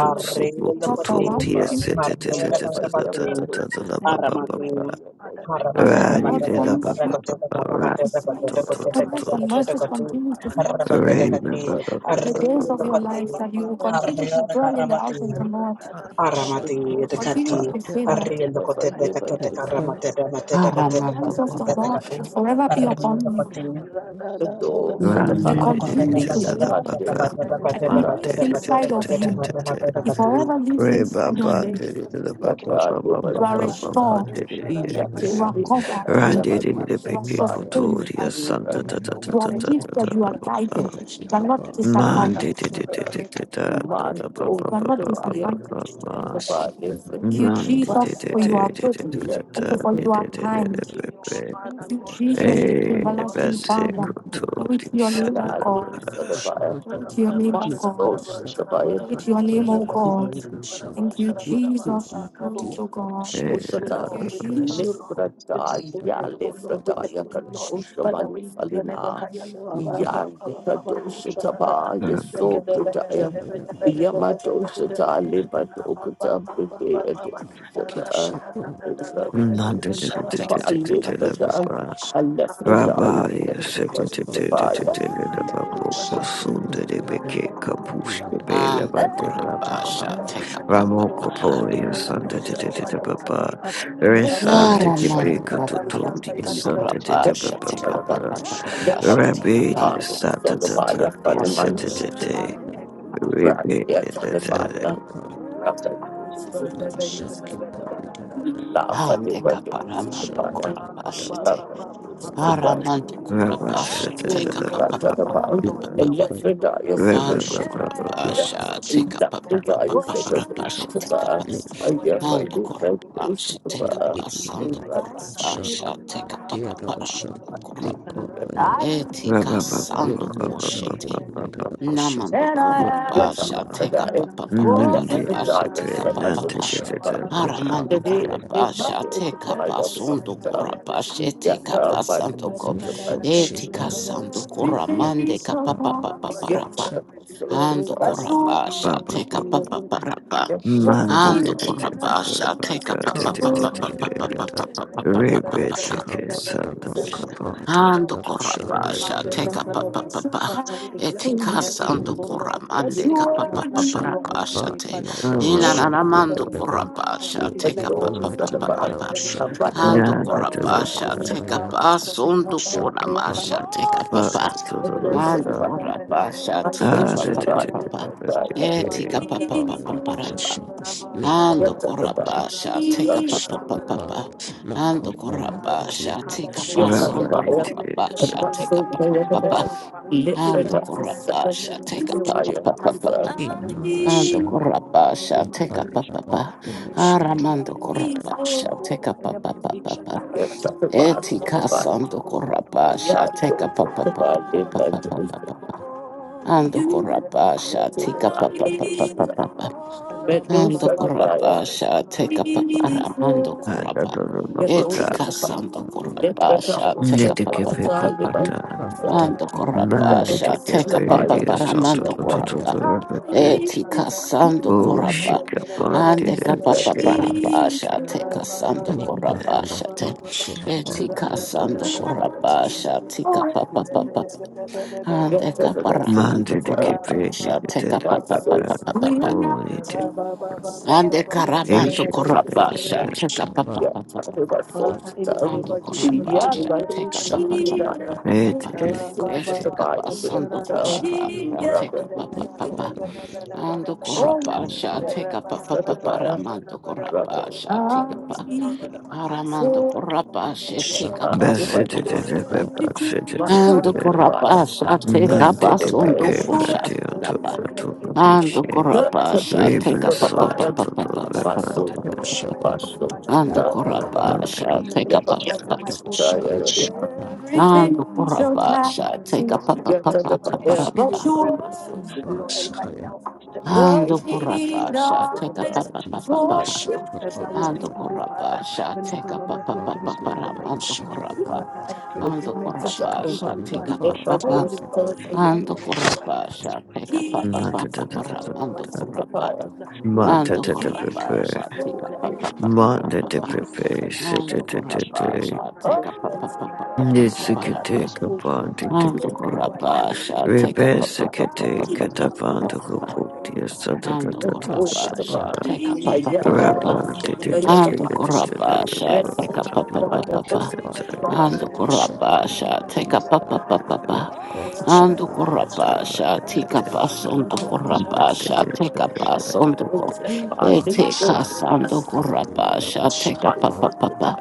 Speaker 6: In the name of
Speaker 2: What's
Speaker 6: Jesus,
Speaker 3: Lakati,
Speaker 2: around
Speaker 6: you are
Speaker 2: you?
Speaker 6: my
Speaker 3: Hari,
Speaker 6: deliverer and
Speaker 3: Badara,
Speaker 6: fortress, Lord.
Speaker 3: Badara,
Speaker 6: I thank you, and I thank
Speaker 3: Aramati,
Speaker 6: Father. Thank you,
Speaker 2: Voice
Speaker 3: Aramati, Aramati,
Speaker 2: of
Speaker 6: Lord,
Speaker 2: the
Speaker 6: mighty
Speaker 2: Lord,
Speaker 3: Aramati,
Speaker 6: man of
Speaker 2: follow you.
Speaker 3: Aramati,
Speaker 6: battle, mighty
Speaker 3: Aramati,
Speaker 2: His
Speaker 6: man of
Speaker 3: Badara, Badara,
Speaker 6: war. You are the
Speaker 2: Goodness and mercies
Speaker 6: Ashadar
Speaker 3: Kati,
Speaker 6: and
Speaker 2: continue to
Speaker 3: Badara, Kati,
Speaker 6: Abdullah.
Speaker 2: follow you
Speaker 6: You
Speaker 3: Arabadara,
Speaker 6: are the
Speaker 3: Kati,
Speaker 6: mighty
Speaker 2: all the
Speaker 3: Hari,
Speaker 2: days of your life,
Speaker 3: Lakati,
Speaker 2: that you will continue
Speaker 3: Hari,
Speaker 2: to dwell in the house of
Speaker 3: Karamati,
Speaker 2: the Lord.
Speaker 7: Masha
Speaker 2: You
Speaker 3: Aramati
Speaker 2: will
Speaker 7: Kopaya
Speaker 2: continue
Speaker 3: dekati
Speaker 2: to be
Speaker 7: Yada
Speaker 2: favored.
Speaker 3: arriendo kote dekate de
Speaker 7: Kopaya
Speaker 2: That
Speaker 3: karamate de mate de kote
Speaker 2: the
Speaker 3: de
Speaker 2: hands
Speaker 1: Aramando
Speaker 2: of the
Speaker 3: karamate de
Speaker 2: Lord
Speaker 3: kati
Speaker 1: Gorabasha.
Speaker 2: will forever be
Speaker 3: arriendo
Speaker 2: upon
Speaker 7: Masha Kopaya
Speaker 3: kote
Speaker 2: you.
Speaker 7: Masha Kopaya
Speaker 2: That He
Speaker 3: mm
Speaker 8: Thank
Speaker 3: kote
Speaker 7: Masha Kopaya
Speaker 3: de
Speaker 2: continues to
Speaker 3: mate
Speaker 6: deliverer.
Speaker 7: Masha
Speaker 3: de
Speaker 2: dwell.
Speaker 3: mate de
Speaker 6: Father,
Speaker 3: mate de
Speaker 2: That
Speaker 3: mate
Speaker 2: He
Speaker 3: de mate
Speaker 2: lives
Speaker 3: de mate
Speaker 2: inside
Speaker 3: de
Speaker 2: of
Speaker 3: kote de
Speaker 2: you.
Speaker 3: karamate de
Speaker 2: He
Speaker 6: Thank you
Speaker 3: kati
Speaker 2: forever
Speaker 6: for
Speaker 2: lives
Speaker 6: cleansing, Lord.
Speaker 2: inside of you.
Speaker 6: Thank you for
Speaker 2: You
Speaker 6: sanctification, Lord.
Speaker 2: are restored. You are covered. You
Speaker 5: Randy did a big
Speaker 6: Thank
Speaker 2: are
Speaker 6: you, Lord.
Speaker 2: sustained.
Speaker 6: I
Speaker 5: cotoria
Speaker 6: pray for your
Speaker 5: santa
Speaker 6: mercy
Speaker 5: tata tata
Speaker 6: over
Speaker 2: You are
Speaker 6: each
Speaker 5: tata
Speaker 6: and every
Speaker 5: tata
Speaker 2: lifted. You are
Speaker 6: children. I
Speaker 2: guided.
Speaker 5: baba.
Speaker 6: pray for
Speaker 2: You
Speaker 6: your
Speaker 2: are
Speaker 6: mercy,
Speaker 2: not
Speaker 6: Lord.
Speaker 5: Man
Speaker 6: Father, we
Speaker 5: did it
Speaker 2: disadvantaged.
Speaker 6: come
Speaker 5: it
Speaker 6: and
Speaker 5: it
Speaker 6: request
Speaker 5: it
Speaker 6: that
Speaker 5: it
Speaker 6: we
Speaker 5: tata
Speaker 6: step
Speaker 2: You
Speaker 6: up
Speaker 2: are
Speaker 6: and
Speaker 5: baba
Speaker 6: give them the
Speaker 5: baba
Speaker 6: order they are
Speaker 2: not
Speaker 5: baba
Speaker 6: celebrating and
Speaker 2: disadvantaged.
Speaker 6: children that
Speaker 5: baba.
Speaker 6: are receiving.
Speaker 2: Thank you,
Speaker 5: Man did
Speaker 6: Father,
Speaker 5: it
Speaker 2: Jesus, for
Speaker 6: Lord,
Speaker 5: it
Speaker 6: as
Speaker 2: you
Speaker 6: we
Speaker 2: are
Speaker 5: it it
Speaker 6: give
Speaker 5: it
Speaker 2: good.
Speaker 6: you
Speaker 5: it
Speaker 6: the
Speaker 5: it
Speaker 2: Thank you for you
Speaker 5: it
Speaker 2: are
Speaker 5: it it
Speaker 6: Thank
Speaker 2: kind.
Speaker 6: you, Lord,
Speaker 5: it
Speaker 6: Father,
Speaker 2: Thank you,
Speaker 6: Lord.
Speaker 2: Jesus.
Speaker 6: Help
Speaker 2: Thank you,
Speaker 6: us,
Speaker 5: Hey,
Speaker 6: Lord.
Speaker 2: everlasting
Speaker 6: In the
Speaker 5: beste
Speaker 6: name of
Speaker 2: Father. Glory to
Speaker 5: cotoria
Speaker 6: Jesus.
Speaker 2: your name,
Speaker 6: Rabba,
Speaker 2: O
Speaker 5: santa
Speaker 6: rabba,
Speaker 5: baba.
Speaker 6: shalabba,
Speaker 2: God.
Speaker 6: rabba,
Speaker 2: Glory to
Speaker 6: shalabba,
Speaker 2: your
Speaker 6: rabba,
Speaker 2: name, O
Speaker 6: shalabba,
Speaker 2: God.
Speaker 6: rabba,
Speaker 7: Nipata
Speaker 6: shalabba,
Speaker 7: kama
Speaker 2: Glory
Speaker 6: rabba,
Speaker 2: to your name,
Speaker 7: habari
Speaker 2: O
Speaker 6: shalabba,
Speaker 2: God.
Speaker 7: inatosha,
Speaker 6: rabba,
Speaker 2: Thank you,
Speaker 8: you.
Speaker 6: shalabba, rabba,
Speaker 2: Jesus.
Speaker 6: shalabba,
Speaker 2: Glory
Speaker 6: rabba,
Speaker 7: nikiumapatia
Speaker 2: to God. Oh,
Speaker 7: tabashara
Speaker 6: Thank you,
Speaker 2: shut up.
Speaker 7: dada,
Speaker 6: Lord.
Speaker 8: In
Speaker 6: We
Speaker 2: Thank
Speaker 8: the
Speaker 2: you,
Speaker 8: name
Speaker 6: bless you,
Speaker 8: of
Speaker 2: Jesus.
Speaker 6: Lord. We
Speaker 2: Lefrada,
Speaker 8: Jesus.
Speaker 7: nipata
Speaker 2: ya
Speaker 6: magnify you, O Lord. We
Speaker 2: lefrada,
Speaker 7: bakapatia
Speaker 8: we
Speaker 2: ya
Speaker 6: adore you,
Speaker 8: thank
Speaker 6: Lord.
Speaker 8: you for your
Speaker 2: kadosha
Speaker 7: tabashara,
Speaker 6: Father,
Speaker 2: bali
Speaker 6: we lift your name on
Speaker 2: falima.
Speaker 6: higher, Lord. Ba,
Speaker 2: Ya
Speaker 6: ba, ba,
Speaker 7: nikipatia
Speaker 6: ba, ba, ba, go,
Speaker 2: lekadosha
Speaker 6: sha, da, da, da.
Speaker 2: taba, ya
Speaker 6: Thank
Speaker 2: so
Speaker 6: you, da, da,
Speaker 2: prada,
Speaker 6: da,
Speaker 7: makojo
Speaker 6: da,
Speaker 2: ya
Speaker 6: da, da, da,
Speaker 7: haya
Speaker 6: da, da,
Speaker 7: tabaka
Speaker 6: da, da, da, da,
Speaker 2: yamadosha
Speaker 6: da, da.
Speaker 2: ta
Speaker 6: La,
Speaker 2: leba
Speaker 6: ba, ba,
Speaker 2: dokata
Speaker 6: ba, ba, ba,
Speaker 2: prade, ya
Speaker 6: ba, ba.
Speaker 2: dosha
Speaker 6: Ra, da,
Speaker 2: taba.
Speaker 7: kisha
Speaker 6: da, da, da, da, da, da, da, da,
Speaker 5: Man
Speaker 6: da,
Speaker 5: did
Speaker 1: Gorabasha.
Speaker 5: it
Speaker 6: sha, da,
Speaker 5: it
Speaker 6: ba,
Speaker 1: Take
Speaker 5: it
Speaker 2: Tifa
Speaker 6: ba,
Speaker 1: up.
Speaker 5: it
Speaker 6: do.
Speaker 5: it it
Speaker 7: madaba,
Speaker 2: alefrada,
Speaker 5: baba.
Speaker 2: alefrada, ya
Speaker 7: nishapatia
Speaker 5: Rabari
Speaker 7: tabaka
Speaker 6: Should be with
Speaker 2: sekadosha
Speaker 6: me, but
Speaker 2: taba,
Speaker 6: at least
Speaker 2: ya.
Speaker 6: you
Speaker 8: fire,
Speaker 6: all those
Speaker 8: dear
Speaker 6: who are
Speaker 7: musha,
Speaker 6: traveling,
Speaker 8: God,
Speaker 6: please
Speaker 8: who
Speaker 6: do it.
Speaker 8: sent
Speaker 6: Have the
Speaker 8: that
Speaker 7: madaba
Speaker 5: Sundaribeke
Speaker 6: mercy, Lord. Those
Speaker 8: God to
Speaker 6: that
Speaker 5: Kapushka
Speaker 6: will
Speaker 7: diada
Speaker 6: go,
Speaker 5: Bela
Speaker 1: Um,
Speaker 8: deliver
Speaker 6: those that
Speaker 8: the people
Speaker 6: are
Speaker 8: from
Speaker 7: makojo
Speaker 6: looking
Speaker 8: the
Speaker 6: for job,
Speaker 5: Badegraba
Speaker 1: Gorabasha.
Speaker 6: Father, we
Speaker 1: Take
Speaker 6: declare
Speaker 1: up.
Speaker 6: open door.
Speaker 5: Ramoko
Speaker 6: We
Speaker 5: Poria
Speaker 8: evil
Speaker 6: declare your
Speaker 5: Santa
Speaker 6: mercy, Lord. Father, we come
Speaker 5: Papa
Speaker 6: against us in the truth out of the
Speaker 2: Osata.
Speaker 5: Resanta
Speaker 6: every
Speaker 2: Osata.
Speaker 6: bad.
Speaker 1: Aramando
Speaker 7: tabashara,
Speaker 5: Kipika
Speaker 6: Father,
Speaker 2: Osata.
Speaker 8: one.
Speaker 6: we
Speaker 8: In
Speaker 6: cancel
Speaker 5: Tututi
Speaker 8: the name
Speaker 6: it
Speaker 1: Gorabamando
Speaker 6: by the
Speaker 8: of
Speaker 6: blood of
Speaker 5: Santa
Speaker 8: the Lord,
Speaker 6: Jesus.
Speaker 2: and let the
Speaker 1: Gorabasha.
Speaker 2: darkness
Speaker 1: Take
Speaker 7: nikipatia
Speaker 1: up.
Speaker 2: secondary
Speaker 5: Papa
Speaker 7: tabashara,
Speaker 2: to
Speaker 1: Gorabasha.
Speaker 2: the
Speaker 1: Take
Speaker 5: Rabiri
Speaker 8: I
Speaker 1: up.
Speaker 2: bias, and let the
Speaker 5: Satata
Speaker 2: darkness secondary to
Speaker 6: Father, we
Speaker 1: Gorabasha.
Speaker 7: shahaya
Speaker 6: cancel every
Speaker 2: the
Speaker 6: bad,
Speaker 5: Setete
Speaker 6: every powerful.
Speaker 2: bias,
Speaker 5: Ribiri
Speaker 7: nikapa
Speaker 6: Mighty name of Jesus, better, better,
Speaker 7: Shaki
Speaker 6: better, better,
Speaker 7: pandi
Speaker 2: and
Speaker 7: ada
Speaker 1: Hande
Speaker 6: better.
Speaker 1: kaparamando
Speaker 7: shandi
Speaker 6: Thank
Speaker 7: ada
Speaker 1: korabasha te.
Speaker 7: omaya
Speaker 1: Aramando
Speaker 6: you, Lord.
Speaker 5: Rabba
Speaker 1: korabasha.
Speaker 6: Oh,
Speaker 7: shaki
Speaker 1: Take
Speaker 5: Setata
Speaker 7: pandi
Speaker 1: up.
Speaker 6: Lord, you are
Speaker 5: Papa
Speaker 6: worthy, Lord. You are
Speaker 2: get
Speaker 6: worthy,
Speaker 7: omaya
Speaker 6: Lord.
Speaker 2: my
Speaker 6: You are worthy,
Speaker 1: Ando
Speaker 7: basha
Speaker 6: Lord.
Speaker 5: Rabba Papa
Speaker 7: na
Speaker 1: korabasha. Take
Speaker 7: basha
Speaker 1: up.
Speaker 6: What can
Speaker 8: pray for you,
Speaker 7: shaki
Speaker 1: Gorabasha. Take up.
Speaker 7: pandi
Speaker 6: we
Speaker 1: Ando
Speaker 6: give
Speaker 2: new
Speaker 6: unto
Speaker 8: I
Speaker 2: friend
Speaker 6: you, Lord?
Speaker 1: coraba, se
Speaker 2: gracious to the
Speaker 6: What
Speaker 8: pray for
Speaker 1: teca
Speaker 6: can I give unto
Speaker 8: you,
Speaker 6: you,
Speaker 7: omaya
Speaker 1: pasando
Speaker 6: my
Speaker 8: Lord, of
Speaker 6: Father,
Speaker 1: coraba,
Speaker 8: the
Speaker 6: my
Speaker 2: bias,
Speaker 1: se
Speaker 7: shaka
Speaker 8: Son,
Speaker 6: God?
Speaker 8: in
Speaker 6: Ba,
Speaker 1: teca
Speaker 8: the
Speaker 6: ba,
Speaker 7: pandi
Speaker 6: ba,
Speaker 7: ada
Speaker 8: name
Speaker 6: ba, ba,
Speaker 7: basha
Speaker 8: of
Speaker 6: ba, ba.
Speaker 1: paparamando
Speaker 8: the
Speaker 6: Da,
Speaker 1: coraba.
Speaker 6: da,
Speaker 7: miko
Speaker 8: Lord.
Speaker 6: da,
Speaker 7: baya
Speaker 2: I
Speaker 6: da,
Speaker 1: Eti
Speaker 6: da,
Speaker 5: Rabba
Speaker 6: da,
Speaker 8: In
Speaker 1: casando
Speaker 5: Papa
Speaker 8: the
Speaker 6: da,
Speaker 7: miko
Speaker 8: fire, in
Speaker 7: shandi
Speaker 1: cochete.
Speaker 5: Papa
Speaker 6: da,
Speaker 8: the
Speaker 7: ada
Speaker 5: Papa
Speaker 8: power of the
Speaker 6: da.
Speaker 7: basha
Speaker 8: Son,
Speaker 1: Namando
Speaker 2: then
Speaker 8: in the
Speaker 6: You
Speaker 2: I
Speaker 7: miko
Speaker 1: coraba,
Speaker 2: yes,
Speaker 6: are
Speaker 1: se
Speaker 2: I
Speaker 6: worthy,
Speaker 8: power of
Speaker 1: teca
Speaker 8: the
Speaker 2: die.
Speaker 8: Son,
Speaker 2: Walk yes,
Speaker 5: Monday, Monday,
Speaker 2: I
Speaker 1: papaparaba, se
Speaker 2: die. Yes,
Speaker 1: teca
Speaker 2: I die. Yes,
Speaker 8: in
Speaker 5: Monday,
Speaker 1: papapa.
Speaker 8: the power of
Speaker 7: basha
Speaker 8: the
Speaker 2: I die.
Speaker 8: Son, in
Speaker 7: miko
Speaker 1: Aramando
Speaker 2: The day
Speaker 7: ada
Speaker 2: that they
Speaker 1: coraba, se
Speaker 2: might be able to
Speaker 8: the
Speaker 1: teca
Speaker 8: power
Speaker 2: die
Speaker 8: of the
Speaker 2: of
Speaker 1: pasando
Speaker 8: Son.
Speaker 2: something.
Speaker 1: coraba,
Speaker 8: in
Speaker 1: se
Speaker 2: Yet,
Speaker 1: teca
Speaker 8: the
Speaker 2: uh,
Speaker 8: factor that
Speaker 2: my
Speaker 8: the
Speaker 1: pasando
Speaker 8: person
Speaker 1: co.
Speaker 2: such a bad
Speaker 7: miko
Speaker 1: Eti
Speaker 7: shibaya
Speaker 1: casando
Speaker 7: mako
Speaker 2: Everything
Speaker 1: coramande
Speaker 2: is so far. Yes,
Speaker 6: you
Speaker 1: capapapaparaba.
Speaker 7: Masha
Speaker 2: I
Speaker 6: are
Speaker 2: am
Speaker 6: worthy,
Speaker 2: So
Speaker 6: you are worthy, you are
Speaker 2: it's a die.
Speaker 1: Ando
Speaker 6: worthy,
Speaker 8: is
Speaker 6: you
Speaker 2: Yes,
Speaker 6: are
Speaker 8: living
Speaker 1: coraba,
Speaker 6: worthy,
Speaker 8: with
Speaker 1: se
Speaker 8: the
Speaker 1: teca
Speaker 6: you are
Speaker 8: common
Speaker 6: worthy. Father,
Speaker 2: it's a die.
Speaker 1: Ando con la pasha,
Speaker 2: My
Speaker 1: take up a pa
Speaker 2: soul's
Speaker 7: Kaba
Speaker 2: a
Speaker 1: pa pa pa
Speaker 2: die.
Speaker 1: pa pa pa
Speaker 7: yadada
Speaker 1: pa pa pa pa pa pa
Speaker 7: Miko
Speaker 1: pa pa.
Speaker 8: people
Speaker 7: Shahaba
Speaker 8: who
Speaker 5: Ribbit,
Speaker 7: Daba
Speaker 2: Yes, So it's
Speaker 8: have had the
Speaker 7: Kapa
Speaker 8: country,
Speaker 1: Ando
Speaker 7: Yadava
Speaker 1: con la
Speaker 8: they have
Speaker 7: Shanda
Speaker 5: Nada,
Speaker 1: pasha,
Speaker 8: family,
Speaker 1: take
Speaker 7: Dada
Speaker 1: up
Speaker 8: they
Speaker 1: a pa
Speaker 2: Everything
Speaker 8: have
Speaker 2: is
Speaker 1: pa
Speaker 2: so
Speaker 1: pa.
Speaker 8: papa,
Speaker 6: we declare
Speaker 2: far.
Speaker 6: open
Speaker 1: Eticasa
Speaker 6: heavens,
Speaker 8: and
Speaker 6: O
Speaker 1: ando
Speaker 7: Hima
Speaker 8: the
Speaker 1: con la
Speaker 8: papa,
Speaker 6: Lord.
Speaker 2: The
Speaker 6: We
Speaker 1: mande
Speaker 6: declare
Speaker 1: capa
Speaker 6: your
Speaker 1: pa pa
Speaker 6: light
Speaker 1: pa
Speaker 6: that
Speaker 7: Masha
Speaker 1: pa
Speaker 6: will help
Speaker 1: pasha
Speaker 7: Kapa
Speaker 6: today,
Speaker 1: te.
Speaker 6: Father.
Speaker 7: Yadava
Speaker 6: We declare the
Speaker 7: Shanda
Speaker 1: Inanamando
Speaker 6: volume
Speaker 1: con
Speaker 6: glory,
Speaker 1: la
Speaker 7: Dada
Speaker 6: Father,
Speaker 1: pasha,
Speaker 6: in the
Speaker 1: take
Speaker 7: Miki
Speaker 6: name
Speaker 1: up
Speaker 6: of
Speaker 1: a pa
Speaker 2: doors
Speaker 6: Jesus.
Speaker 1: pa
Speaker 2: that are
Speaker 7: Mahdi
Speaker 1: pa pa
Speaker 2: bad,
Speaker 8: and the
Speaker 7: Yadava
Speaker 1: pa.
Speaker 2: I'm
Speaker 8: parents,
Speaker 2: not going
Speaker 7: Shakapa
Speaker 1: Ando con
Speaker 6: we
Speaker 1: la
Speaker 6: Thank you,
Speaker 1: pasha,
Speaker 7: Mako
Speaker 6: Lord,
Speaker 2: to
Speaker 1: take
Speaker 6: for our
Speaker 1: up
Speaker 7: Maya
Speaker 8: and
Speaker 1: a
Speaker 6: pastors
Speaker 8: the
Speaker 6: and for
Speaker 1: sondo
Speaker 6: our
Speaker 1: con la
Speaker 7: Shakipa
Speaker 6: prayer.
Speaker 1: masha, take
Speaker 8: parents,
Speaker 7: Yadava
Speaker 1: up a pa.
Speaker 7: Shak
Speaker 2: the
Speaker 6: Father,
Speaker 2: doors that are
Speaker 1: Ando
Speaker 7: Miko
Speaker 1: con
Speaker 5: Ah,
Speaker 2: bad,
Speaker 1: la pasha,
Speaker 2: my
Speaker 1: take
Speaker 2: soul
Speaker 1: up a
Speaker 7: Masha
Speaker 8: they
Speaker 1: pa
Speaker 8: live
Speaker 2: should
Speaker 1: pa
Speaker 2: die,
Speaker 1: pa
Speaker 8: in the country,
Speaker 1: pa.
Speaker 8: they
Speaker 2: yet
Speaker 8: have
Speaker 1: Etica
Speaker 8: family, they
Speaker 7: Kapa
Speaker 1: pa pa
Speaker 8: have
Speaker 1: pa pa pa
Speaker 7: Yadava Shak
Speaker 2: I die,
Speaker 7: Miko
Speaker 1: Ando
Speaker 8: family,
Speaker 2: yet I
Speaker 7: Maya
Speaker 8: they
Speaker 2: die.
Speaker 1: koraba sha take a pa
Speaker 2: Yet I die,
Speaker 1: pa pa pa
Speaker 7: Shakipa
Speaker 1: pa. Ando
Speaker 7: Mako Maya
Speaker 1: koraba
Speaker 6: we
Speaker 1: sha
Speaker 7: Yadava
Speaker 6: come
Speaker 8: have
Speaker 1: take a
Speaker 6: again,
Speaker 1: pa
Speaker 6: O
Speaker 2: yet
Speaker 8: papa,
Speaker 2: I
Speaker 6: God,
Speaker 7: Shaya
Speaker 1: sondo
Speaker 6: Father,
Speaker 2: die,
Speaker 1: koraba
Speaker 6: anything that
Speaker 2: and
Speaker 6: is
Speaker 1: sha
Speaker 2: my
Speaker 6: not of
Speaker 1: take a
Speaker 6: you,
Speaker 2: soul
Speaker 1: pa
Speaker 6: Lord,
Speaker 2: die,
Speaker 1: pa
Speaker 2: yet
Speaker 1: pa
Speaker 2: I
Speaker 1: pa.
Speaker 6: and the
Speaker 2: die.
Speaker 6: power from
Speaker 2: Lit for
Speaker 6: Peter,
Speaker 1: Ando
Speaker 6: heaven, and
Speaker 8: and
Speaker 1: koraba
Speaker 6: I
Speaker 1: sha
Speaker 6: let us
Speaker 1: take a
Speaker 6: know
Speaker 1: pa
Speaker 6: which
Speaker 1: pa pa pa pa
Speaker 6: manipulation, Father, deliver us.
Speaker 1: Ando
Speaker 7: Hima
Speaker 6: Oh
Speaker 8: the
Speaker 6: Lord,
Speaker 1: koraba
Speaker 6: every
Speaker 1: sha
Speaker 7: Shabbat,
Speaker 1: take a pa
Speaker 6: manipulation,
Speaker 1: pa
Speaker 6: Lord,
Speaker 1: pa.
Speaker 6: we play the blood throughout
Speaker 1: Aramando
Speaker 6: the day,
Speaker 2: Yes,
Speaker 6: Father.
Speaker 1: koraba sha
Speaker 6: Oh,
Speaker 1: take a pa
Speaker 6: any
Speaker 1: pa pa pa
Speaker 6: manipulation,
Speaker 1: pa.
Speaker 6: the
Speaker 2: Get
Speaker 6: remedy is
Speaker 2: up the
Speaker 6: by
Speaker 2: bus,
Speaker 6: the blood,
Speaker 2: get the
Speaker 1: Etika
Speaker 6: Father.
Speaker 2: bus.
Speaker 1: sondo
Speaker 6: Oh God, of
Speaker 1: koraba
Speaker 6: course, Lord,
Speaker 1: sha
Speaker 2: Yeah,
Speaker 6: we should
Speaker 1: take a
Speaker 6: go
Speaker 1: pa
Speaker 2: get
Speaker 6: to
Speaker 1: pa
Speaker 2: the
Speaker 6: him,
Speaker 1: pa pa
Speaker 2: bus, get
Speaker 6: travel,
Speaker 1: pa
Speaker 2: the
Speaker 6: God,
Speaker 1: pa
Speaker 2: bus,
Speaker 1: pa
Speaker 2: get
Speaker 6: first,
Speaker 2: the bus.
Speaker 1: pa
Speaker 6: man,
Speaker 1: pa
Speaker 6: God.
Speaker 1: Ando
Speaker 2: Get
Speaker 1: koraba sha
Speaker 2: to the
Speaker 1: take up pa
Speaker 2: bus,
Speaker 1: pa
Speaker 2: get
Speaker 1: pa pa pa
Speaker 2: the
Speaker 1: pa.
Speaker 2: bus. Get those
Speaker 1: Ando
Speaker 2: to the bus,
Speaker 1: koraba sha
Speaker 2: get the
Speaker 1: take up a
Speaker 2: bus.
Speaker 1: paramando koraba.
Speaker 2: Get those to
Speaker 1: Etika
Speaker 2: the bus.
Speaker 1: sando
Speaker 2: Get the
Speaker 1: koraba sha
Speaker 2: bus,
Speaker 1: take
Speaker 2: get
Speaker 1: up
Speaker 2: the
Speaker 1: a
Speaker 2: bus, get the
Speaker 1: papa.
Speaker 2: bus.
Speaker 5: Vavani,
Speaker 1: Ando koraba
Speaker 2: Get the
Speaker 1: sha
Speaker 2: bus, get
Speaker 1: take
Speaker 2: the bus, get the bus. Get to the bus. Get
Speaker 1: up a
Speaker 2: to
Speaker 1: paramando koraba. Etika sando
Speaker 5: Oh,
Speaker 1: koraba.
Speaker 5: shika
Speaker 8: Thank
Speaker 5: party
Speaker 1: Ande
Speaker 5: de
Speaker 8: you.
Speaker 1: kapa
Speaker 5: de ba de de de
Speaker 1: paraba
Speaker 5: de
Speaker 1: sha
Speaker 6: Father,
Speaker 1: take
Speaker 5: de.
Speaker 1: a
Speaker 8: Thank
Speaker 1: sando koraba sha te. Etika sando koraba sha tika papa papa. Ande
Speaker 2: the
Speaker 1: kapa
Speaker 2: bus,
Speaker 5: Man
Speaker 1: ramando
Speaker 5: de
Speaker 2: get the
Speaker 5: de
Speaker 2: bus.
Speaker 5: ke pe
Speaker 1: koraba
Speaker 5: de
Speaker 1: sha
Speaker 5: de de
Speaker 1: take up
Speaker 5: de
Speaker 1: a
Speaker 2: My
Speaker 5: ba ba.
Speaker 2: soul's
Speaker 1: papa.
Speaker 5: Ko de de
Speaker 2: reuniting self
Speaker 1: Ande
Speaker 2: is
Speaker 5: e
Speaker 1: karabando
Speaker 5: shika pe
Speaker 1: korabasha, take a papa
Speaker 2: yeah,
Speaker 1: papa
Speaker 2: tell
Speaker 1: papa.
Speaker 2: me my soul's
Speaker 6: in the
Speaker 2: done.
Speaker 6: name
Speaker 1: Ando
Speaker 6: of Jesus, we
Speaker 2: Yeah,
Speaker 6: make
Speaker 1: korabasha,
Speaker 2: my
Speaker 6: a
Speaker 1: take a
Speaker 6: Jesus,
Speaker 1: papa papa papa
Speaker 5: pe
Speaker 1: papa.
Speaker 5: de.
Speaker 2: message of the
Speaker 1: Take a
Speaker 2: body of the
Speaker 6: we make
Speaker 1: pasando
Speaker 2: hotel.
Speaker 6: a
Speaker 1: korabasha,
Speaker 6: my
Speaker 1: take a
Speaker 6: father, my
Speaker 1: papa
Speaker 6: God,
Speaker 1: papa. Ando
Speaker 2: Oh,
Speaker 1: korabasha, take a
Speaker 2: what
Speaker 1: papa
Speaker 2: said
Speaker 1: papa.
Speaker 2: about
Speaker 1: Ramando
Speaker 2: rubbing
Speaker 1: korabasha, take a
Speaker 2: arms?
Speaker 1: pa Aramando korabasha, take a
Speaker 2: I
Speaker 5: Ba
Speaker 2: do
Speaker 5: se
Speaker 2: my
Speaker 5: de
Speaker 1: pasando
Speaker 5: de
Speaker 2: best.
Speaker 5: de ba
Speaker 1: koraba.
Speaker 5: ba se de de de
Speaker 1: Ando
Speaker 2: Myself in
Speaker 5: ba.
Speaker 2: the body.
Speaker 1: korabasha, take a
Speaker 5: Man
Speaker 2: Mess
Speaker 5: de
Speaker 2: over
Speaker 5: de pe ke
Speaker 1: pasando
Speaker 5: pa de o to
Speaker 1: korabasha.
Speaker 5: ba
Speaker 2: my
Speaker 5: to ba de
Speaker 1: And the
Speaker 5: she.
Speaker 2: Everything
Speaker 1: Korabasha
Speaker 5: Re
Speaker 1: take
Speaker 5: ba
Speaker 1: up up
Speaker 5: so
Speaker 1: up
Speaker 5: to
Speaker 1: up
Speaker 5: to
Speaker 1: up
Speaker 5: to
Speaker 1: up up up
Speaker 5: de
Speaker 1: up
Speaker 5: ba de
Speaker 6: my deliverer, my faithful Father, we ask for your mercy,
Speaker 5: ba.
Speaker 6: Lord. Show mercy, show my my both mercy, show my
Speaker 1: and the
Speaker 6: mercy, show Lord, mercy,
Speaker 1: Korabasha
Speaker 2: shall
Speaker 6: Lord.
Speaker 7: Mahasa,
Speaker 6: Father,
Speaker 2: pass.
Speaker 6: let
Speaker 1: take
Speaker 6: your
Speaker 1: up up up
Speaker 6: spirit
Speaker 2: Yet
Speaker 1: up
Speaker 6: rest
Speaker 2: the
Speaker 6: upon us,
Speaker 2: fire,
Speaker 6: Father,
Speaker 5: So
Speaker 6: pray,
Speaker 2: but
Speaker 6: pray great
Speaker 2: you
Speaker 6: upon us,
Speaker 7: the
Speaker 2: must
Speaker 6: Lord, and light our question every step
Speaker 1: and
Speaker 2: the
Speaker 6: that we step in,
Speaker 1: the
Speaker 6: Father, drink
Speaker 2: heat
Speaker 6: by
Speaker 1: Korabasha
Speaker 6: Father, with
Speaker 1: take
Speaker 2: of
Speaker 6: the
Speaker 1: up
Speaker 6: blood
Speaker 2: this
Speaker 6: of
Speaker 1: up up up up
Speaker 6: Jesus,
Speaker 1: up up
Speaker 2: forever.
Speaker 6: every step I will
Speaker 1: and the
Speaker 6: take to go, Father,
Speaker 1: Korabasha
Speaker 6: when you
Speaker 1: take
Speaker 6: crown
Speaker 1: up
Speaker 6: on
Speaker 1: up
Speaker 6: my
Speaker 1: up up
Speaker 6: head
Speaker 7: other
Speaker 6: to be
Speaker 1: up
Speaker 6: stood on my feet.
Speaker 1: up
Speaker 6: Father, I pray
Speaker 7: Shahaba,
Speaker 6: for
Speaker 1: and
Speaker 6: your
Speaker 1: the
Speaker 6: mercy that's speaking to
Speaker 1: Korabasha
Speaker 6: the blood,
Speaker 1: take a up up
Speaker 2: Yet
Speaker 1: up
Speaker 6: social
Speaker 2: the
Speaker 1: up
Speaker 6: life,
Speaker 1: up
Speaker 6: with the
Speaker 2: most
Speaker 6: blood.
Speaker 2: of you.
Speaker 6: When
Speaker 1: and the
Speaker 6: the wish crack,
Speaker 1: Koraba
Speaker 6: I
Speaker 1: and
Speaker 6: just
Speaker 1: the Korabasha
Speaker 6: put
Speaker 1: take a up up up and the Korabasha take
Speaker 6: them
Speaker 1: up
Speaker 6: in that
Speaker 1: up up up
Speaker 6: can
Speaker 5: na
Speaker 6: I
Speaker 5: de
Speaker 2: Keep
Speaker 5: de
Speaker 6: use
Speaker 5: de
Speaker 6: the
Speaker 5: de de
Speaker 6: spirit,
Speaker 1: and
Speaker 6: but
Speaker 1: the
Speaker 6: the
Speaker 5: de.
Speaker 2: the
Speaker 6: spirit,
Speaker 1: Koraba
Speaker 6: and it's
Speaker 2: fire.
Speaker 6: not to
Speaker 5: Man de
Speaker 1: Ando
Speaker 5: de
Speaker 6: manipulate their
Speaker 5: de pe
Speaker 6: life,
Speaker 1: corrapa,
Speaker 5: pe.
Speaker 6: Father.
Speaker 1: shall
Speaker 6: Let
Speaker 1: take a
Speaker 6: okay,
Speaker 1: pa pa
Speaker 2: Peaceful.
Speaker 1: pa
Speaker 6: anything,
Speaker 1: pa
Speaker 5: Man
Speaker 6: oh,
Speaker 1: pa
Speaker 6: my
Speaker 5: de
Speaker 1: pa
Speaker 5: de
Speaker 6: daughter,
Speaker 1: pa.
Speaker 5: pe
Speaker 6: state to God,
Speaker 5: pe
Speaker 6: Father,
Speaker 5: se
Speaker 6: let
Speaker 5: de
Speaker 1: Ando
Speaker 6: it
Speaker 5: de
Speaker 6: be the
Speaker 5: de
Speaker 6: issue,
Speaker 1: corrapa,
Speaker 6: oh,
Speaker 5: de.
Speaker 6: God,
Speaker 1: shall
Speaker 6: Father.
Speaker 1: take a pa
Speaker 6: Let
Speaker 1: pa
Speaker 6: the
Speaker 1: pa
Speaker 6: plan,
Speaker 1: pa pa
Speaker 6: their
Speaker 1: pa
Speaker 2: Oh,
Speaker 1: pa
Speaker 6: evil
Speaker 1: pa ra
Speaker 6: agenda be
Speaker 1: pa.
Speaker 5: Nisikete
Speaker 6: exposed, oh God,
Speaker 5: kapanti
Speaker 6: Father.
Speaker 2: Yes,
Speaker 1: Ando
Speaker 6: And
Speaker 5: tikete.
Speaker 6: Lord,
Speaker 1: corrapa,
Speaker 6: according
Speaker 8: you.
Speaker 6: to
Speaker 1: shall
Speaker 6: your word,
Speaker 1: take
Speaker 6: oh
Speaker 1: a
Speaker 6: God,
Speaker 1: pa
Speaker 6: we
Speaker 1: pa
Speaker 5: Rebese
Speaker 6: come
Speaker 1: pa pa
Speaker 6: against every
Speaker 1: pa
Speaker 5: kete
Speaker 1: pa
Speaker 6: story
Speaker 1: pa
Speaker 6: from any
Speaker 1: pa
Speaker 6: of
Speaker 5: ketapanto
Speaker 1: pa
Speaker 6: our
Speaker 1: pa.
Speaker 6: own family,
Speaker 5: kaputi
Speaker 6: Father.
Speaker 8: Thank
Speaker 5: asata
Speaker 1: Ando
Speaker 6: Between me
Speaker 5: katata
Speaker 6: and my
Speaker 1: corrapa,
Speaker 6: destiny, and
Speaker 1: shall
Speaker 6: man
Speaker 5: tata.
Speaker 6: that
Speaker 1: take
Speaker 6: I
Speaker 1: a pa
Speaker 6: walk
Speaker 1: pa
Speaker 6: for,
Speaker 1: pa pa
Speaker 6: that
Speaker 1: pa.
Speaker 6: I walk
Speaker 5: Rabanti
Speaker 6: for, in the
Speaker 5: tete
Speaker 6: mighty
Speaker 5: tete
Speaker 1: Ando
Speaker 6: name of
Speaker 5: tete
Speaker 6: Jesus.
Speaker 5: tete
Speaker 1: corrapa,
Speaker 6: In the
Speaker 1: shall
Speaker 6: Shana
Speaker 1: take
Speaker 6: Bada
Speaker 1: a pa pa
Speaker 6: Bada
Speaker 1: pa
Speaker 6: Bada
Speaker 1: pa
Speaker 6: Bada Bada
Speaker 1: pa.
Speaker 5: tete
Speaker 6: Bada Bada
Speaker 5: tete
Speaker 6: Bada.
Speaker 1: Ando
Speaker 6: Ra Bada
Speaker 1: corrapa,
Speaker 6: Bada Bada
Speaker 1: shall
Speaker 6: Bada Bada
Speaker 1: take a pa
Speaker 6: Bada
Speaker 1: pa
Speaker 6: Bada
Speaker 1: pa pa pa.
Speaker 6: Bada. Ra Bada
Speaker 1: Ando
Speaker 6: Bada Bada
Speaker 1: corrapa
Speaker 6: Bada Bada.
Speaker 1: sha
Speaker 6: Shana
Speaker 1: tika
Speaker 6: Bada
Speaker 5: tete.
Speaker 6: Bada Shana
Speaker 1: pasando
Speaker 6: Bada Bada Shana
Speaker 1: corrapa
Speaker 5: Nanti
Speaker 6: Bada
Speaker 1: sha
Speaker 6: Bada.
Speaker 5: tete
Speaker 1: teka
Speaker 5: tete tete.
Speaker 1: pasando ko
Speaker 6: Let the baby, the baby,
Speaker 1: ete
Speaker 6: the baby.
Speaker 1: kasando corrapa sha teka pa pa pa pa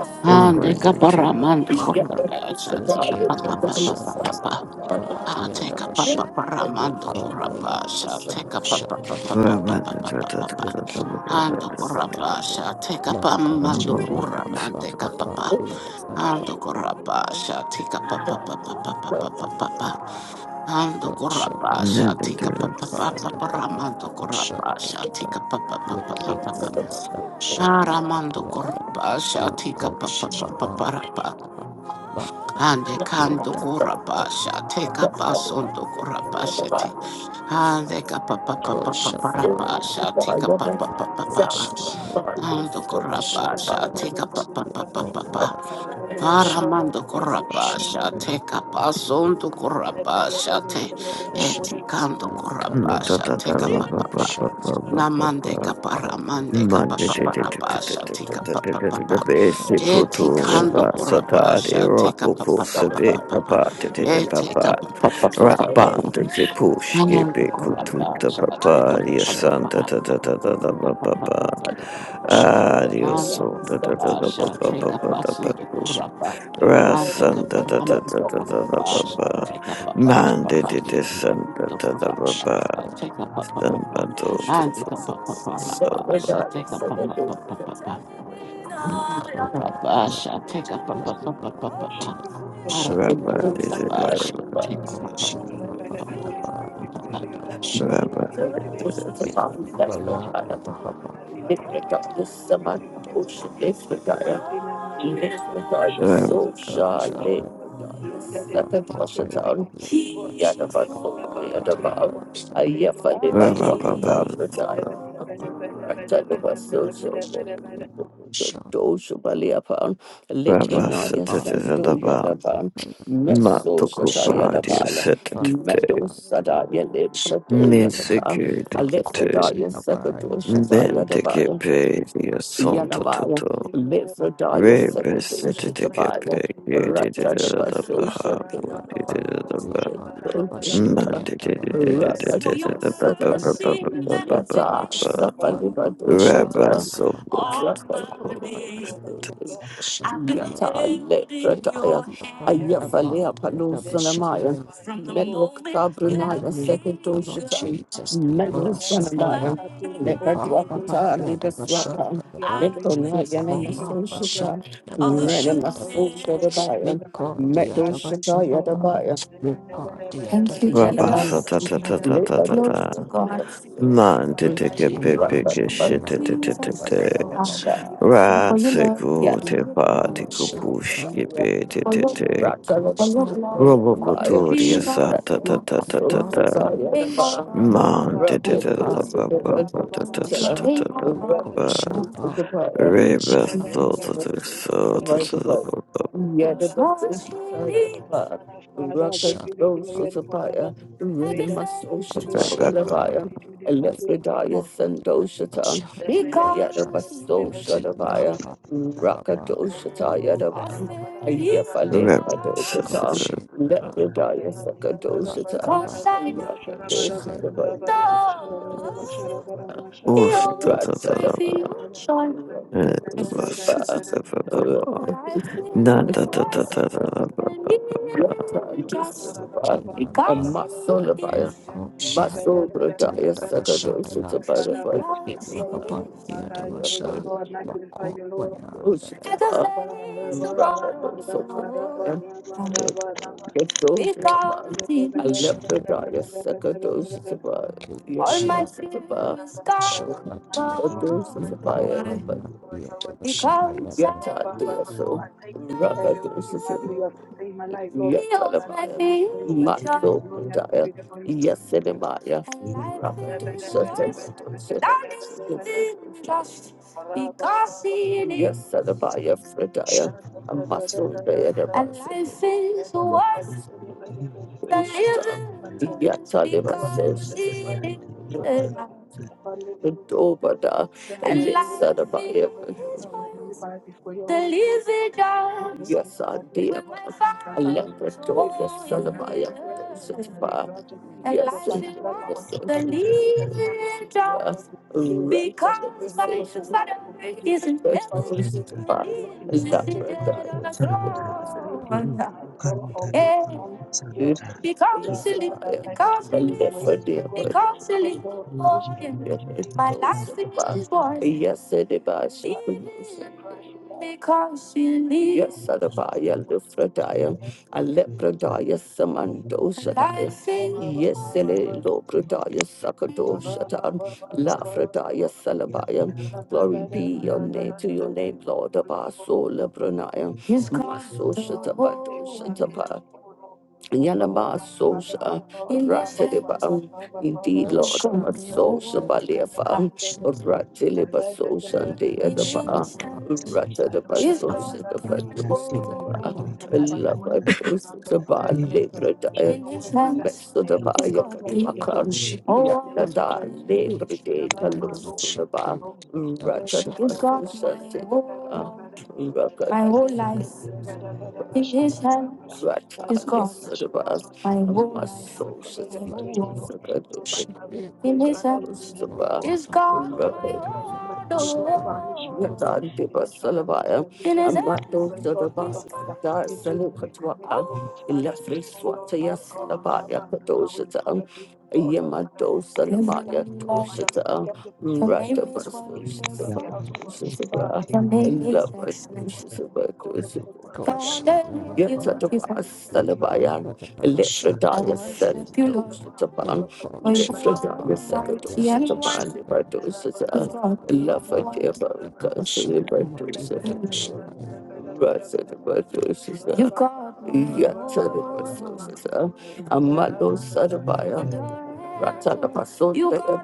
Speaker 6: Shana Bada Bada.
Speaker 1: ande
Speaker 5: Rabanti tete.
Speaker 7: Panada,
Speaker 1: kaparamando
Speaker 6: Bada Bada
Speaker 2: Yes,
Speaker 1: corrapa sha
Speaker 6: Bada Bada Bada.
Speaker 1: tika
Speaker 7: Niki
Speaker 1: pa pa pa pa pa pa
Speaker 7: Mashanda
Speaker 1: pa
Speaker 6: In your mighty
Speaker 1: ah teka
Speaker 6: name, I
Speaker 1: pa
Speaker 7: Padiadabasha,
Speaker 1: pa
Speaker 6: pray.
Speaker 1: paramando
Speaker 7: Niko Maya
Speaker 1: corrapa sha teka pa pa pa pa pa pa pa
Speaker 7: Shakandadaba,
Speaker 5: Rabanti
Speaker 1: pa pa
Speaker 5: tata
Speaker 1: pa pa
Speaker 5: tata
Speaker 7: Niki
Speaker 5: tata
Speaker 7: Maya
Speaker 1: ando
Speaker 5: tata tata.
Speaker 7: Pada,
Speaker 1: corrapa sha teka pa
Speaker 7: Mako
Speaker 1: mando
Speaker 5: Aba
Speaker 7: Chihaya
Speaker 5: aba.
Speaker 1: corramande
Speaker 7: Nabaka
Speaker 1: ka pa pa
Speaker 7: Padiadabadaba,
Speaker 1: ando corrapa sha tika pa pa pa pa pa pa pa pa
Speaker 2: Thank
Speaker 1: pa Ando
Speaker 7: Goshaba,
Speaker 1: korapa sha
Speaker 5: Nanti
Speaker 1: tika pa
Speaker 5: tete.
Speaker 1: pa
Speaker 7: Nipa
Speaker 1: pa pa pa ramando korapa sha
Speaker 7: Shandadada,
Speaker 1: tika pa pa pa pa
Speaker 6: Thank
Speaker 7: Niki
Speaker 1: pa pa pa
Speaker 7: Haya Nabashakia,
Speaker 1: aramando korapa sha tika
Speaker 7: Mako
Speaker 1: pa pa pa pa
Speaker 7: Shihaba,
Speaker 1: pa pa ande
Speaker 7: Bakiya,
Speaker 1: kando korapa sha tika pa sondo korapa sha ti ande ka pa pa pa pa pa pa
Speaker 7: Koshaba
Speaker 1: ra pa sha tika
Speaker 8: you.
Speaker 1: pa
Speaker 8: Thank
Speaker 7: Yashimaya
Speaker 1: ando korapa sha
Speaker 7: Shakapa,
Speaker 1: tika pa pa pa pa pa pa
Speaker 7: Koma
Speaker 1: Aramando
Speaker 7: Shandashandasha.
Speaker 1: corrapasha, te capazondo corrapasha, te eticando corrapasha,
Speaker 5: Natata
Speaker 1: te
Speaker 2: you.
Speaker 5: tata ba ba
Speaker 1: capapapa.
Speaker 7: Shaka,
Speaker 5: ba ba ba ba
Speaker 1: Namande
Speaker 5: ba.
Speaker 1: caparamande
Speaker 5: Mandate
Speaker 7: shaka,
Speaker 1: capaparapasha,
Speaker 5: Santa
Speaker 1: te
Speaker 7: you
Speaker 1: capapapa.
Speaker 7: come,
Speaker 5: Baba
Speaker 7: Mati,
Speaker 5: Santa
Speaker 7: shaka,
Speaker 1: Eticando corrapasha, te capapapa. Ete
Speaker 6: you.
Speaker 1: capapapa.
Speaker 6: Thank
Speaker 7: you
Speaker 1: Namando
Speaker 7: party,
Speaker 1: corrapasha, te
Speaker 7: shaka, shaka,
Speaker 1: capapapa. Ando
Speaker 5: da da
Speaker 1: kurapa
Speaker 5: ba
Speaker 1: sha take a
Speaker 5: ba
Speaker 1: pass on to
Speaker 7: shaka,
Speaker 1: kurapa. Ande kaparam to kurapa
Speaker 7: shaka,
Speaker 1: sha take a papa papa papa
Speaker 7: Nikki, ma,
Speaker 1: to
Speaker 6: you.
Speaker 1: kurapa
Speaker 7: shaka,
Speaker 1: sha take a papa
Speaker 5: samba
Speaker 1: papa.
Speaker 5: do do do
Speaker 1: Ande kapapa
Speaker 5: do so
Speaker 1: kurapa sha take a papa papa papa. Ando
Speaker 7: Nikko, ma,
Speaker 1: kurapa sha
Speaker 6: Jesus,
Speaker 1: take
Speaker 6: we
Speaker 1: a
Speaker 7: ma,
Speaker 6: bless
Speaker 1: papa
Speaker 6: you,
Speaker 1: papa
Speaker 6: Lord. We
Speaker 1: papa
Speaker 6: worship
Speaker 1: papa.
Speaker 6: you, Lord, for you are our
Speaker 7: shaka,
Speaker 1: Aram
Speaker 6: Lord
Speaker 1: to
Speaker 6: and
Speaker 5: Rabba
Speaker 7: my,
Speaker 6: our
Speaker 5: is
Speaker 6: God.
Speaker 5: a
Speaker 1: kurapa sha
Speaker 2: Thank you.
Speaker 1: take
Speaker 6: Oh,
Speaker 1: a
Speaker 7: oh,
Speaker 6: my
Speaker 7: she,
Speaker 6: God,
Speaker 7: ma, da,
Speaker 6: Lord, by the
Speaker 1: papa.
Speaker 6: Holy Spirit, we pray for your
Speaker 7: ma,
Speaker 6: God, we pray
Speaker 7: shaka,
Speaker 6: for your
Speaker 5: Rabba
Speaker 6: lady
Speaker 2: second
Speaker 6: today, Lord. In the name of
Speaker 7: Nikbaya,
Speaker 6: Jesus, oh God, Father, you are in
Speaker 8: you.
Speaker 6: the way down, bring glory to your name, oh God. In the mighty name of Jesus, oh God, Shalom,
Speaker 5: Rabba
Speaker 6: Shalom,
Speaker 7: shaka,
Speaker 6: Shalom.
Speaker 8: Thank
Speaker 6: Lord, let the servant children
Speaker 7: baya,
Speaker 6: be comfortable, God.
Speaker 7: shaka,
Speaker 6: Let the
Speaker 2: Yadabaso,
Speaker 6: servant
Speaker 7: da, ma,
Speaker 6: family be
Speaker 2: Yadabab,
Speaker 6: comfortable
Speaker 7: shaka,
Speaker 6: today, Lord,
Speaker 2: Ayafa
Speaker 6: in the name
Speaker 5: Rabba
Speaker 7: Nikki,
Speaker 6: of
Speaker 7: ma,
Speaker 6: Jesus.
Speaker 5: Baba
Speaker 2: Libalwakata, Bradaya,
Speaker 7: shaka, shaka,
Speaker 2: Doshabaliapan,
Speaker 5: Rabba
Speaker 7: Kim, ma,
Speaker 2: Lepranaya
Speaker 7: ba,
Speaker 2: Sendo
Speaker 5: Satataba
Speaker 2: Yadaban, Meso
Speaker 6: You're
Speaker 2: Shata
Speaker 7: shaka,
Speaker 5: Matukupa dear
Speaker 2: Yadabala,
Speaker 7: ba,
Speaker 2: Medo
Speaker 5: Satate
Speaker 2: Sadaya
Speaker 7: shaka,
Speaker 2: Leprato
Speaker 7: Nikbaya,
Speaker 2: Yakata,
Speaker 7: ma, ko,
Speaker 5: Misikirikate
Speaker 7: she,
Speaker 2: Alephrodaya
Speaker 7: ha,
Speaker 2: Sekato
Speaker 7: ba,
Speaker 2: Shata Yadabaya.
Speaker 5: Nentikepe dear
Speaker 6: merciful, O your
Speaker 5: Santo
Speaker 6: mercy,
Speaker 2: Yanamaya,
Speaker 6: you
Speaker 5: Toto
Speaker 6: save the Lord.
Speaker 2: Mifradaya
Speaker 6: Your
Speaker 5: Rabba
Speaker 6: elevator is
Speaker 2: Sekadusha
Speaker 6: what is
Speaker 2: Tabaya,
Speaker 5: Satatikepe
Speaker 6: the desire.
Speaker 2: Ratadabasho
Speaker 5: Yedidaba
Speaker 2: Shandia,
Speaker 5: Yedidaba
Speaker 7: Nipanda
Speaker 2: Rakadosata,
Speaker 7: Bashikia Dabahayam
Speaker 2: Yata,
Speaker 7: Dabadabashi
Speaker 5: Rabba
Speaker 7: Panda Bashaki
Speaker 2: Safalibadosata,
Speaker 5: Sopo
Speaker 2: Rakadosata,
Speaker 7: Yabashaki
Speaker 2: Yata,
Speaker 7: Maba Niko
Speaker 2: Lepradaya,
Speaker 7: Mabanda
Speaker 2: Ayafalea
Speaker 7: Badia
Speaker 6: They make
Speaker 2: Palosanamaya,
Speaker 7: Dabashaya
Speaker 6: terrifying to go. They
Speaker 7: in the
Speaker 2: Melokabrinaya
Speaker 6: make
Speaker 7: name of the Lord
Speaker 2: Sekadusha,
Speaker 7: Jesus Kima Shahaya
Speaker 2: Melosanamaya,
Speaker 6: They open your
Speaker 7: Nipada
Speaker 6: goals,
Speaker 2: Lekadwakata,
Speaker 6: Father.
Speaker 7: Badia
Speaker 6: Oh
Speaker 2: Libaswaka.
Speaker 6: Lord,
Speaker 7: Dabashanda
Speaker 6: we love
Speaker 7: Bada
Speaker 6: this lady,
Speaker 2: Lekonaya
Speaker 6: for our
Speaker 7: Niko
Speaker 6: children, it's for our brother,
Speaker 7: Mabashanda
Speaker 2: Namasoshita,
Speaker 6: and for our father.
Speaker 7: Dabashanda
Speaker 6: Thank you,
Speaker 2: Renamasosha
Speaker 6: Lord, for giving us
Speaker 2: Dabaya,
Speaker 6: the light,
Speaker 7: Niko
Speaker 6: Lord, in
Speaker 8: you.
Speaker 7: Dia
Speaker 6: our life, oh Lord.
Speaker 7: Dabashahaba
Speaker 2: Medoshita
Speaker 6: Thank
Speaker 7: Nipa Dia
Speaker 2: Thank you,
Speaker 7: Dadada
Speaker 5: Rabasa
Speaker 2: Jesus.
Speaker 5: ta ta ta ta
Speaker 2: Glory
Speaker 5: ta
Speaker 7: Shahaya
Speaker 5: ta
Speaker 2: to
Speaker 5: ta.
Speaker 2: God.
Speaker 6: you, Lord. You
Speaker 5: Man
Speaker 6: are
Speaker 5: te
Speaker 6: the
Speaker 2: Thank
Speaker 5: te
Speaker 6: light
Speaker 5: ke pe
Speaker 6: giver.
Speaker 5: pe ke she
Speaker 6: You
Speaker 7: Kimashira
Speaker 5: te
Speaker 6: are the
Speaker 5: te
Speaker 2: you,
Speaker 5: te
Speaker 6: light
Speaker 5: te
Speaker 2: Jesus.
Speaker 5: te.
Speaker 6: giver, Lord.
Speaker 2: Ah,
Speaker 7: Koshia
Speaker 6: You are the
Speaker 5: Ra
Speaker 2: for
Speaker 6: light
Speaker 2: your
Speaker 5: se
Speaker 6: giver,
Speaker 2: love. For
Speaker 5: ku
Speaker 2: your
Speaker 5: te pa di
Speaker 2: love.
Speaker 5: ku
Speaker 7: Masha
Speaker 5: pu
Speaker 7: and
Speaker 5: ke pe te
Speaker 2: For
Speaker 5: te
Speaker 2: your
Speaker 5: te.
Speaker 2: for your
Speaker 7: Koshia
Speaker 5: Robo
Speaker 2: love.
Speaker 5: ku
Speaker 7: Bhakya
Speaker 5: tu
Speaker 2: Thank you,
Speaker 5: e
Speaker 7: Sha
Speaker 5: sa
Speaker 6: Lord.
Speaker 5: ta ta ta ta ta
Speaker 7: Makapa
Speaker 5: ta.
Speaker 7: Sha
Speaker 5: Man te te te ta
Speaker 7: Nipada
Speaker 5: pa pa pa ta ta ta ta
Speaker 7: Vasha
Speaker 5: ta ta pa pa.
Speaker 7: Koshia
Speaker 5: Reba ba
Speaker 7: Bhakya
Speaker 5: so ta ta so ta
Speaker 2: Jesus. Thank
Speaker 5: ta
Speaker 7: Ki
Speaker 5: ta pa pa. Re
Speaker 2: you, Jesus. Yes,
Speaker 6: Father, I give
Speaker 7: Shara
Speaker 6: you the glory and honor, Lord.
Speaker 2: Rakatoshatapaya,
Speaker 6: May the Son to the
Speaker 2: Rinimasoshataya
Speaker 5: ba
Speaker 6: Holy and the
Speaker 7: Shahaya
Speaker 2: Lavaya,
Speaker 6: Light to the
Speaker 2: Elephridaya Sandoshatan,
Speaker 7: Shahaya
Speaker 8: Thank
Speaker 7: Ki
Speaker 6: Father.
Speaker 2: Yadabasoshatavaya, Rakatoshataya Davan,
Speaker 6: Oh,
Speaker 2: Ayefale
Speaker 5: re ba sa
Speaker 2: Padokatan,
Speaker 6: Lord.
Speaker 7: Mahakoshi
Speaker 5: ta ta.
Speaker 2: Lepridaya
Speaker 6: Father,
Speaker 2: Sakadoshatan,
Speaker 7: Shahaya
Speaker 2: Rakatoshatavaya.
Speaker 5: Oh,
Speaker 2: Ratadaba,
Speaker 5: Never
Speaker 2: Rakatoshatapa, Rakatoshatapa, a
Speaker 7: Ki
Speaker 2: muscle of fire,
Speaker 7: Mako
Speaker 8: you.
Speaker 7: Shihaya
Speaker 2: muscle bradaya sakadosha
Speaker 7: Yadavashaya
Speaker 2: to bada
Speaker 7: Riki Mahaba
Speaker 6: I adore you,
Speaker 7: Yadavasha
Speaker 6: Lord, and I glorify
Speaker 7: Mako
Speaker 6: you, Lord.
Speaker 7: Vaya
Speaker 6: I thank you
Speaker 2: I left the
Speaker 7: Shahaki
Speaker 2: dire
Speaker 8: Thank
Speaker 2: sakadosha to bada. All my
Speaker 7: Shihaya
Speaker 2: fears gone.
Speaker 7: Shahadia
Speaker 2: Sakadosha to
Speaker 7: Miko
Speaker 2: bada.
Speaker 7: Vaya
Speaker 2: Because.
Speaker 7: Yadavashaya
Speaker 2: Yet I do so.
Speaker 6: for every week part of
Speaker 2: Rakadosha
Speaker 6: your faith in my life, Lord.
Speaker 2: Heals
Speaker 6: I give you the praise, I
Speaker 2: my
Speaker 6: give you the glory, I give
Speaker 2: future.
Speaker 6: you the honor.
Speaker 2: Yes, in my because he is. Yes, in my Fredaya. A muscle day at a And life is worth
Speaker 6: But
Speaker 2: the
Speaker 6: you are life,
Speaker 2: living. Yes, I
Speaker 6: You
Speaker 2: never
Speaker 6: are the beginning, God, and
Speaker 2: say.
Speaker 6: I you are the Father, you know, God, you know, whether you
Speaker 2: yes,
Speaker 6: know,
Speaker 2: I
Speaker 6: whether you know, whether you know, whether we bow before your
Speaker 2: the
Speaker 6: holy throne.
Speaker 2: lazy
Speaker 6: Great
Speaker 2: dog.
Speaker 6: Lord, for
Speaker 2: Yes,
Speaker 6: your
Speaker 2: I
Speaker 6: God, Lord of
Speaker 2: did.
Speaker 6: most man and
Speaker 2: I
Speaker 6: God, I was
Speaker 2: left the
Speaker 6: today,
Speaker 2: door,
Speaker 6: Lord.
Speaker 2: yes, son of
Speaker 6: God,
Speaker 2: my
Speaker 6: everywhere that we come
Speaker 2: application.
Speaker 6: from, really glad to be to go,
Speaker 2: Yes,
Speaker 6: Father,
Speaker 2: it
Speaker 6: grant our
Speaker 2: was the
Speaker 6: understanding, wisdom, and knowledge.
Speaker 2: lazy
Speaker 6: We have
Speaker 2: dog.
Speaker 6: what is speaking, of us here,
Speaker 2: Because
Speaker 6: help
Speaker 2: by
Speaker 6: us to walk in
Speaker 2: the
Speaker 6: obedience,
Speaker 2: isn't
Speaker 6: help our
Speaker 8: you.
Speaker 6: children, the Lord, in the mighty name of Jesus.
Speaker 8: Pakutsanda,
Speaker 6: Oh, I thank
Speaker 8: Iri
Speaker 2: ever.
Speaker 6: my God,
Speaker 8: Kandala
Speaker 6: always
Speaker 2: Yeah.
Speaker 6: on
Speaker 2: Yeah.
Speaker 6: your
Speaker 8: Pakutsanda,
Speaker 2: Because
Speaker 6: behalf,
Speaker 8: Iri
Speaker 2: you live,
Speaker 6: Father, thank you
Speaker 2: because you
Speaker 6: for your
Speaker 8: Kandala Pakutsanda, Kandala
Speaker 2: live,
Speaker 6: grace,
Speaker 8: Pakutsanda,
Speaker 6: oh God,
Speaker 2: because you
Speaker 6: oh
Speaker 2: live
Speaker 6: Lord,
Speaker 8: Iri
Speaker 6: which
Speaker 2: for
Speaker 6: is
Speaker 2: him. My
Speaker 8: Kandala
Speaker 6: given
Speaker 2: life is
Speaker 8: Pakutsanda,
Speaker 2: worth Yes, it is.
Speaker 6: us of Christ,
Speaker 2: Because
Speaker 6: Thank
Speaker 2: you live. Yes, Adabaya, Lufradaya, Alepradaya,
Speaker 8: Iri
Speaker 2: Samandoshataya.
Speaker 8: Kandala
Speaker 2: Yes, Ele,
Speaker 8: Pakutsanda,
Speaker 2: Lopradaya,
Speaker 8: Akatiri
Speaker 2: Sakadoshatan,
Speaker 8: Pakutsanda,
Speaker 2: Lafradaya, Salabaya.
Speaker 8: Yapaya
Speaker 2: Glory be your
Speaker 8: Yapaya
Speaker 2: name to your name, Lord of our
Speaker 6: you.
Speaker 2: soul, Labranaya. Yes, God. Maso
Speaker 8: Pakutsanda,
Speaker 2: Shatabado Yalaba Sosa Rateliba. Indeed, Lord,
Speaker 7: Yasha
Speaker 2: a Sosa
Speaker 7: Mahaya
Speaker 2: Baleafa
Speaker 7: Shahaya
Speaker 8: Akmayata.
Speaker 2: Rateliba Sosa and the other
Speaker 8: Mitaila
Speaker 2: bar.
Speaker 7: Shihaya
Speaker 8: pakutanga
Speaker 2: Rateliba
Speaker 7: Yadavashaya
Speaker 2: Sosa the
Speaker 8: ibayati
Speaker 7: Miko
Speaker 2: Badosa. Lava
Speaker 8: lapakutanga
Speaker 2: Dosa Bar
Speaker 8: tiri
Speaker 2: Libra Dia
Speaker 8: bayanga
Speaker 2: Mesodaba
Speaker 8: ikati
Speaker 7: Miko
Speaker 2: Yakatuakan.
Speaker 8: yapaya
Speaker 7: Shihaya
Speaker 2: Randada Libra De Kalosulaba
Speaker 7: Yadavashaya
Speaker 2: Rateliba
Speaker 7: Yadavashaya
Speaker 2: Sosa the bar,
Speaker 6: Father, Father,
Speaker 2: Rakadaba My whole life. In his hands is
Speaker 6: we
Speaker 2: God. My whole
Speaker 6: bless you, Lord, those
Speaker 2: life, my
Speaker 6: men and we
Speaker 2: whole
Speaker 6: commit them into your hand, Lord. Those that
Speaker 2: world.
Speaker 6: have been
Speaker 2: In
Speaker 6: placed,
Speaker 2: his
Speaker 6: Father, into your
Speaker 2: hands
Speaker 6: hand, Lord. God.
Speaker 7: body
Speaker 2: is
Speaker 6: Move,
Speaker 2: God. My
Speaker 6: Lord, and
Speaker 7: Pamanaba
Speaker 6: declare your mercy, Lord,
Speaker 2: whole
Speaker 6: God,
Speaker 2: world.
Speaker 6: over our
Speaker 7: Shahaya
Speaker 6: nation, Lord,
Speaker 7: Paman
Speaker 6: God. The nation of our mental and lead
Speaker 2: In
Speaker 6: your
Speaker 2: his
Speaker 6: place,
Speaker 2: hands
Speaker 6: Lord,
Speaker 8: mutara
Speaker 6: Lord, make
Speaker 2: is
Speaker 6: us, Father,
Speaker 2: God. da
Speaker 6: into your hand, we
Speaker 2: salukatwa.
Speaker 6: commit them, Lord, God, Father.
Speaker 2: Ilafri
Speaker 6: Oh, Lord,
Speaker 2: swataya
Speaker 6: my God, my
Speaker 2: salabaya
Speaker 6: God, my God, we
Speaker 2: kadoshata.
Speaker 6: declare your peace, Lord, Lord, Father, we
Speaker 2: Yamato
Speaker 6: commit together.
Speaker 2: salamaya
Speaker 6: Your Father, let them, they pray, Lord, God, they take up the house, of God. Father, we come to
Speaker 8: pemere
Speaker 6: lift your hand, O God. We go to my God, Father,
Speaker 7: Koshi
Speaker 6: we come to my
Speaker 2: Yet
Speaker 6: God,
Speaker 7: Mayaba
Speaker 2: at the
Speaker 6: Father, every
Speaker 2: past
Speaker 6: sin in your
Speaker 8: Thank
Speaker 7: Nipan
Speaker 6: hand,
Speaker 2: Salabayan,
Speaker 6: O God.
Speaker 7: Madaba
Speaker 2: Lefredaya
Speaker 6: Every
Speaker 2: said,
Speaker 7: Shahaya
Speaker 6: sin in the
Speaker 2: Dosha
Speaker 6: Lord,
Speaker 7: Yadama
Speaker 6: Pastor,
Speaker 2: Tapan,
Speaker 6: for the church,
Speaker 7: Koshi
Speaker 6: Father, we pray,
Speaker 2: Lefredaya
Speaker 7: Haba
Speaker 6: Lord, in the
Speaker 2: second
Speaker 6: name of
Speaker 2: Dosha
Speaker 7: Yadaba
Speaker 6: Jesus.
Speaker 2: Tapan,
Speaker 7: Shahaya
Speaker 2: Liberdosha,
Speaker 7: Nipan
Speaker 2: Love for
Speaker 7: Madaba
Speaker 2: Dear
Speaker 7: Madaba Shahumati
Speaker 2: Bankas,
Speaker 7: Madaba Shahaya
Speaker 2: you got me. Yeah, tell uh, no
Speaker 6: We pray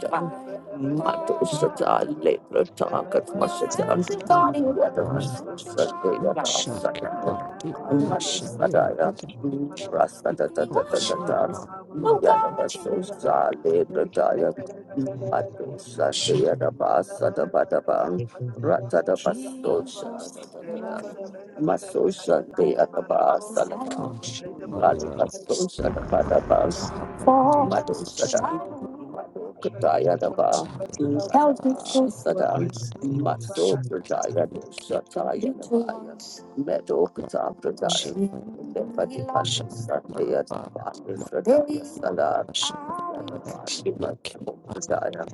Speaker 2: Mato Shata, Labor Talk at Washington, starting
Speaker 7: Nimabai
Speaker 2: Sunday at our
Speaker 7: Mashaki
Speaker 2: second.
Speaker 7: Padi Yashahaya
Speaker 2: Sadaya,
Speaker 7: Nadam
Speaker 2: Rasta da da da da
Speaker 7: Koshi Haba Yadaba
Speaker 2: Mato Sunday at a Badabang, Ratana Maso Shante Adaba Salaba
Speaker 7: Shakoshi
Speaker 6: the blood, we
Speaker 2: Radaba
Speaker 7: Maya
Speaker 6: just pray for
Speaker 2: So
Speaker 6: the blood, we
Speaker 2: Shadaba
Speaker 6: pray for the blood,
Speaker 2: Mado Shada
Speaker 7: Mahabashat
Speaker 6: Lord, no weapon
Speaker 2: Mado
Speaker 6: fashioned against
Speaker 2: Kataya
Speaker 6: our shall
Speaker 2: Daba
Speaker 6: prosper. You are the God. You are
Speaker 2: Sada
Speaker 6: mighty, good God, Father.
Speaker 2: Maso Pradaya Shataya Daba Medo Kata
Speaker 7: Sahashi,
Speaker 2: Pradaya Lepati Palo
Speaker 8: you.
Speaker 2: Shante
Speaker 8: Thank
Speaker 7: Shakapa,
Speaker 2: Adaba Nifradaya Salah
Speaker 7: Masha,
Speaker 2: Yadaba
Speaker 7: Miki,
Speaker 2: Nibatso Pradaya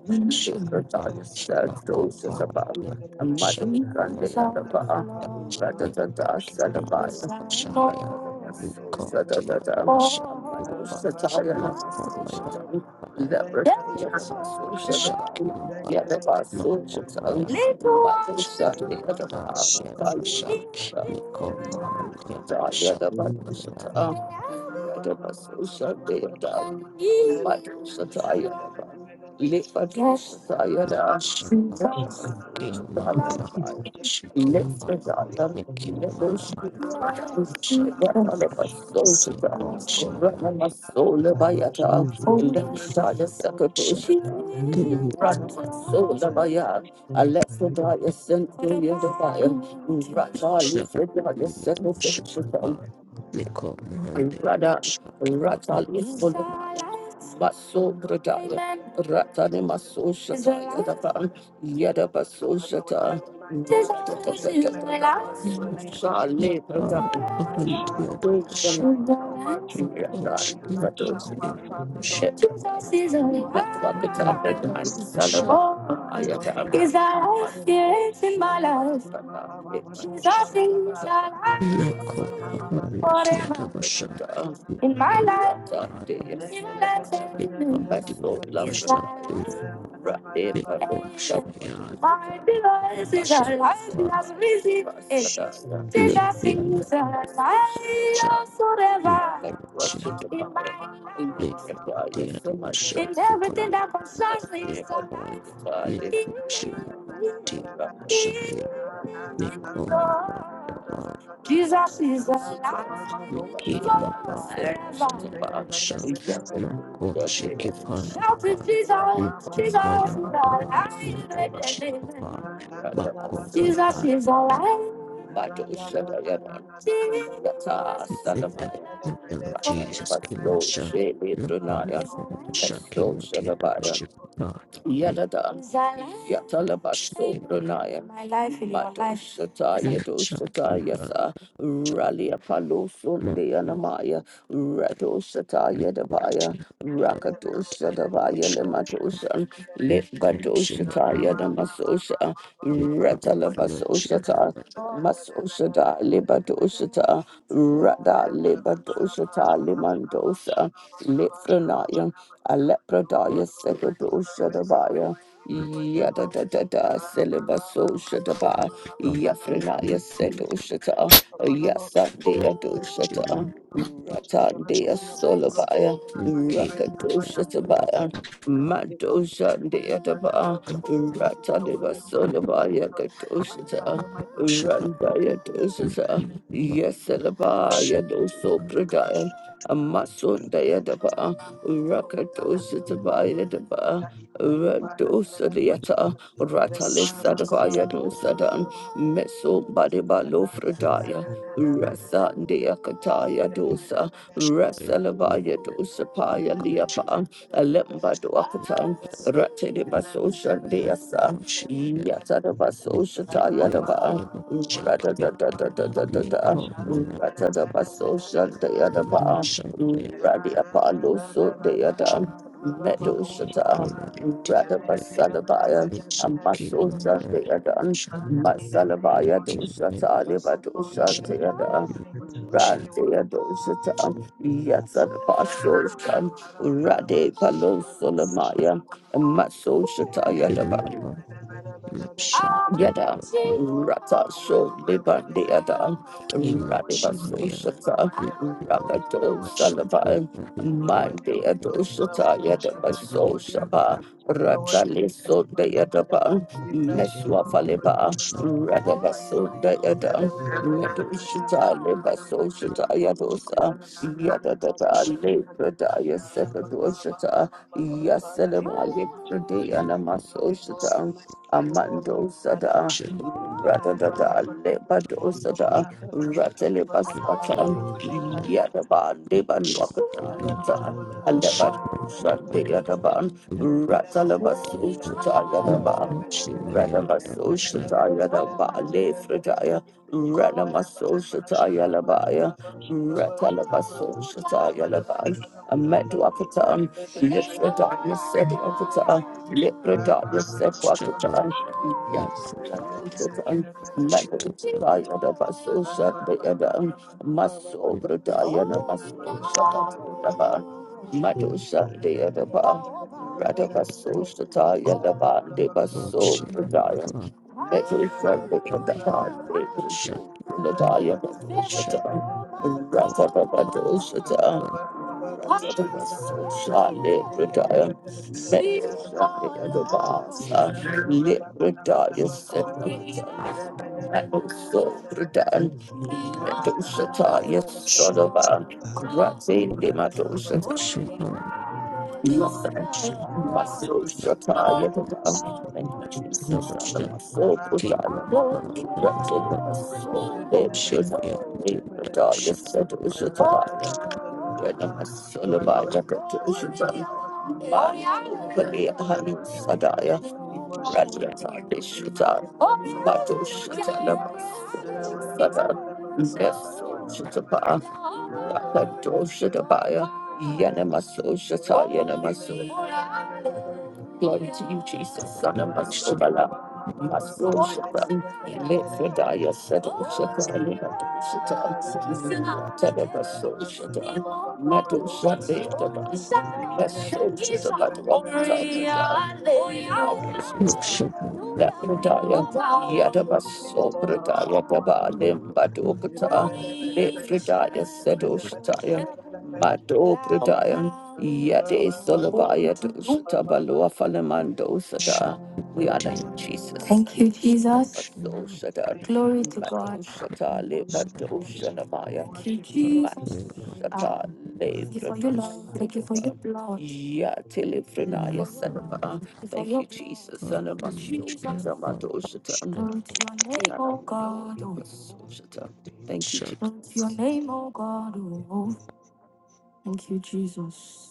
Speaker 6: Thank
Speaker 7: Shakapa,
Speaker 2: Nifradaya
Speaker 7: Makopa,
Speaker 2: Sato Thank
Speaker 7: Shakmaya, Mikashaya, Mikotia, Masha, Makomaya, Shakimba, Makopaya, Shakimata, Yadavasha, Mikomahan, Yadavasha,
Speaker 2: you. Alexa, I sent you the fire. Rather, I
Speaker 6: you. Thank you, Lord. Thank
Speaker 7: Shakimaya,
Speaker 6: you, Lord. Thank you, Lord.
Speaker 7: Shikia,
Speaker 6: Thank
Speaker 7: Miki, Mahasha, Mikoshaya,
Speaker 8: you. Adilipakutanda Babalinda
Speaker 7: Shaka
Speaker 6: you,
Speaker 7: Madam
Speaker 6: Lord.
Speaker 7: Shaka Nicole
Speaker 8: Babalabakuthanda
Speaker 7: Mahandi
Speaker 6: Thank you,
Speaker 2: Rada
Speaker 6: Lord.
Speaker 7: Shaki Mahandi
Speaker 2: Ratali Solo Baso Bradaya Ratani Maso Shata Yadaba Yadaba So Shata Shale
Speaker 7: Nikad
Speaker 2: Bradaya
Speaker 7: Mahandi
Speaker 2: Dosha
Speaker 7: Shaka Shaka
Speaker 2: Yadali
Speaker 7: Shaka
Speaker 2: Jesus is alive.
Speaker 8: Babalindabakuthanda
Speaker 2: Let's walk the talk like the man is
Speaker 7: Yadava
Speaker 2: son of
Speaker 8: Kamusuyapakuthanda
Speaker 7: Basha
Speaker 2: all. I am God. He's alive. It's in my life. Jesus is alive.
Speaker 7: Nako Mahandi
Speaker 2: Forever.
Speaker 7: Yadava Basha
Speaker 2: In my
Speaker 8: Lapayandalapakuthanda
Speaker 2: life.
Speaker 6: Shut
Speaker 2: In my life. My
Speaker 7: Nikadi Yadava
Speaker 2: soul loves He's
Speaker 7: Basha
Speaker 2: alive.
Speaker 8: Bayadilipakuthanda
Speaker 2: My
Speaker 7: Nikko Shayad
Speaker 2: device is
Speaker 7: Shaka
Speaker 2: alive, he
Speaker 8: Shapakandilipakuthanda
Speaker 2: has risen. Eh, Jesus
Speaker 7: Nikki
Speaker 6: up,
Speaker 2: is alive,
Speaker 7: Mancha
Speaker 2: oh, forever.
Speaker 7: Nikki
Speaker 2: In my
Speaker 7: Yadava
Speaker 2: life,
Speaker 7: Basha
Speaker 2: in
Speaker 7: Nikolai
Speaker 2: everything that concerns me, is
Speaker 7: Yarabai,
Speaker 2: alive.
Speaker 8: Lapayandalapakuthanda
Speaker 7: Mikushimati, Shaya,
Speaker 8: Thank
Speaker 7: Mikomabai,
Speaker 2: Lord. Jesus is alive.
Speaker 7: Mikimabai,
Speaker 2: Forever.
Speaker 7: Tiadasha,
Speaker 2: Shout to
Speaker 7: Makoshikipandabai,
Speaker 2: Jesus, Jesus is
Speaker 7: Mikomayadabai,
Speaker 2: alive.
Speaker 7: Yadashikabai,
Speaker 6: Shut
Speaker 2: Jesus
Speaker 7: Bakomayada,
Speaker 2: is alive. Bato Shabayana. Rata
Speaker 7: in the name
Speaker 2: Salamaya.
Speaker 7: of the Lord
Speaker 2: Rata
Speaker 7: Jesus,
Speaker 2: Fasto
Speaker 7: Kimasha,
Speaker 2: Shebe Brunaya.
Speaker 7: Napandiyadasha, Kimatiadashikibai,
Speaker 2: Yadada, Yatalabaso Brunaya, my life in your Mato life. Shata, Yado Shata,
Speaker 7: Nishikimashakimhasha,
Speaker 2: Yasa, Rally Apalo Sunday Anamaya, Rato Shata Yadabaya,
Speaker 7: Makishikimashakimhasha,
Speaker 2: Rakato Shadabaya Lematosha, Lepato
Speaker 7: corruption
Speaker 2: Shata
Speaker 7: of
Speaker 2: Yadamasosha,
Speaker 7: me,
Speaker 2: Ratalabaso
Speaker 7: nothing about
Speaker 2: Shata, Masoshada, Lepato Shata, Rada Lepato Shata, Limandosa,
Speaker 6: up, You are
Speaker 2: Alepradaya
Speaker 6: Lord, you are
Speaker 2: Sekado
Speaker 6: worthy, you are worthy, you are
Speaker 2: Shadabaya.
Speaker 6: worthy, you are worthy,
Speaker 2: Yada
Speaker 6: Lord.
Speaker 2: da da da,
Speaker 6: Father,
Speaker 2: Selibaso Shadaba,
Speaker 6: let the
Speaker 2: Yafrenaya
Speaker 7: me,
Speaker 6: grace of the
Speaker 2: Sedo
Speaker 6: soul today
Speaker 2: Shata,
Speaker 6: rest upon the Lord. Let the
Speaker 2: Yasandea Do
Speaker 6: grace of
Speaker 7: nothing
Speaker 6: God
Speaker 2: Shata,
Speaker 6: rest
Speaker 7: about
Speaker 6: upon the
Speaker 7: me,
Speaker 6: soul today rest
Speaker 2: Ratandea
Speaker 6: upon your people, Lord.
Speaker 2: Solabaya,
Speaker 6: Let by the
Speaker 7: Nicky,
Speaker 6: grace and
Speaker 2: Rakado
Speaker 6: by the ability,
Speaker 2: Shatabaya,
Speaker 6: Father, today, the
Speaker 2: Mado
Speaker 6: capacity, spirit,
Speaker 2: Shandea
Speaker 6: Father,
Speaker 2: Daba,
Speaker 6: Lord,
Speaker 7: I
Speaker 6: just Lord, in power,
Speaker 2: Rataniba
Speaker 6: name, Lord. Let
Speaker 2: Solabaya
Speaker 6: men of fire,
Speaker 2: Kado
Speaker 6: my
Speaker 2: Shata,
Speaker 6: Father, my Lord.
Speaker 7: Shall have
Speaker 2: Randaya Do
Speaker 6: Let
Speaker 2: Shata,
Speaker 6: them let
Speaker 7: shall
Speaker 2: Yasalabaya Do Sopradaya,
Speaker 6: them
Speaker 2: Amasundaya
Speaker 6: show them
Speaker 2: Daba.
Speaker 6: down. So, God, Father.
Speaker 2: Rakadosha Tabaya Daba,
Speaker 6: Father, in the name, Father, in the
Speaker 2: Radosa
Speaker 6: name of
Speaker 2: Dieta,
Speaker 6: Jesus. Ray
Speaker 7: shall
Speaker 6: ba
Speaker 2: Ratalisa
Speaker 6: ba ba
Speaker 2: Dabaya
Speaker 6: ba ba ba
Speaker 2: Dosadan,
Speaker 6: ba ba ba.
Speaker 2: Meso Badiba
Speaker 6: Da da da
Speaker 2: Lofredaya,
Speaker 6: da da da da da da.
Speaker 2: Rasa
Speaker 6: Da da
Speaker 2: Deakataya
Speaker 6: da da da
Speaker 2: Dosa,
Speaker 6: da da da
Speaker 7: yeah,
Speaker 2: Rasalabaya
Speaker 6: da da.
Speaker 2: Dosa
Speaker 6: In
Speaker 2: Paya
Speaker 6: the
Speaker 7: coaching
Speaker 2: Liapa, Alemba Duakatan, Ratediba Social
Speaker 7: my
Speaker 2: Deasa,
Speaker 7: watching, yeah,
Speaker 2: Yatadaba Social
Speaker 7: Nicky, I am
Speaker 2: Tayadaba,
Speaker 7: about shall
Speaker 2: Rada
Speaker 7: yeah,
Speaker 2: da da da da da da
Speaker 7: me
Speaker 2: da,
Speaker 7: call my lucky,
Speaker 2: Rata da baso Social
Speaker 7: no
Speaker 2: Deadaba.
Speaker 7: shall yeah,
Speaker 2: Radia Palo so
Speaker 7: shall
Speaker 2: deada
Speaker 7: me
Speaker 2: Meadow
Speaker 7: call my
Speaker 2: Shata
Speaker 7: empty,
Speaker 2: Rada
Speaker 7: yeah,
Speaker 2: Basalabaya
Speaker 7: it's a king,
Speaker 2: Amaso
Speaker 7: my
Speaker 2: Shandeada
Speaker 7: shall
Speaker 2: Masalabaya
Speaker 7: Nicky, my
Speaker 2: Doshata Liva
Speaker 7: shall
Speaker 2: Doshanteada
Speaker 6: name of Jesus,
Speaker 7: shall
Speaker 6: we
Speaker 2: Randia
Speaker 6: worship you.
Speaker 2: Doshata Yatsan Baso Shan
Speaker 8: you.
Speaker 2: Rade Palo Solamaya
Speaker 6: Thank
Speaker 2: Maso
Speaker 8: Thank you.
Speaker 2: Shata
Speaker 7: in the
Speaker 2: Yadaba
Speaker 7: heart, my shall call
Speaker 2: Yada
Speaker 6: Oh
Speaker 7: my
Speaker 6: Lord, you
Speaker 2: Rata
Speaker 6: are worthy,
Speaker 2: Sho
Speaker 6: you are worthy, you
Speaker 2: Libandi
Speaker 6: are worthy,
Speaker 2: Yada
Speaker 6: you are worthy, you
Speaker 7: king, my
Speaker 6: are worthy,
Speaker 2: Radiba
Speaker 7: shall
Speaker 6: Lord.
Speaker 2: So
Speaker 7: yeah.
Speaker 6: You are
Speaker 2: Shata
Speaker 6: worthy, Holy Ghost, you are
Speaker 2: Rakato
Speaker 6: worthy,
Speaker 7: Shut
Speaker 6: Holy
Speaker 7: the ocean,
Speaker 2: Salavan
Speaker 6: Ghost. You are worthy,
Speaker 2: Mandi
Speaker 6: Holy
Speaker 2: Yado
Speaker 6: Ghost, you are
Speaker 2: Shata
Speaker 6: worthy,
Speaker 2: Yada
Speaker 6: Ashada, you are
Speaker 2: Baso
Speaker 6: worthy, Aguna.
Speaker 2: Shaba
Speaker 6: You are
Speaker 2: Rata
Speaker 6: worthy, Lord,
Speaker 2: Liso
Speaker 6: you are
Speaker 2: De
Speaker 6: the
Speaker 2: Yada
Speaker 6: Father.
Speaker 2: Ba
Speaker 6: We bless you,
Speaker 2: Meswa
Speaker 6: Lord, we praise
Speaker 2: Faliba
Speaker 6: you, Lord, we
Speaker 2: Rada
Speaker 6: magnify you,
Speaker 2: Baso
Speaker 6: Lord.
Speaker 2: De Yada
Speaker 6: Bere, bere, bere,
Speaker 2: Yado
Speaker 6: bere, shala,
Speaker 2: Shata
Speaker 6: bara,
Speaker 2: Liba
Speaker 6: bara, bara,
Speaker 2: So
Speaker 6: bara, bara.
Speaker 2: Shata
Speaker 6: Da, da, da,
Speaker 2: Yadosa
Speaker 6: da,
Speaker 2: Yada
Speaker 6: da, da, da, da,
Speaker 2: Dada
Speaker 6: da.
Speaker 2: Libra Daya
Speaker 6: Da, da, ba,
Speaker 2: Sekado
Speaker 6: ba, ba, ba,
Speaker 2: Shata
Speaker 6: ba, ba, ba, Father, in the
Speaker 2: Yaselema
Speaker 6: name of
Speaker 2: Libra
Speaker 6: Jesus,
Speaker 2: Daya
Speaker 6: we love
Speaker 2: maso
Speaker 6: you, Lord,
Speaker 2: Shata
Speaker 6: we magnify you, Lord.
Speaker 2: Amando
Speaker 6: Father, my
Speaker 2: Sada,
Speaker 6: sister, and everybody
Speaker 2: Radadada,
Speaker 6: from them.
Speaker 2: Lebado
Speaker 6: All long
Speaker 2: Sada,
Speaker 6: time, and they give something what
Speaker 2: Ratalibas
Speaker 6: I'm not our
Speaker 2: Watan,
Speaker 6: day to be fine.
Speaker 2: Yadaban, Deban
Speaker 6: And then, whatever,
Speaker 2: Wakata,
Speaker 6: whatever,
Speaker 2: Alebat
Speaker 6: whatever,
Speaker 2: Sunday
Speaker 6: whatever,
Speaker 2: Yadaban, Ratalabas Uchata Yadaban. Ranamaso Shataya Bale Fridaya, Ranamaso Shataya Labaya, Ratalabaso Shataya
Speaker 6: whatever, whatever,
Speaker 8: Thank
Speaker 2: Labai,
Speaker 8: you.
Speaker 2: Ameduakatan, Lifredaya
Speaker 6: whatever.
Speaker 2: Sedwakata
Speaker 6: Thank
Speaker 2: Leprodatus said Wakatan, Yasan, Madhutaya, the Basosha, the Yadan, Maso, Brodayana, Maso, Shakataba, Madhusha, the Yadaba, Radabaso, Shataya, the Bandi, Baso, Brodayan, Medusa, the Yadaban, the Brodaya, the Shatan, Ratababadosha, Thank
Speaker 6: you.
Speaker 2: you,
Speaker 6: Thank
Speaker 8: Thank
Speaker 6: you. Oh Lord Jesus, we ask for the forgiveness and the sin of us. Now, Baba, Baba, Baba,
Speaker 2: Jesus. Glory
Speaker 6: Baba, you are glorious, you are marvelous, you are awesome, Lord. We exalt our Father in the name of Jesus. We worship you, Lord. We magnify you, Lord. We magnify you, Lord. Thank you.
Speaker 2: to you, Jesus, Son of Masovala. Maso Shapan, Lefredaya Sedo Shapan,
Speaker 8: you.
Speaker 2: Mato Shatan, Tadaba
Speaker 8: Thank
Speaker 2: So Shatan, Mato Shade Daban, Maso Shatabatu Shatan, Lefredaya, Yadaba So Predaya Daba, Limbado Pata, Lefredaya Sedo Shataya,
Speaker 6: Lord.
Speaker 2: Mato Predaya, Yade Solabaya Dushatabaloa Falemando sata. We honor you, Jesus. Thank you, Jesus. Madoshatan,
Speaker 6: Thank you,
Speaker 2: Glory to
Speaker 6: Lord Jesus.
Speaker 2: God.
Speaker 6: Father,
Speaker 2: Madoshata,
Speaker 6: we bless you, Lord. We
Speaker 2: Madoshanamaya, Thank you,
Speaker 6: worship you, Lord. We
Speaker 2: Jesus.
Speaker 6: give you praise.
Speaker 2: Ah, Madoshata, le thank you
Speaker 6: We
Speaker 2: for your
Speaker 6: honor
Speaker 2: love.
Speaker 6: you.
Speaker 2: Thank you
Speaker 6: We
Speaker 2: for your Lebradoshanama, blood. Thank you Yatelifrenaya, for your love. Sanama. Thank you for Thank your you, blood. Jesus, Thank you, Jesus.
Speaker 7: the
Speaker 2: Sanamadoshatan. Glory to your name,
Speaker 8: you.
Speaker 2: O God. Oh.
Speaker 8: Ila
Speaker 2: Madoshata.
Speaker 8: makati la
Speaker 2: Thank you,
Speaker 7: shut
Speaker 2: Jesus. Glory to your Jesus. name,
Speaker 8: pakitanda.
Speaker 2: oh God. Oh.
Speaker 8: Therefore,
Speaker 2: Thank you, Jesus.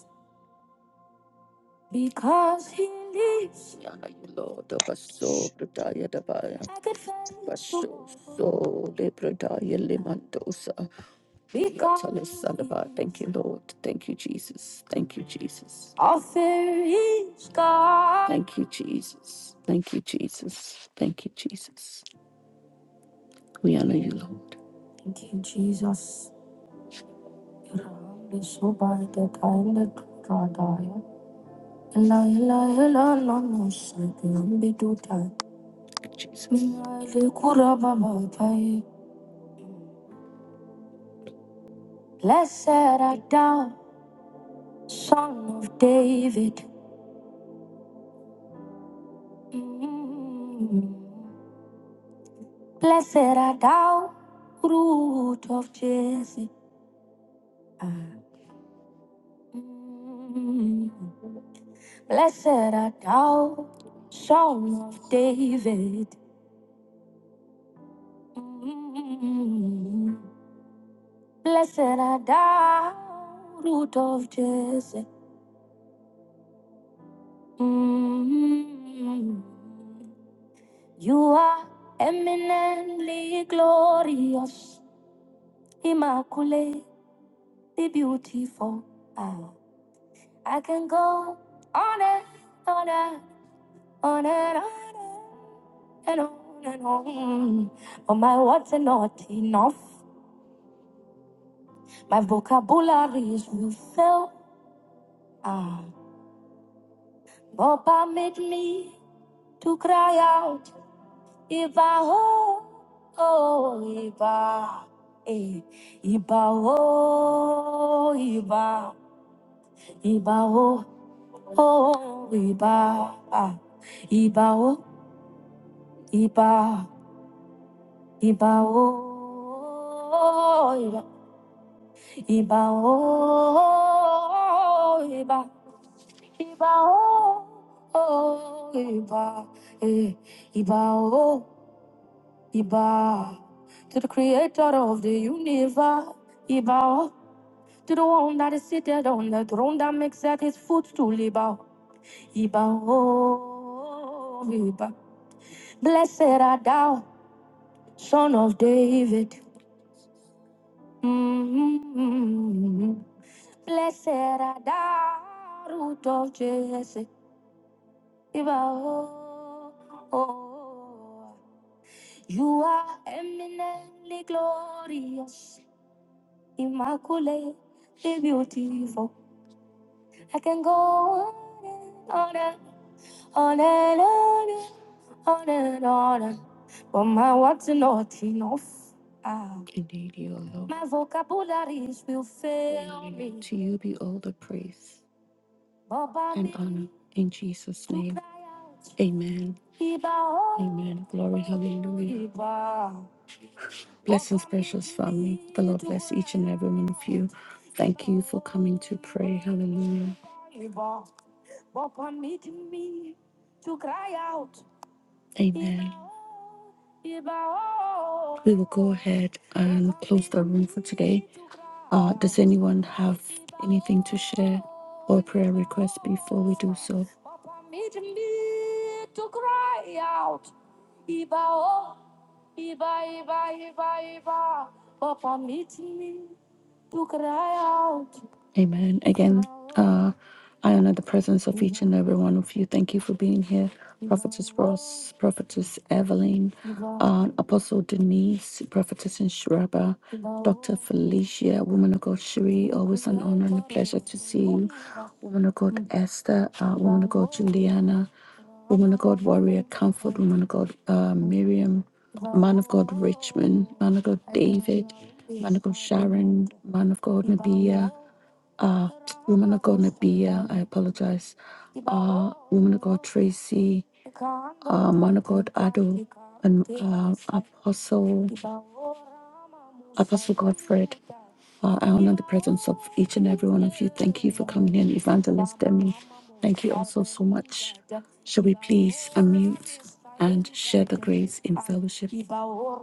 Speaker 2: Because he lives. Yana you Lord of us so
Speaker 8: sh-
Speaker 2: prataya dabaya. I could find Basso so de prataya limandosa. Because Yatala salaba. Thank you, Lord. Thank you, Jesus. Thank you, Jesus. Offer is God. Thank you, Jesus. Thank you, Jesus. Thank you, Jesus. We honor you, Lord. Thank you, Jesus. Your hand is so by the time God died. Ella, ella, ella, no, no, so be do that. Blessed art thou, Son of David. Mm. Blessed art thou, Root of Jesse. Ah. Mm. Blessed art thou, Son of David. Mm. Blessed art thou, Root of Jesse. Mm. You are eminently glorious, immaculately beautiful. Ah, I can go on and on and on and on and on and on. But my words are not enough. My vocabulary is will fail. Ah, Boba made me to cry out, Iba oh, oh Iba, eh, Iba oh Iba. Iba o, o, iba, ah. iba o, iba, iba o, iba, iba o, iba, iba o, o, iba, eh. iba o, iba, to the creator of the universe, iba o, to the one that is seated on the throne that makes at his footstool, iba o, o, iba. Blessed art thou, son of David. Mm-hmm. Blessed art thou, root of Jesse. Iba-oh, oh. You are eminently glorious, immaculate, beautiful. I can go on and on On and on, and on and on. and- But my words are not enough. Ah. Indeed, you are My vocabularies will fail Hallelujah. me. To you be all the praise Baba and honor in Jesus' to name. cry out. Amen. Iba, Amen. Glory, hallelujah. Iba. Blessings, precious family. The Lord bless each and every one of you. Thank you for coming to pray. Hallelujah. Iba. Baba made me to cry out. Amen. We will go ahead and close the room for today. Uh, does anyone have anything to share or prayer request before we do so? Amen. Again, uh, I honor the presence of each and every one of you. Thank you for being here, Prophetess Ross, Prophetess Evelyn, um, Apostle Denise, Prophetess Inshiraba, Dr. Felicia, Woman of God Shiri. Always an honor and a pleasure to see you. Woman of God Esther, uh, Woman of God Juliana, Woman of God Warrior Comfort, Woman of God uh, Miriam, Man of God Richmond, Man of God David, Man of God Sharon, Man of God Nabia uh, woman of God Nabia, I apologize. Uh, woman of God Tracy, uh, man of God Ado, and uh, Apostle. Apostle Godfred, uh, I honor the presence of each and every one of you. Thank you for coming in, Evangelist Demi. Thank you also so much. Shall we please unmute and share the grace in fellowship? Now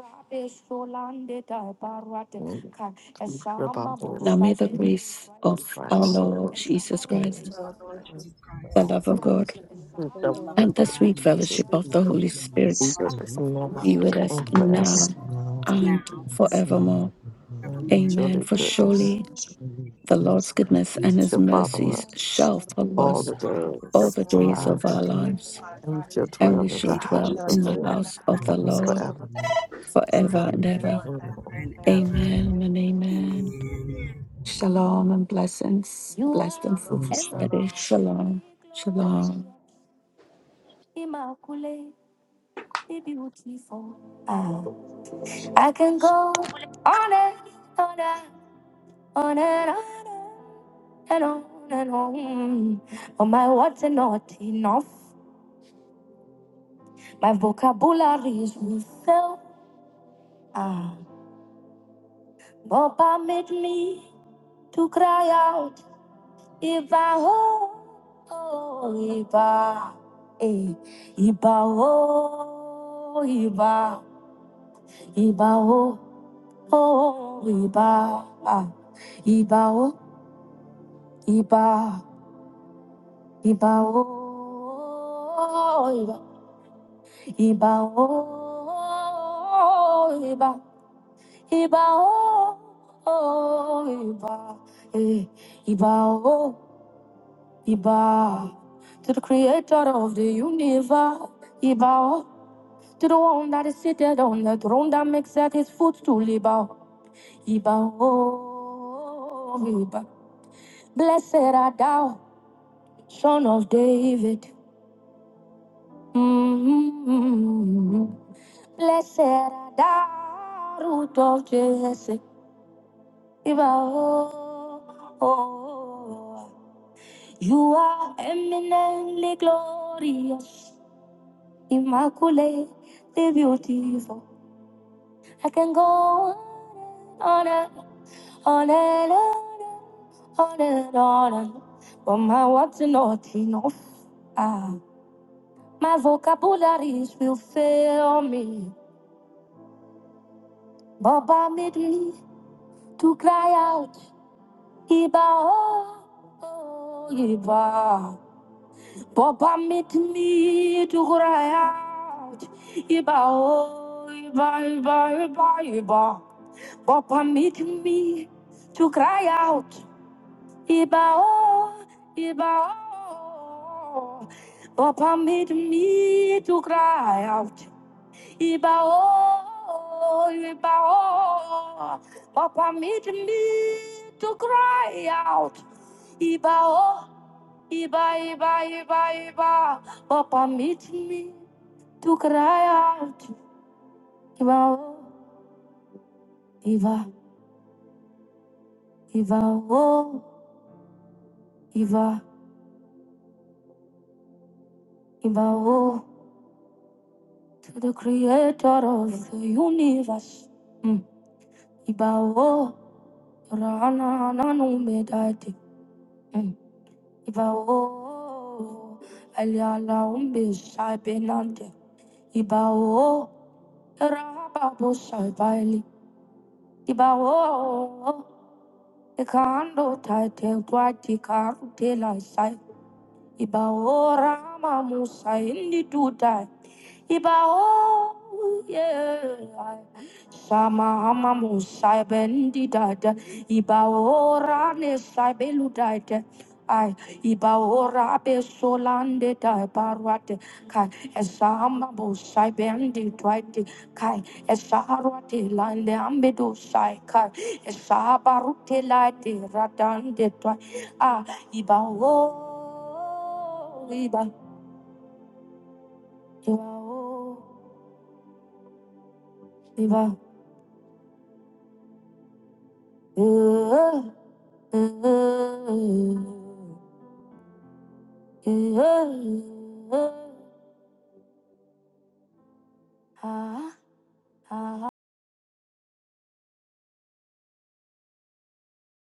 Speaker 5: and
Speaker 2: may the grace of our Lord Jesus
Speaker 6: praise
Speaker 2: Christ,
Speaker 6: the Lord, Jesus
Speaker 3: Jesus
Speaker 2: the
Speaker 3: Christ,
Speaker 6: Christ.
Speaker 2: love of God,
Speaker 6: We lift
Speaker 3: and the love
Speaker 6: God.
Speaker 3: of
Speaker 2: and the
Speaker 3: God,
Speaker 2: sweet fellowship
Speaker 8: Fellowship
Speaker 6: We
Speaker 2: of
Speaker 8: of
Speaker 2: the
Speaker 8: the
Speaker 6: worship
Speaker 2: Holy
Speaker 6: you.
Speaker 8: Holy
Speaker 2: Spirit
Speaker 3: fellowship
Speaker 6: We
Speaker 8: Spirit
Speaker 3: of the Holy
Speaker 6: honor
Speaker 2: be with
Speaker 3: Spirit,
Speaker 2: us
Speaker 8: with
Speaker 6: you
Speaker 8: us
Speaker 5: forever.
Speaker 2: now
Speaker 8: now
Speaker 3: is
Speaker 2: and
Speaker 3: now,
Speaker 8: and
Speaker 6: so
Speaker 2: forevermore.
Speaker 6: much.
Speaker 8: forevermore.
Speaker 5: And
Speaker 3: evermore,
Speaker 2: Amen.
Speaker 5: surely
Speaker 2: For
Speaker 3: in
Speaker 5: goodness
Speaker 2: surely
Speaker 8: Surely
Speaker 2: the
Speaker 8: those
Speaker 2: Lord's
Speaker 8: who have
Speaker 2: goodness
Speaker 3: unity
Speaker 2: and his
Speaker 8: promised
Speaker 5: shall follow
Speaker 2: mercies
Speaker 5: us
Speaker 2: shall
Speaker 6: Father,
Speaker 2: follow
Speaker 5: all
Speaker 2: us
Speaker 5: the days
Speaker 2: all
Speaker 5: of
Speaker 3: us
Speaker 2: the
Speaker 5: our
Speaker 6: God,
Speaker 3: all,
Speaker 2: days
Speaker 8: all
Speaker 6: we
Speaker 2: of
Speaker 8: the
Speaker 5: lives,
Speaker 2: our
Speaker 6: thank you
Speaker 8: days
Speaker 6: for
Speaker 2: lives,
Speaker 8: of
Speaker 6: our
Speaker 5: and we
Speaker 6: life,
Speaker 5: shall
Speaker 2: and
Speaker 5: dwell
Speaker 2: we
Speaker 5: in
Speaker 2: shall
Speaker 5: the
Speaker 3: and
Speaker 6: And we
Speaker 8: the
Speaker 5: house
Speaker 3: you
Speaker 2: dwell
Speaker 6: shall
Speaker 5: of
Speaker 2: in
Speaker 3: shall
Speaker 6: dwell
Speaker 5: the
Speaker 2: the
Speaker 8: Lord
Speaker 6: in the
Speaker 5: Lord
Speaker 2: house
Speaker 8: and
Speaker 2: of
Speaker 3: not
Speaker 8: the
Speaker 6: house
Speaker 2: the
Speaker 6: of the
Speaker 8: hands
Speaker 2: Lord
Speaker 8: of the
Speaker 6: Lord
Speaker 5: forever.
Speaker 8: Lord
Speaker 3: forever
Speaker 2: forever and
Speaker 3: and
Speaker 8: forever
Speaker 3: ever
Speaker 2: ever.
Speaker 6: Whatever
Speaker 8: and ever.
Speaker 6: and
Speaker 3: and
Speaker 6: ever.
Speaker 3: ever.
Speaker 2: Amen and
Speaker 8: Amen.
Speaker 2: amen.
Speaker 3: Amen.
Speaker 2: Shalom and blessings. Blessed and
Speaker 6: Shalom,
Speaker 2: fruitful
Speaker 8: Thanks,
Speaker 2: Friday.
Speaker 6: shalom.
Speaker 8: Lord.
Speaker 2: Shalom. Shalom. Immaculate, beautiful. Ah, I can go on and on and on and on. and on and on. But my words are not enough. My vocabulary is refill. Ah, Baba made me to cry out. Iba oh, oh Iba, eh, Iba oh, Iba, Iba oh, oh Iba, ah, Iba oh, Iba, Iba oh. Iba. Iba oh, iba, iba oh, oh, iba, eh, iba oh, iba. To the creator of the universe, iba oh, to the one that is seated on the throne that makes at his footstool, iba oh, iba oh, iba. Blessed art thou, son of David. mm Blessed art thou, root of Jesse. oh, oh, you are eminently glorious, immaculately beautiful. I can go on and on and on and on and on, and on. but my words are not enough. Ah, my vocabularies will fail me. Baba made me to cry out, Iba, oh, oh, Iba. Papa meet me to cry out. iba o iba iba iba iba Papa meet me to cry out iba o iba o Papa meet me to cry out iba o iba o Papa meet me to cry out iba oh. Iba, iba, iba, iba, Papa meet me to cry out. Iba, oh, iba, iba, oh, iba, iba, oh, to the creator of the universe. Mm. Iba, oh, rana, nanu, me, daddy. Mm. Iba, oh, aliala, umbe, shaibe, nande. Iba, oh, raba, bo, shaibali. Iba, oh, oh, Ikando tate twati karu tela sai. Iba ora mamu sai ndi tutai. Ibao, yeah. Sama hamamu saibendi dada. Ibao rane saibelu dada. Ay, ibaora be solande da barwate kai esama bo sai bendi twite kai esaharwate lande ambedo sai kai esabarute late radande twai ah ibao iba ibao iba Mm-hmm. Mm-hmm. Mm-hmm. Mm-hmm. Ah.